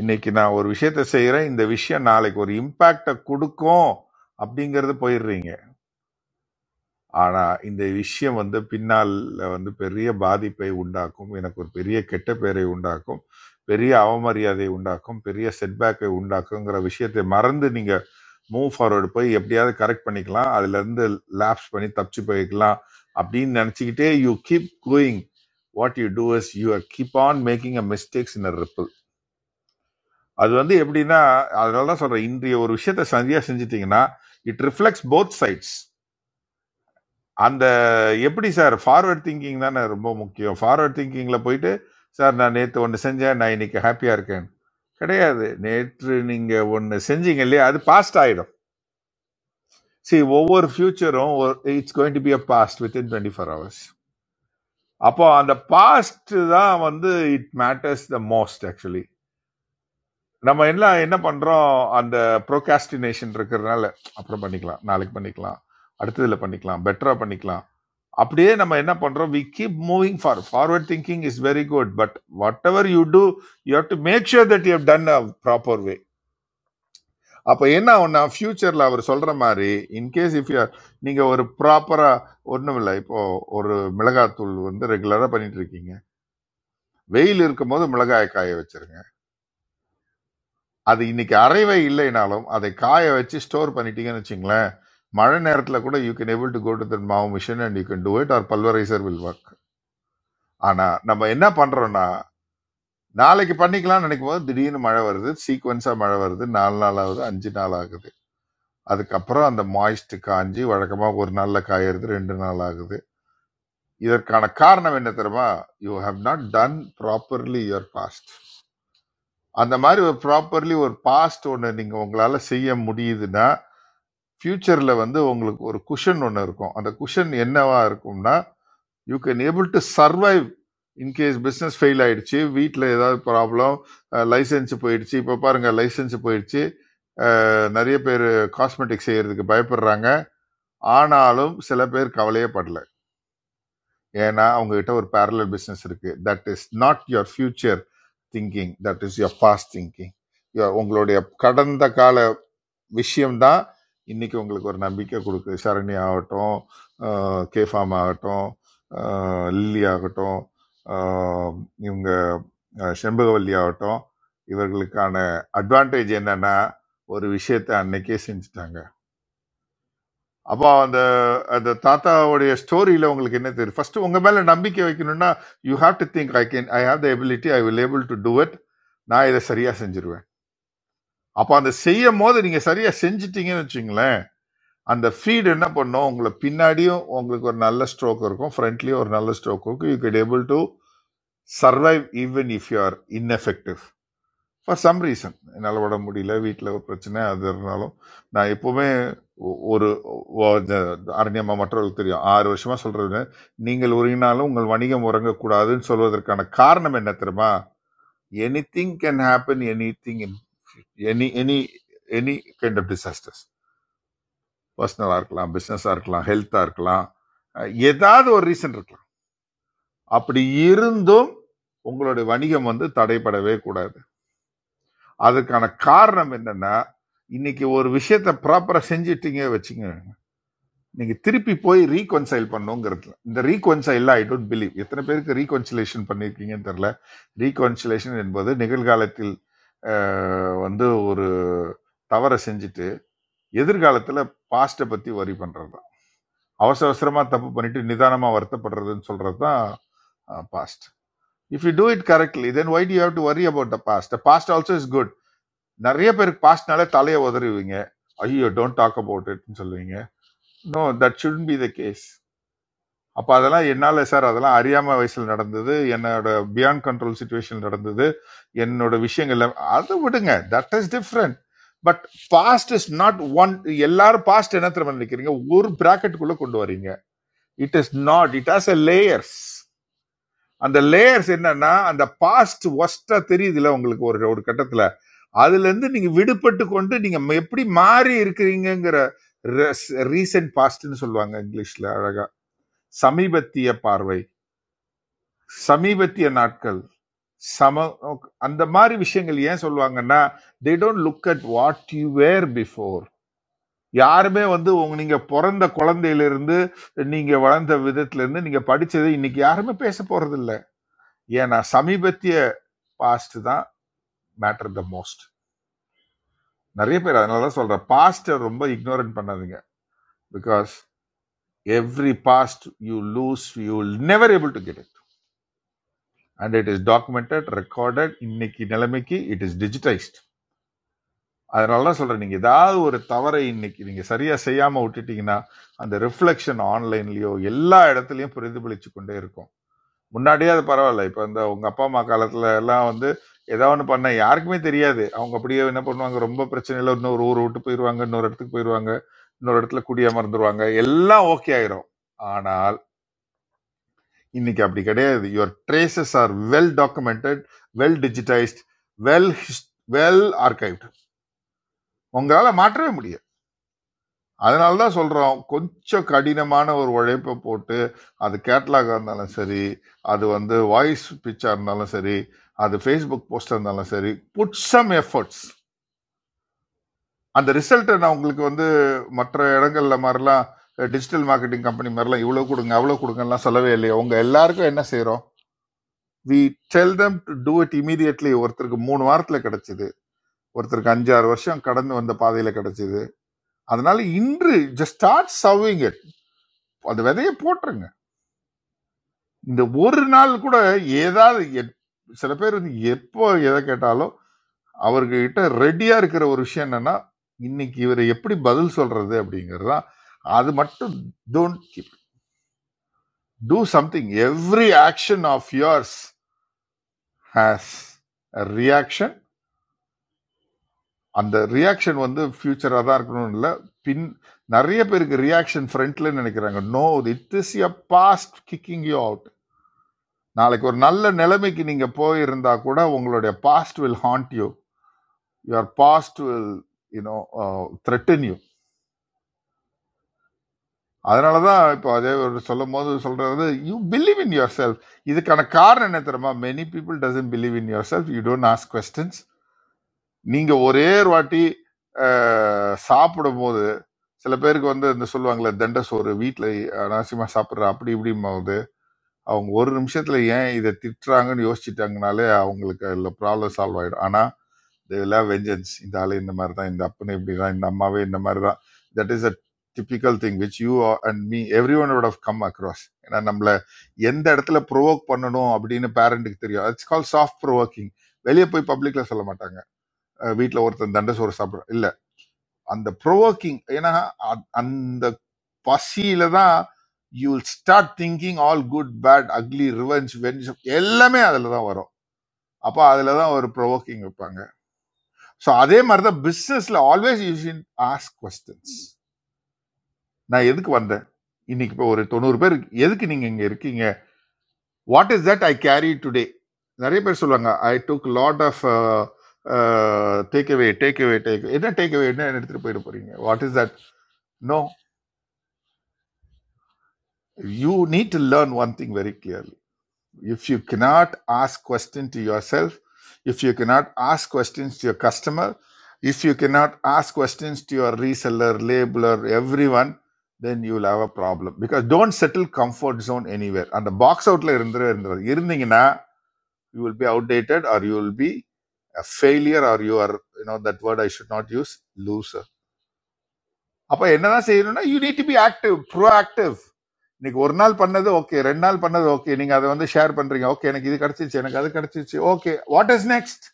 Speaker 3: இன்னைக்கு நான் ஒரு விஷயத்த செய்றேன் இந்த விஷயம் நாளைக்கு ஒரு இம்பேக்டை கொடுக்கும் அப்படிங்கறது போயிடுறீங்க ஆனா இந்த விஷயம் வந்து பின்னால் வந்து பெரிய பாதிப்பை உண்டாக்கும். எனக்கு ஒரு பெரிய கெட்ட பெயரை உண்டாக்கும். பெரிய அவமரியாதையை உண்டாக்கும். பெரிய செட்பேக்கை உண்டாக்குங்கிற விஷயத்தை மறந்து நீங்க மூவ் ஃபார்வர்ட் போய் எப்படியாவது கரெக்ட் பண்ணிக்கலாம். அதிலிருந்து லாப்ஸ் பண்ணி தப்பிச்சு போய்க்கலாம் அப்படின்னு நினைச்சுக்கிட்டே you keep going. What you do is you are keep on making a mistakes in a ripple. அது வந்து எப்படின்னா அதனால தான் சொல்றேன். இன்றைய ஒரு விஷயத்தை சரியா செஞ்சுட்டீங்கன்னா இட் ரிஃப்ளெக்ட்ஸ் போத் சைட்ஸ். அந்த எப்படி சார் ஃபார்வர்ட் திங்கிங் தானே ரொம்ப முக்கியம் ஃபார்வர்ட் திங்கிங்கில் போயிட்டு சார் நான் நேற்று ஒன்று செஞ்சேன் நான் இன்னைக்கு ஹாப்பியாக இருக்கேன் கிடையாது நேற்று நீங்கள் ஒன்று செஞ்சீங்க இல்லையா அது பாஸ்ட் ஆகிடும் see ஒவ்வொரு ஃப்யூச்சரும் it's going to be a past within twenty four hours அப்போ அந்த பாஸ்ட் தான் வந்து it matters the most actually நம்ம என்ன என்ன பண்ணுறோம் அந்த ப்ரோகாஸ்டினேஷன் இருக்கிறதுனால அப்புறம் பண்ணிக்கலாம் நாளைக்கு பண்ணிக்கலாம் அடுத்ததில் பண்ணிக்கலாம் பெட்டராக பண்ணிக்கலாம் அப்படியே நம்ம என்ன பண்றோம் we keep moving for forward thinking is very good but whatever you do you have to make sure that you done a proper way அப்போ என்ன ஒன்றா ஃபியூச்சரில் அவர் சொல்கிற மாதிரி இன்கேஸ் இஃப் யூ நீங்கள் ஒரு ப்ராப்பராக ஒன்றும் இல்லை இப்போது ஒரு மிளகாத்தூள் வந்து ரெகுலராக பண்ணிட்டு இருக்கீங்க வெயில் இருக்கும்போது மிளகாயை காய வச்சிருங்க அது இன்னைக்கு அரைவே இல்லைனாலும் அதை காய வச்சு ஸ்டோர் பண்ணிட்டீங்கன்னு வச்சுங்களேன் மழை நேரத்தில் கூட you can able to go to the மாவு machine and you can do it or pulverizer will work ஆனால் நம்ம என்ன பண்ணுறோன்னா நாளைக்கு பண்ணிக்கலாம்னு நினைக்கும் போது திடீர்னு மழை வருது சீக்வன்ஸாக மழை வருது நாலு நாள் ஆகுது அஞ்சு நாள் ஆகுது அதுக்கப்புறம் அந்த மாய்ஸ்ட் காஞ்சி வழக்கமாக ஒரு நாளில் காயறது ரெண்டு நாள் ஆகுது இதற்கான காரணம் என்ன தெரியுமா you have not done properly your past அந்த மாதிரி ஒரு ப்ராப்பர்லி ஒரு பாஸ்ட் ஒன்று நீங்கள் உங்களால் செய்ய முடியுதுன்னா ஃப்யூச்சரில் வந்து உங்களுக்கு ஒரு குஷன் ஒன்று இருக்கும் அந்த குஷன் என்னவா இருக்கும்னா you can able to survive in case business fail ஆயிடுச்சு வீட்டில் ஏதாவது ப்ராப்ளம் லைசன்ஸ் போயிடுச்சு இப்போ பாருங்க லைசன்ஸ் போயிடுச்சு அஹ், நிறைய பேர் காஸ்மெட்டிக் செய்யறதுக்கு பயப்படுறாங்க ஆனாலும் சில பேர் கவலையே படல ஏன்னா அவங்ககிட்ட ஒரு parallel பிஸ்னஸ் இருக்கு that is not your future thinking that is your past thinking உங்களுடைய கடந்த கால விஷயம்தான் இன்னைக்கு உங்களுக்கு ஒரு நம்பிக்கை கொடுக்குது சரணி ஆகட்டும் அஹ், கே ஃபார்ம் ஆகட்டும் அஹ், லில்லி ஆகட்டும் அஹ், இவங்க அஹ், செண்பகவல்லி ஆகட்டும் இவர்களுக்கான அட்வான்டேஜ் என்னன்னா ஒரு விஷயத்தை அன்னைக்கே செஞ்சுட்டாங்க அப்போ அந்த அந்த தாத்தாவுடைய ஸ்டோரியில உங்களுக்கு என்ன தெரியும் ஃபர்ஸ்ட் உங்க மேல நம்பிக்கை வைக்கணும்னா you have to think I can I have the ability I will able to do it நான் இதை சரியா செஞ்சிருவேன் அப்போ அந்த செய்யும் போது நீங்க சரியா செஞ்சிட்டீங்கன்னு வச்சுங்களேன் அந்த ஃபீட் என்ன பண்ணும் உங்களை பின்னாடியும் உங்களுக்கு ஒரு நல்ல ஸ்ட்ரோக் இருக்கும் ஃப்ரண்ட்லயும் ஒரு நல்ல ஸ்ட்ரோக் இருக்கும் you get able to survive even if you are ineffective for some reason என்னால் உட முடியல வீட்டில் ஒரு பிரச்சனை அது இருந்தாலும் நான் எப்போவுமே ஒ- ஒரு ஒ- இந்த அரண்யமா மற்றவர்களுக்கு தெரியும் ஆறு வருஷமாக சொல்கிறது நீங்கள் உருகினாலும் உங்கள் வணிகம் உறங்கக்கூடாதுன்னு சொல்வதற்கான காரணம் என்ன தெரியுமா anything can happen anything in any any any kind of disasters பர்சனலாக இருக்கலாம் பிஸ்னஸாக இருக்கலாம் ஹெல்த்தாக இருக்கலாம் அஹ் ஏதாவது ஒரு ரீசன் இருக்கலாம் அப்படி இருந்தும் உங்களுடைய வணிகம் வந்து தடைபடவே கூடாது அதுக்கான காரணம் என்னன்னா இன்னைக்கு ஒரு விஷயத்த ப்ராப்பரா செஞ்சிட்டீங்க வச்சுங்க நீங்க திருப்பி போய் ரீகொன்சைல் பண்ணுங்கிறதுல இந்த ரீகொன்சைல் ஐ டோன்ட் பிலீவ் எத்தனை பேருக்கு ரீகொன்சிலேஷன் பண்ணியிருக்கீங்கன்னு தெரியல ரீகொன்சிலேஷன் என்பது நிகழ்காலத்தில் அஹ், வந்து ஒரு தவறை செஞ்சுட்டு எதிர்காலத்துல பாஸ்ட்டை பத்தி வரி பண்றது தான் அவசர அவசரமா தப்பு பண்ணிட்டு நிதானமா வருத்தப்படுறதுன்னு சொல்றது தான் past if you do it correctly then why do you have to worry about the past the past also is good நிறைய பேருக்கு பாஸ்ட்னாலே தலையை உதறுவீங்க ஐயோ டோன்ட் டாக் அபவுட் இட்னு சொல்லுவீங்க no that shouldn't be the case அப்போ அதெல்லாம் என்னால் சார் அதெல்லாம் அறியாமல் வயசில் நடந்தது என்னோட பியாண்ட் கண்ட்ரோல் சுச்சுவேஷன் நடந்தது என்னோட விஷயங்கள் அதை விடுங்க that is different but past is not one எல்லாரும் பாஸ்ட் என்ன திறமை நினைக்கிறீங்க ஒரு பிராக்கெட்டுக்குள்ளே கொண்டு வரீங்க it is not it has a layers அந்த லேயர்ஸ் என்னன்னா அந்த பாஸ்ட் ஒஸ்டா தெரியுதுல உங்களுக்கு ஒரு ஒரு கட்டத்தில் அதுல இருந்து நீங்க விடுபட்டு கொண்டு நீங்க ம- எப்படி மாறி இருக்கிறீங்கங்கிற ரீசன்ட் பாஸ்ட்னு சொல்லுவாங்க இங்கிலீஷ்ல அழகா சமீபத்திய பார்வை சமீபத்திய நாட்கள் சம அந்த மாதிரி விஷயங்கள் ஏன் சொல்லுவாங்கன்னா they don't look at what you were before யாருமே வந்து உங்க நீங்க பிறந்த குழந்தையிலிருந்து நீங்க வளர்ந்த விதத்துல இருந்து நீங்க படிச்சது இன்னைக்கு யாருமே பேச போறது இல்ல ஏன்னா சமீபத்திய பாஸ்ட் தான் மேட்டர் த மோஸ்ட் நிறைய பேர் அதனால தான் சொல்றேன் பாஸ்ட ரொம்ப இக்னோரன்ட் பண்ணாதீங்க because every past you lose you will never able to get it and it is documented recorded இன்னைக்கு நிலைமைக்கு it is digitized அதனால தான் சொல்றேன் நீங்க ஏதாவது ஒரு தவறை இன்னைக்கு நீங்க சரியா செய்யாம விட்டுட்டீங்கன்னா அந்த ரிஃப்ளெக்ஷன் ஆன்லைன்லயோ எல்லா இடத்துலயும் பிரதிபலிச்சு கொண்டே இருக்கும் முன்னாடியே அது பரவாயில்ல இப்போ இந்த உங்க அப்பா அம்மா காலத்துல எல்லாம் வந்து ஏதாவது ஒன்று பண்ண யாருக்குமே தெரியாது அவங்க அப்படியே என்ன பண்ணுவாங்க ரொம்ப பிரச்சனையில இன்னொரு ஊர் விட்டு போயிடுவாங்க இன்னொரு இடத்துக்கு போயிடுவாங்க இன்னொரு இடத்துல குடியமர்ந்துருவாங்க எல்லாம் ஓகே ஆயிரும் ஆனா இன்னைக்கு அப்படி கிடையாது your traces are well documented well digitized well well archived உங்களால் மாற்றவே முடியாது அதனால தான் சொல்கிறோம் கொஞ்சம் கடினமான ஒரு உழைப்பை போட்டு அது கேட்லாகாக இருந்தாலும் சரி அது வந்து வாய்ஸ் பிச்சாக இருந்தாலும் சரி அது ஃபேஸ்புக் போஸ்டாக இருந்தாலும் சரி புட் சம் எஃபர்ட்ஸ் அந்த ரிசல்ட்டை நான் உங்களுக்கு வந்து மற்ற இடங்கள்ல மாதிரிலாம் டிஜிட்டல் மார்க்கெட்டிங் கம்பெனி மாதிரிலாம் இவ்வளோ கொடுங்க அவ்வளோ கொடுங்கலாம் சொல்லவே இல்லையா உங்கள் எல்லாருக்கும் என்ன செய்கிறோம் we tell them to do it immediately ஒருத்தருக்கு மூணு வாரத்துல கிடைச்சது ஒருத்தருக்கு அஞ்சாறு வருஷம் கடந்து வந்த பாதையில கிடைச்சது அதனால இன்று ஜஸ்ட் ஸ்டார்ட் சவ்விங் இட் அந்த விதைய போட்டுருங்க இந்த ஒரு நாள் கூட ஏதாவது எத்- சில பேர் வந்து எப்போ எதை கேட்டாலும் அவர்கிட்ட ரெடியா இருக்கிற ஒரு விஷயம் என்னன்னா இன்னைக்கு இவர் எப்படி பதில் சொல்றது அப்படிங்கிறது தான் அது மட்டும் don't keep do something every action of yours has அந்த ரியாக்ஷன் வந்து ஃபியூச்சராக தான் இருக்கணும்னு இல்லை பின் நிறைய பேருக்கு ரியாக்ஷன் ஃப்ரண்ட்ல நினைக்கிறாங்க no it is a past kicking you out நாளைக்கு ஒரு நல்ல நிலைமைக்கு நீங்க போயிருந்தா கூட உங்களுடைய past will hand you your past will you know threaten you அதனால தான் இப்போ அதே ஒரு சொல்லும் போது சொல்றது you believe in yourself இதுக்கான காரணம் என்ன தெரியுமா many people doesn't believe in yourself you don't ask questions நீங்க ஒரே ஒரு வாட்டி அஹ், சாப்பிடும் போது சில பேருக்கு வந்து இந்த சொல்லுவாங்களே தண்ட சோறு வீட்டில் அனாவசியமா சாப்பிட்ற அப்படி இப்படியும் போது அவங்க ஒரு நிமிஷத்துல ஏன் இதை திட்டுறாங்கன்னு யோசிச்சுட்டாங்கனாலே அவங்களுக்கு அதில் ப்ராப்ளம் சால்வ் ஆயிடும் ஆனா இதெல்லாம் வெஞ்சன்ஸ் இந்த ஆளு இந்த மாதிரி தான் இந்த அப்பனு இப்படி தான் இந்த அம்மாவே இந்த மாதிரி தான் that is a typical thing which you and me everyone would have come across ஏன்னா நம்மள எந்த இடத்துல ப்ரொவோக் பண்ணணும் அப்படின்னு பேரண்ட்டுக்கு தெரியும் இட்ஸ் கால் சாஃப்ட் ப்ரொவோக்கிங் வெளியே போய் பப்ளிக்ல சொல்ல மாட்டாங்க வீட்டில் ஒருத்தன் தண்டை சோறு சாப்பிட்றான் இல்லை அந்த ப்ரோவோக்கிங் ஏன்னா அ- அந்த பசியில தான் you will start thinking all good bad ugly revenge வெஞ்ச் எல்லாமே அதில் தான் வரும் அப்போ அதில் தான் ஒரு ப்ரோவோக்கிங் வைப்பாங்க ஸோ அதே மாதிரி தான் பிஸ்னஸில் ஆல்வேஸ் யூ ஷின் ஆஸ்க் கொஸ்டின்ஸ் நான் எதுக்கு வந்தேன் இன்னைக்கு இப்போ ஒரு தொண்ணூறு பேர் எதுக்கு நீங்கள் இங்கே இருக்கீங்க What is that I carried today? Nari per sula nga I took lot of uh, uh, take away, take away, take. Is it take away? Is it? I am trying to put it for you. What is that? No, you need to learn one thing very clearly. If you cannot ask questions to yourself, if you cannot ask questions to your customer, if you cannot ask questions to your reseller, labeler, everyone, then you will have a problem. Because don't settle comfort zone anywhere. And the box out there, Arundhara, Arundhara. If you do not, you will be outdated, or you will be. a failure or you are you know that word i should not use loser அப்ப என்னதான் செய்யணும்னா you need to be active proactive இன்னைக்கு ஒரு நாள் பண்ணது okay ரெண்டு நாள் பண்ணது ஓகே நீங்க அதை வந்து ஷேர் பண்றீங்க ஓகே எனக்கு இது கிடைச்சிருச்சு எனக்கு அது கிடைச்சிருச்சு ஓகே வாட் இஸ் நெக்ஸ்ட்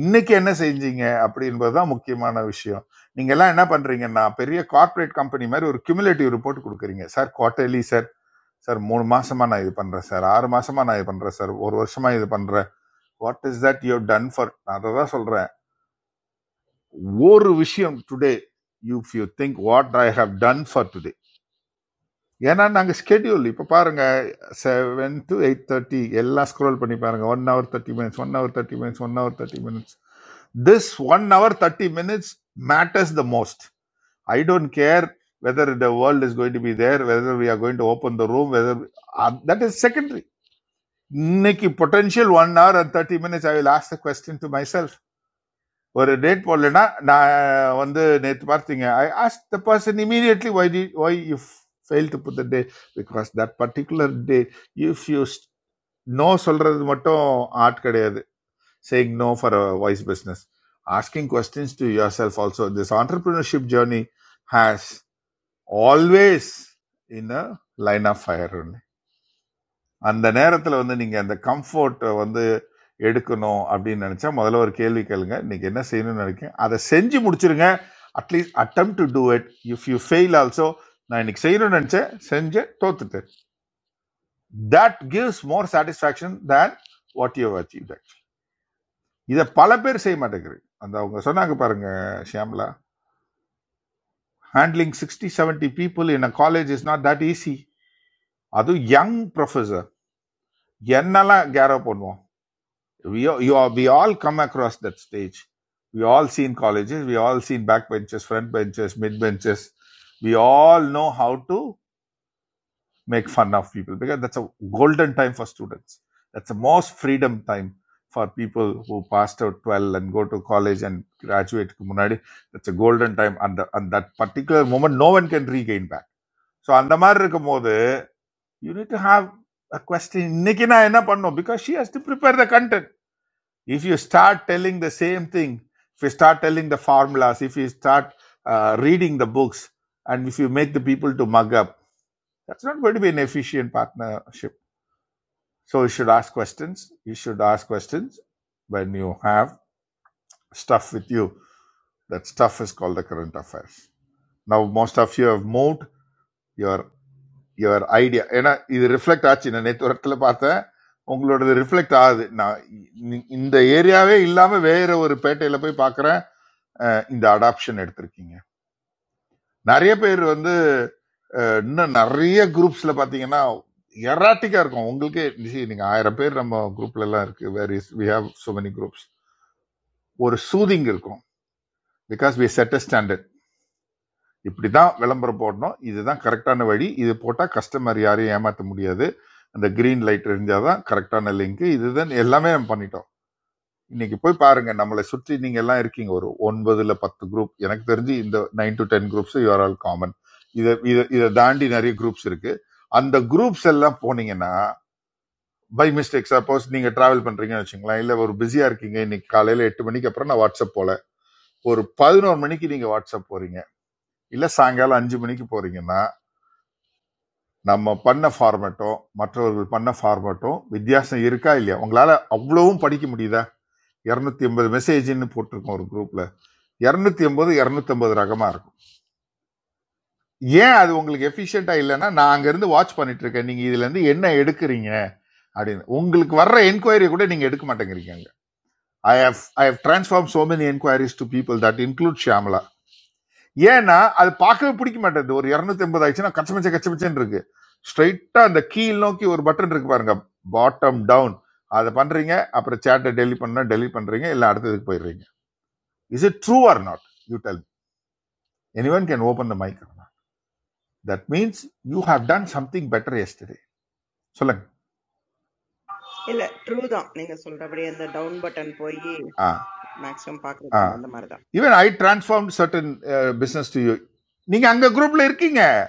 Speaker 3: இன்னைக்கு என்ன செஞ்சீங்க அப்படின்றது தான் முக்கியமான விஷயம் நீங்க எல்லாம் என்ன பண்றீங்கன்னா பெரிய கார்ப்பரேட் கம்பெனி மாதிரி ஒரு கியூமுலேட்டிவ் ரிப்போர்ட் கொடுக்குறீங்க சார் குவார்ட்டர்லி சார் சார் மூணு மாசமா நான் இது பண்றேன் சார் ஆறு மாசமா நான் இது பண்றேன் சார் ஒரு வருஷமா இது பண்றேன் what is that you have done for நான் அதை தான் சொல்றேன் ஒரு விஷயம் today if you think what I have done for today ஏன்னா நாங்கள் ஸ்கெடியூல் இப்போ பாருங்க செவன் டு எயிட் தேர்ட்டி எல்லாம் ஸ்க்ரோல் பண்ணி பாருங்க one hour thirty minutes one hour thirty minutes one hour thirty minutes this one hour thirty minutes matters the most I don't care whether the world is going to be there whether we are going to open the room whether that is secondary இன்னைக்கு potential one hour and thirty minutes I will ask the question to my ஒரு date போடலைன்னா நான் வந்து நேற்று பார்த்தீங்க I ask the person immediately why the why if fail to put the day because that particular day if you no சொல்கிறது மட்டும் art கிடையாது saying no for a voice business asking questions to your self also this entrepreneurship journey has always in a line of fire அந்த நேரத்தில் வந்து நீங்கள் அந்த கம்ஃபர்ட்டை வந்து எடுக்கணும் அப்படின்னு நினச்சா முதல்ல ஒரு கேள்வி கேளுங்க இன்னைக்கு என்ன செய்யணும்னு நினைக்கிறேன் அதை செஞ்சு முடிச்சிருங்க at least attempt to do it if you fail also நான் இன்னைக்கு செய்யணும்னு நினச்சேன் செஞ்சு தோத்துட்டேன் that gives more satisfaction than what you achieve இதை பல பேர் செய்ய மாட்டேங்கிறீங்க அந்த அவங்க சொன்னாங்க பாருங்க Shyamala handling sixty seventy people in a college is not that easy அதுவும் யங் ப்ரொஃபஸர் என்னெல்லாம் கேரப் பண்ணுவோம் we all- you all, we all come across that stage. We all seen colleges, we all seen back benches, front benches, mid benches. We all know how to make fun of people because that's a golden time for students. That's the most freedom time for people who passed out 12 and go to college and graduate. முன்னாடி. That's a golden time. And, the- and that particular moment, no one can regain back. So, அந்த மாதிரி இருக்கும்போது, you need to have a question. இன்னைக்கு நான் என்ன Because she has to prepare the content. If you start telling the same thing, if you start telling the formulas, if you start uh, reading the books, and if you make the people to mug up, that's not going to be an efficient partnership. So you should ask questions. You should ask questions when you have stuff with you. That stuff is called the current affairs. Now most of you have moved your your idea. ஏன்னா இது reflect ஆச்சு நான் நேற்று இடத்துல பார்த்தேன் உங்களோடது reflect ஆகுது நான் இ- இந்த ஏரியாவே இல்லாம வேற ஒரு பேட்டையில போய் பார்க்குறேன் அஹ் இந்த அடாப்ஷன் எடுத்திருக்கீங்க நிறைய பேர் வந்து அஹ் இன்னும் நிறைய குரூப்ஸ்ல பாத்தீங்கன்னா எராட்டிக்கா இருக்கும் உங்களுக்கே see, நீங்க ஆயிரம் பேர் நம்ம குரூப்ல எல்லாம் இருக்கு various we have so many groups ஒரு சூதிங் இருக்கும் because we set a standard இப்படிதான் விளம்பரம் போடணும் இதுதான் கரெக்டான வழி இது போட்டா கஸ்டமர் யாரையும் ஏமாத்த முடியாது அந்த கிரீன் லைட் எரிஞ்சாதான் கரெக்டான லிங்க் இதுதான் எல்லாமே நம்ம பண்ணிட்டோம் இன்னைக்கு போய் பாருங்க நம்மளை சுற்றி நீங்க எல்லாம் இருக்கீங்க ஒரு ஒன்பதுல பத்து குரூப் எனக்கு தெரிஞ்சு இந்த nine to ten groups you are all common இதை இதை இதை தாண்டி நிறைய குரூப்ஸ் இருக்கு அந்த குரூப்ஸ் எல்லாம் போனீங்கன்னா பை மிஸ்டேக் சப்போஸ் நீங்க டிராவல் பண்றீங்கன்னு வச்சுங்களேன் இல்ல ஒரு பிஸியா இருக்கீங்க இன்னைக்கு காலையில எட்டு மணிக்கு அப்புறம் நான் வாட்ஸ்அப் போல ஒரு பதினோரு மணிக்கு நீங்க வாட்ஸ்அப் போறீங்க இல்ல சாயங்காலம் அஞ்சு மணிக்கு போறீங்கன்னா நம்ம பண்ண ஃபார்மேட்டும் மற்றவர்கள் பண்ண ஃபார்மேட்டும் வித்தியாசம் இருக்கா இல்லையா உங்களால அவ்வளவும் படிக்க முடியுதா 280 எண்பது மெசேஜ்னு போட்டிருக்கோம் ஒரு குரூப்ல இரநூத்தி எண்பது இரநூத்தம்பது ரகமா இருக்கும் ஏன் அது உங்களுக்கு எஃபிஷியண்டா இல்லைன்னா நான் அங்க இருந்து வாட்ச் பண்ணிட்டு இருக்கேன் நீங்க இதுல இருந்து என்ன எடுக்கிறீங்க அப்படின்னு உங்களுக்கு வர்ற என்கொயரி கூட நீங்க எடுக்க மாட்டேங்கிறீங்க அங்க I have I have transform so many enquiries to people that include Shyamala ஏன்னா அது பார்க்கவே பிடிக்க மாட்டேங்குது ஒரு இரநூத்தி எண்பது ஆயிடுச்சுன்னா கச்சமச்ச கச்சமச்சன்னு இருக்கு ஸ்ட்ரைட்டா அந்த கீழ் நோக்கி ஒரு பட்டன் இருக்கு பாருங்க பாட்டம் டவுன் அதை பண்றீங்க அப்புறம் சேட்டை டெலி பண்ணா டெலி பண்றீங்க இல்லை அடுத்ததுக்கு போயிடுறீங்க is it true or not you tell anyone can open the mic That means you have
Speaker 11: true.
Speaker 3: done something better yesterday. Sohlang,
Speaker 11: இல்ல ட்ரூ தான். நீங்க சொல்றபடி அந்த டவுன் பட்டன் போயி
Speaker 3: ah,
Speaker 11: மேக்ஸிமம் பார்க்கிறது
Speaker 3: ah.
Speaker 11: அந்த மாரி தான்.
Speaker 3: Even I transformed certain uh, business to you. Nigang agroup le irking eh?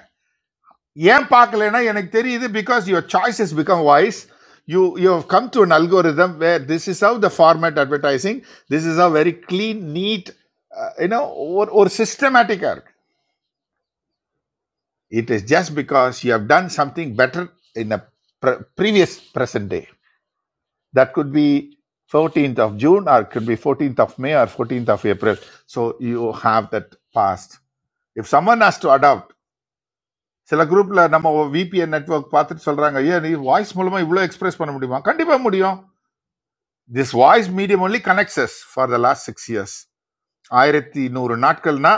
Speaker 3: Yeh pak le na yan ek teri. This because your choices become wise. You you have come to an algorithm where this is how the format advertising. This is a very clean, neat, uh, you know, or or systematicer. It is just because you have done something better in a pre previous present day. That could be 14th of June or it could be 14th of May or 14th of April. So you have that past. If someone has to adopt, சில குரூப்ல நம்ம VPN network பார்த்துட்டு சொல்றாங்க ஐயா நீ voice மூலமா இவ்வளோ express பண்ண முடியுமா கண்டிப்பா முடியும் this voice medium only connects us for the last six years ஆயிரத்தி நூறு நாட்கள்னா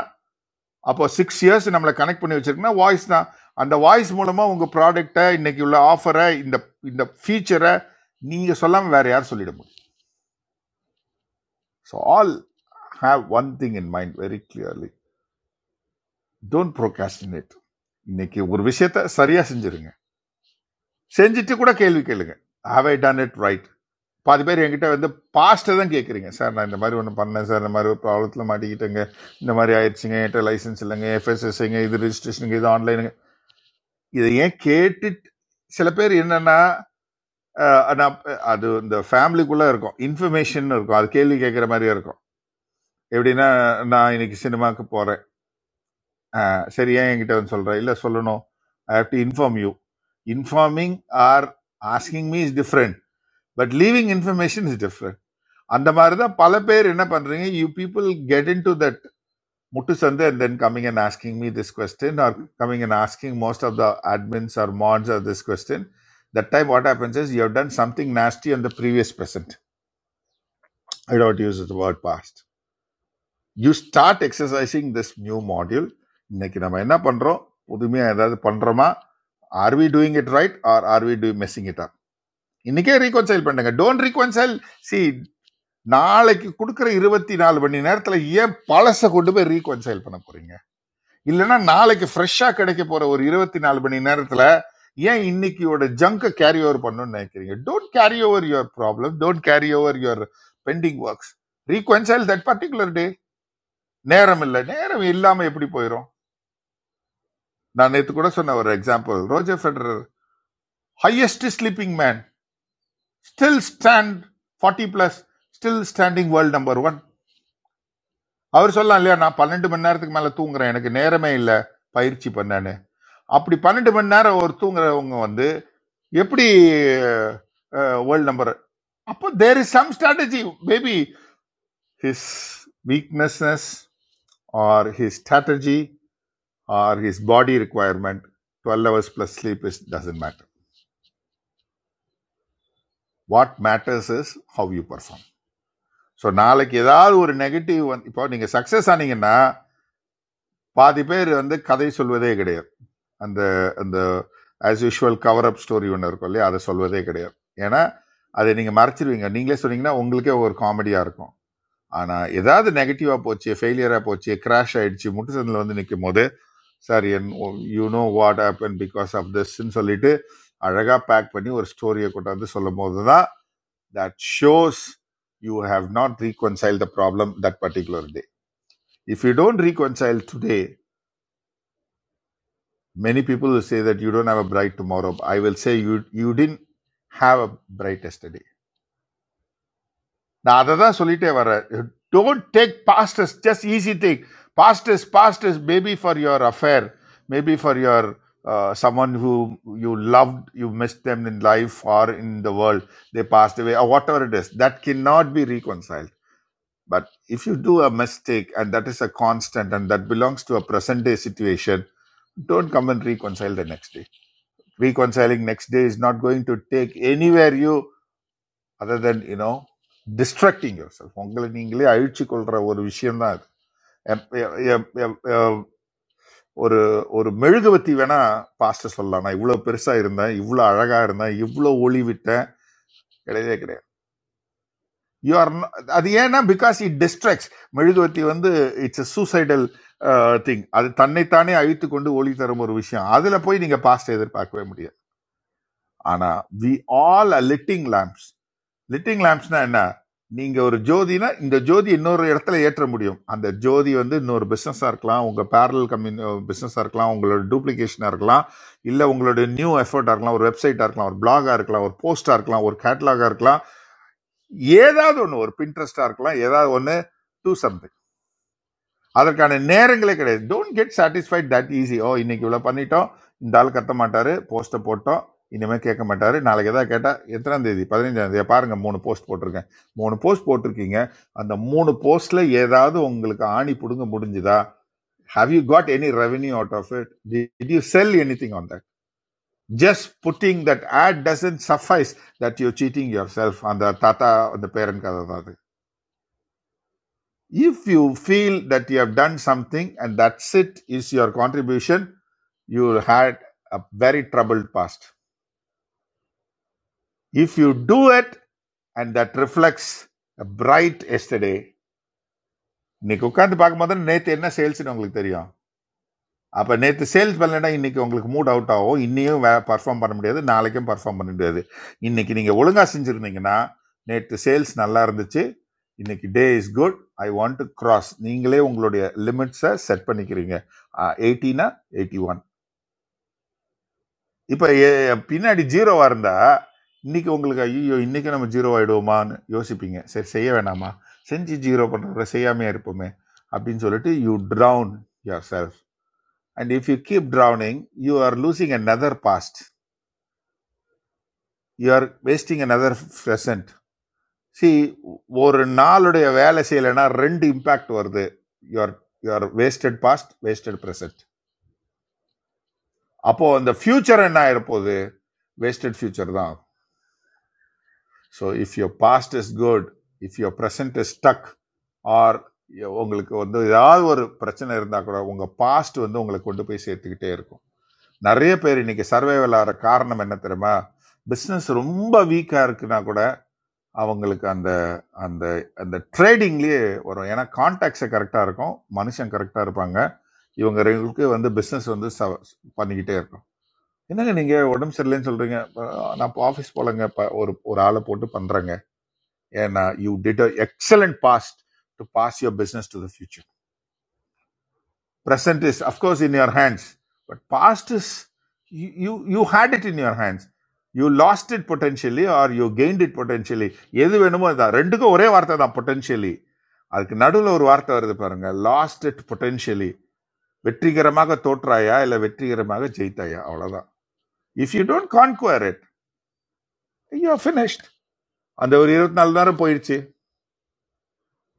Speaker 3: அப்போ சிக்ஸ் இயர்ஸ் நம்மளை கனெக்ட் பண்ணி வச்சிருக்குன்னா வாய்ஸ் தான் அந்த வாய்ஸ் மூலமா உங்க ப்ராடக்டை இன்னைக்கு உள்ள ஆஃபரை இந்த இந்த ஃபீச்சரை நீங்க சொல்லாம வேற யார் சொல்லிட முடியும் So, all have one thing in mind very clearly. Don't procrastinate. இன்னைக்கு ஒரு விஷயத்த சரியா செஞ்சிருங்க செஞ்சுட்டு கூட கேள்வி கேளுங்க have I done it right பாதி பேர் என்கிட்ட வந்து பாஸ்ட்டை தான் கேட்குறீங்க சார் நான் இந்த மாதிரி ஒன்று பண்ணேன் சார் இந்த மாதிரி ஒரு ப்ராப்ளத்தில் மாட்டிக்கிட்டேங்க இந்த மாதிரி ஆயிடுச்சுங்க என்கிட்ட லைசன்ஸ் இல்லைங்க எஃப்எஸ்எஸ்ங்க இது ரெஜிஸ்ட்ரேஷனுங்க இது ஆன்லைனுங்க இதை ஏன் கேட்டுட்டு சில பேர் என்னன்னா அஹ், நான் அது இந்த ஃபேமிலிக்குள்ளே இருக்கும் இன்ஃபர்மேஷன் இருக்கும் அது கேள்வி கேட்குற மாதிரியே இருக்கும் எப்படின்னா நான் இன்னைக்கு சினிமாவுக்கு போகிறேன் அஹ் சரி ஏன் என்கிட்ட வந்து சொல்ற இல்ல சொல்லணும் I have to inform you informing or asking me is different but leaving information is different அந்த மாதிரி தான் பல பேர் என்ன பண்றீங்க you people get in to that முட்டு சந்து and then coming and asking me this question or coming and asking most of the admins or mods or this question that time what happens is you have done something nasty on the previous present I don't use it word past you start exercising this new module இன்னைக்கு நம்ம என்ன பண்ணுறோம் புதுமையாக ஏதாவது பண்ணுறோமா or we doing it right or or we do messing it up இன்னைக்கே reconcile பண்ணுங்க don't reconcile C நாளைக்கு கொடுக்குற இருபத்தி நாலு மணி நேரத்தில் ஏன் பழசை கொண்டு போய் ரீகன்சைல் பண்ண போறீங்க இல்லைன்னா நாளைக்கு ஃப்ரெஷ்ஷாக கிடைக்க போற ஒரு இருபத்தி நாலு மணி நேரத்தில் ஏன் இன்னைக்கியோட ஜங்கை கேரி ஓவர் பண்ணணும்னு நினைக்கிறீங்க don't carry over your problem don't carry over your pending works reconcile that particular day நேரம் இல்லை நேரம் இல்லாம எப்படி போயிடும் நான் நேத்து கூட சொன்ன ஒரு example Roger Federer highest sleeping man still stand forty plus still standing world number one அவர் சொல்லலாம் இல்லையா நான் பன்னெண்டு மணி நேரத்துக்கு மேல தூங்குறேன் எனக்கு நேரமே இல்லை பயிற்சி பண்ணேன்னு அப்படி பன்னெண்டு மணி நேரம் ஒரு தூங்குறவங்க வந்து எப்படி வேர்ல்டு நம்பர் அப்போ there is some strategy maybe his வீக்னஸ்னஸ் or his strategy or his body requirement, 12 hours plus sleep is doesn't matter. What matters is how you perform. So நாளைக்கு ஏதாவது ஒரு நெகட்டிவ் வந்து இப்போ நீங்கள் சக்ஸஸ் ஆனீங்கன்னா பாதி பேர் வந்து கதை சொல்வதே கிடையாது அந்த அந்த as usual cover up story ஒன்று இருக்கும் இல்லையா அதை சொல்வதே கிடையாது ஏன்னா அதை நீங்கள் மறைச்சிருவீங்க நீங்களே சொன்னீங்கன்னா உங்களுக்கே ஒரு காமெடியாக இருக்கும் ஆனால் ஏதாவது நெகட்டிவாக போச்சு ஃபெயிலியராக போச்சு கிராஷ் ஆயிடுச்சு முட்டு சந்தில் வந்து நிற்கும் போது sir and you know what happen because of திஸ்ன்னு சொல்லிட்டு அழகாக பேக் பண்ணி ஒரு ஸ்டோரியை கொண்டாந்து சொல்லும் போது தான் that shows you have not reconcile the problem that particular day if you don't reconcile today many people say that you don't have a bright tomorrow I will say you you didn't have a bright Now that's what I'm saying. Don't take pasts. Just easy thing. Pasts, pasts. Maybe for your affair. Maybe for your uh, someone who you loved. You missed them in life or in the world. They passed away or whatever it is. That cannot be reconciled. But if you do a mistake and that is a constant and that belongs to a present day situation, don't come and reconcile the next day. Reconciling next day is not going to take anywhere. You. Other then you know destructing yourself உங்களை நீங்களே அழிச்சு கொள்ற ஒரு விஷயம்தான் இது எப்- எப்- எப்- எப்- எப்- ஒரு ஒரு மெழுகுவத்தி வேணா பாஸ்டர் சொல்லலாம் நான் இவ்வளோ பெருசா இருந்தேன் இவ்வளோ அழகா இருந்தேன் இவ்வளோ ஒளி விட்டேன் கிடையவே கிடையாது யூ ஆர் அது ஏன்னா பிகாஸ் இட் டிஸ்ட்ராக்ட்ஸ் மெழுகுவத்தி வந்து இட்ஸ் a சூசைடல் திங் அது தன்னைத்தானே அழித்து கொண்டு ஒளி தரும் ஒரு விஷயம் அதுல போய் நீங்க பாஸ்ட் எதிர்பார்க்கவே முடியாது ஆனா we all are lighting lamps lighting லேம்ப்ஸ்னா என்ன நீங்க ஒரு ஜோதினா இந்த ஜோதி இன்னொரு இடத்துல ஏற்ற முடியும் அந்த ஜோதி வந்து இன்னொரு பிஸ்னஸாக இருக்கலாம் உங்க பேரல் கம்யூனி பிஸ்னஸாக இருக்கலாம் உங்களோட டூப்ளிகேஷனாக இருக்கலாம் இல்லை உங்களோட நியூ எஃபர்ட்டாக இருக்கலாம் ஒரு வெப்சைட்டாக இருக்கலாம் ஒரு பிளாகாக இருக்கலாம் ஒரு போஸ்டாக இருக்கலாம் ஒரு கேட்டலாகாக இருக்கலாம் ஏதாவது ஒன்று ஒரு பின்ட்ரெஸ்டாக இருக்கலாம் ஏதாவது ஒன்று டூ சம் அதற்கான நேரங்களே கிடையாது don't get satisfied that easy oh இன்னைக்கு இவ்வளோ பண்ணிட்டோம் இந்த ஆள் கத்த மாட்டாரு போஸ்ட்டை போட்டோம் இனிமேல் கேட்க மாட்டாரு நாளைக்கு எதாவது கேட்டால் எத்தனாம் தேதி பதினைஞ்சாம் தேதி பாருங்க மூணு போஸ்ட் போட்டிருக்கேன் மூணு போஸ்ட் போட்டிருக்கீங்க அந்த மூணு போஸ்ட்ல ஏதாவது உங்களுக்கு ஆணி பிடுங்க முடிஞ்சுதா have you got any revenue out of it did you sell anything on that just putting that ad doesn't suffice that you cheating yourself அந்த தாத்தா அந்த பேரன் கதை தான் அது If you feel that you have done something and that's it is your contribution, you had a very troubled past. If you do it and that reflects a bright yesterday, இன்னைக்கு உட்காந்து பார்க்கும்போது நேற்று என்ன சேல்ஸ்னு உங்களுக்கு தெரியும் அப்போ நேற்று சேல்ஸ் பண்ணலைன்னா இன்றைக்கி உங்களுக்கு மூட் அவுட் ஆகும் இன்னியும் வே பர்ஃபார்ம் பண்ண முடியாது நாளைக்கும் பர்ஃபார்ம் பண்ண முடியாது இன்றைக்கி நீங்கள் ஒழுங்காக செஞ்சுருந்தீங்கன்னா நேற்று சேல்ஸ் நல்லா இருந்துச்சு இன்னைக்கு day is good I want to cross நீங்களே உங்களுடைய லிமிட்ஸை செட் பண்ணிக்கிறீங்க எயிட்டினா எயிட்டி ஒன் இப்போ பின்னாடி ஜீரோவாக இருந்தால் இன்னைக்கு உங்களுக்கு ஐயோ இன்னைக்கு நம்ம ஜீரோ ஆகிடுவோமான்னு யோசிப்பீங்க சரி செய்ய வேணாமா செஞ்சு ஜீரோ பண்ணுறத செய்யாமையே இருப்போமே அப்படின்னு சொல்லிட்டு you drown yourself And if you keep drowning, you are losing another past. You are wasting another present. See, ஒரு நாளுடைய வேலை செய்யலைன்னா ரெண்டு இம்பேக்ட் வருது your your wasted past wasted present. அப்போ அந்த ஃபியூச்சர் என்ன ஆயிருப்போகுது வேஸ்டட் ஃபியூச்சர் தான் so if your past is good if your present is stuck or உங்களுக்கு வந்து ஏதாவது ஒரு பிரச்சனை இருந்தால் கூட உங்கள் பாஸ்ட் வந்து உங்களை கொண்டு போய் சேர்த்துக்கிட்டே இருக்கும் நிறைய பேர் இன்னைக்கு சர்வைவல் ஆகிற காரணம் என்ன தெரியுமா பிஸ்னஸ் ரொம்ப வீக்காக இருக்குன்னா கூட அவங்களுக்கு அந்த அந்த அந்த ட்ரேடிங்லேயே வரும் ஏன்னா கான்டாக்ட்ஸை கரெக்டாக இருக்கும் மனுஷன் கரெக்டாக இருப்பாங்க இவங்க ரெண்டுக்கு வந்து பிஸ்னஸ் வந்து ச- பண்ணிக்கிட்டே இருக்கும் என்னங்க நீங்கள் உடம்பு சரியில்லைன்னு சொல்கிறீங்க நான் இப்போ ஆஃபீஸ் போலங்க இப்போ ஒரு ஒரு ஆளை போட்டு பண்ணுறேங்க ஏன்னா you did excellent past to pass your business to the future. Present is, of course, in your hands. But past is, you you you had it in your hands, you lost it potentially, or you gained it potentially. ये देख बनु मैं दा rent को ओरे वार्ता दा potentially, अलग नाडुलो ओर वार्ता वर दे परंगा lost it potentially. व्यतीत करमागा तोट राया या लव्व्यतीत करमागा चैता या ओरा दा. If you don't conquer it, you're finished. अंदर ओरे रोत नल्ला रो पैर ची.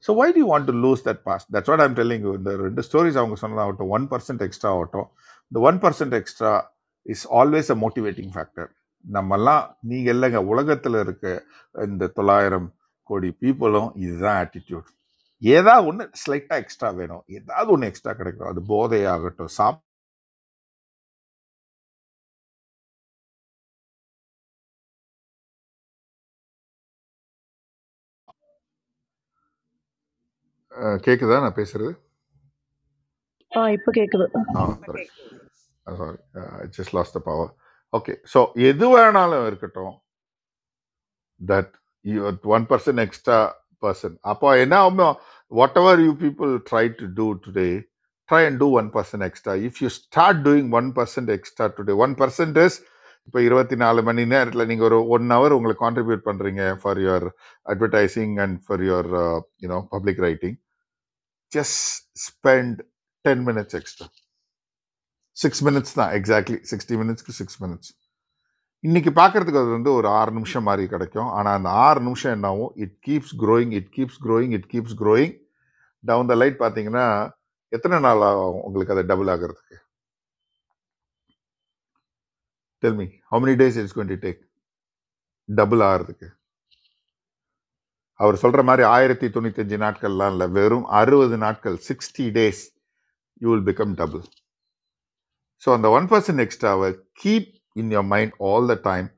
Speaker 3: So why do you want to lose that past that's what i'm telling you இந்த ரெண்டு ஸ்டோரிஸ் அவங்க சொன்னதாகட்டும் ஒன் பர்சன்ட் எக்ஸ்ட்ரா ஆகட்டும் இந்த one percent extra is always a motivating factor நம்மெல்லாம் நீங்கள் இல்லைங்க உலகத்தில் இருக்க இந்த தொள்ளாயிரம் கோடி பீப்புளும் இதுதான் ஆட்டிடியூட் ஏதாவது ஒன்று ஸ்லைட்டாக எக்ஸ்ட்ரா வேணும் ஏதாவது ஒன்று எக்ஸ்ட்ரா கிடைக்கும் அது போதையாகட்டும் சாப் அஹ் கேக்குதா நான் பேசுறது
Speaker 17: I forget.
Speaker 3: ஆ
Speaker 11: இப்ப
Speaker 3: கரெக்ட்
Speaker 11: கேக்குது.
Speaker 3: Sorry I just lost the power okay so எது வேணாலும் இருக்கட்டும் that you one person extra person. Apo now whatever you people try to do today, try and do one person extra. If you start doing one percent extra today, one percent is இப்போ இருபத்தி நாலு மணி நேரத்தில் நீங்கள் ஒரு one hour உங்களை contribute பண்ணுறீங்க for your advertising and for your you know public writing just spend ten minutes extra six minutes தான் exactly sixty மினிட்ஸ்க்கு சிக்ஸ் மினிட்ஸ் இன்றைக்கி பார்க்குறதுக்கு அது வந்து ஒரு ஆறு நிமிஷம் மாதிரி கிடைக்கும் ஆனால் அந்த ஆறு நிமிஷம் என்னாகும் it keeps growing it keeps growing it keeps growing down the light பார்த்தீங்கன்னா எத்தனை நாள் ஆகும் உங்களுக்கு அது டபுள் ஆகிறதுக்கு tell me how many days it's going to take double ஆகிறதுக்கு அவர் சொல்கிற மாதிரி ஆயிரத்தி தொண்ணூத்தஞ்சு நாட்கள்லாம் இல்லை வெறும் அறுபது நாட்கள் sixty days you will become double so அந்த ஒன் பர்சன்ட் எக்ஸ்ட்ராவை keep in your mind all the time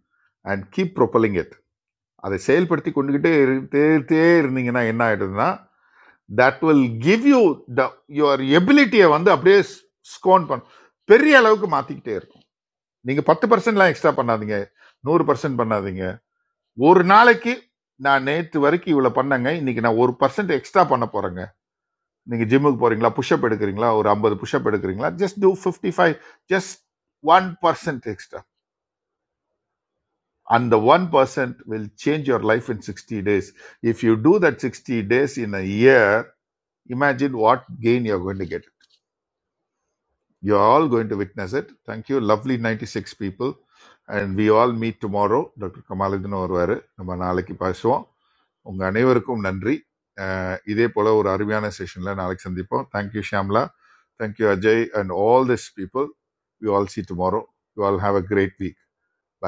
Speaker 3: and keep propelling it அதை செயல்படுத்தி கொண்டுகிட்டே இருட்டே இருந்தீங்கன்னா என்ன ஆகிடுதுன்னா that will give you the your எபிலிட்டியை வந்து அப்படியே ஸ்கோன் பண்ணும் பெரிய அளவுக்கு மாற்றிக்கிட்டே இருக்கும் நீங்கள் பத்து பர்சன்ட்லாம் எக்ஸ்ட்ரா பண்ணாதீங்க நூறு பர்சன்ட் பண்ணாதீங்க ஒரு நாளைக்கு நான் நேற்று வரைக்கும் இவ்வளோ பண்ணேங்க இன்னைக்கு நான் ஒரு பர்சன்ட் எக்ஸ்ட்ரா பண்ண போகிறேங்க நீங்கள் ஜிம்முக்கு போகிறீங்களா புஷ்அப் எடுக்கிறீங்களா ஒரு ஐம்பது புஷ்அப் எடுக்கிறீங்களா just two fifty five just one percent extra and the 1% will change your life in 60 days if you do that 60 days in a year imagine what gain you're going to get you're all going to witness it thank you lovely 96 people and we all meet tomorrow doctor Kamaluddin வருவார் நம்ம நாளைக்கு பேசுவோம் உங்க அனைவருக்கும் நன்றி அஹ் இதே போல ஒரு அருமையான செஷன்ல நாளைக்கு சந்திப்போம் thank you Shyamala thank you Ajay and all this people we all see tomorrow you all have a great week by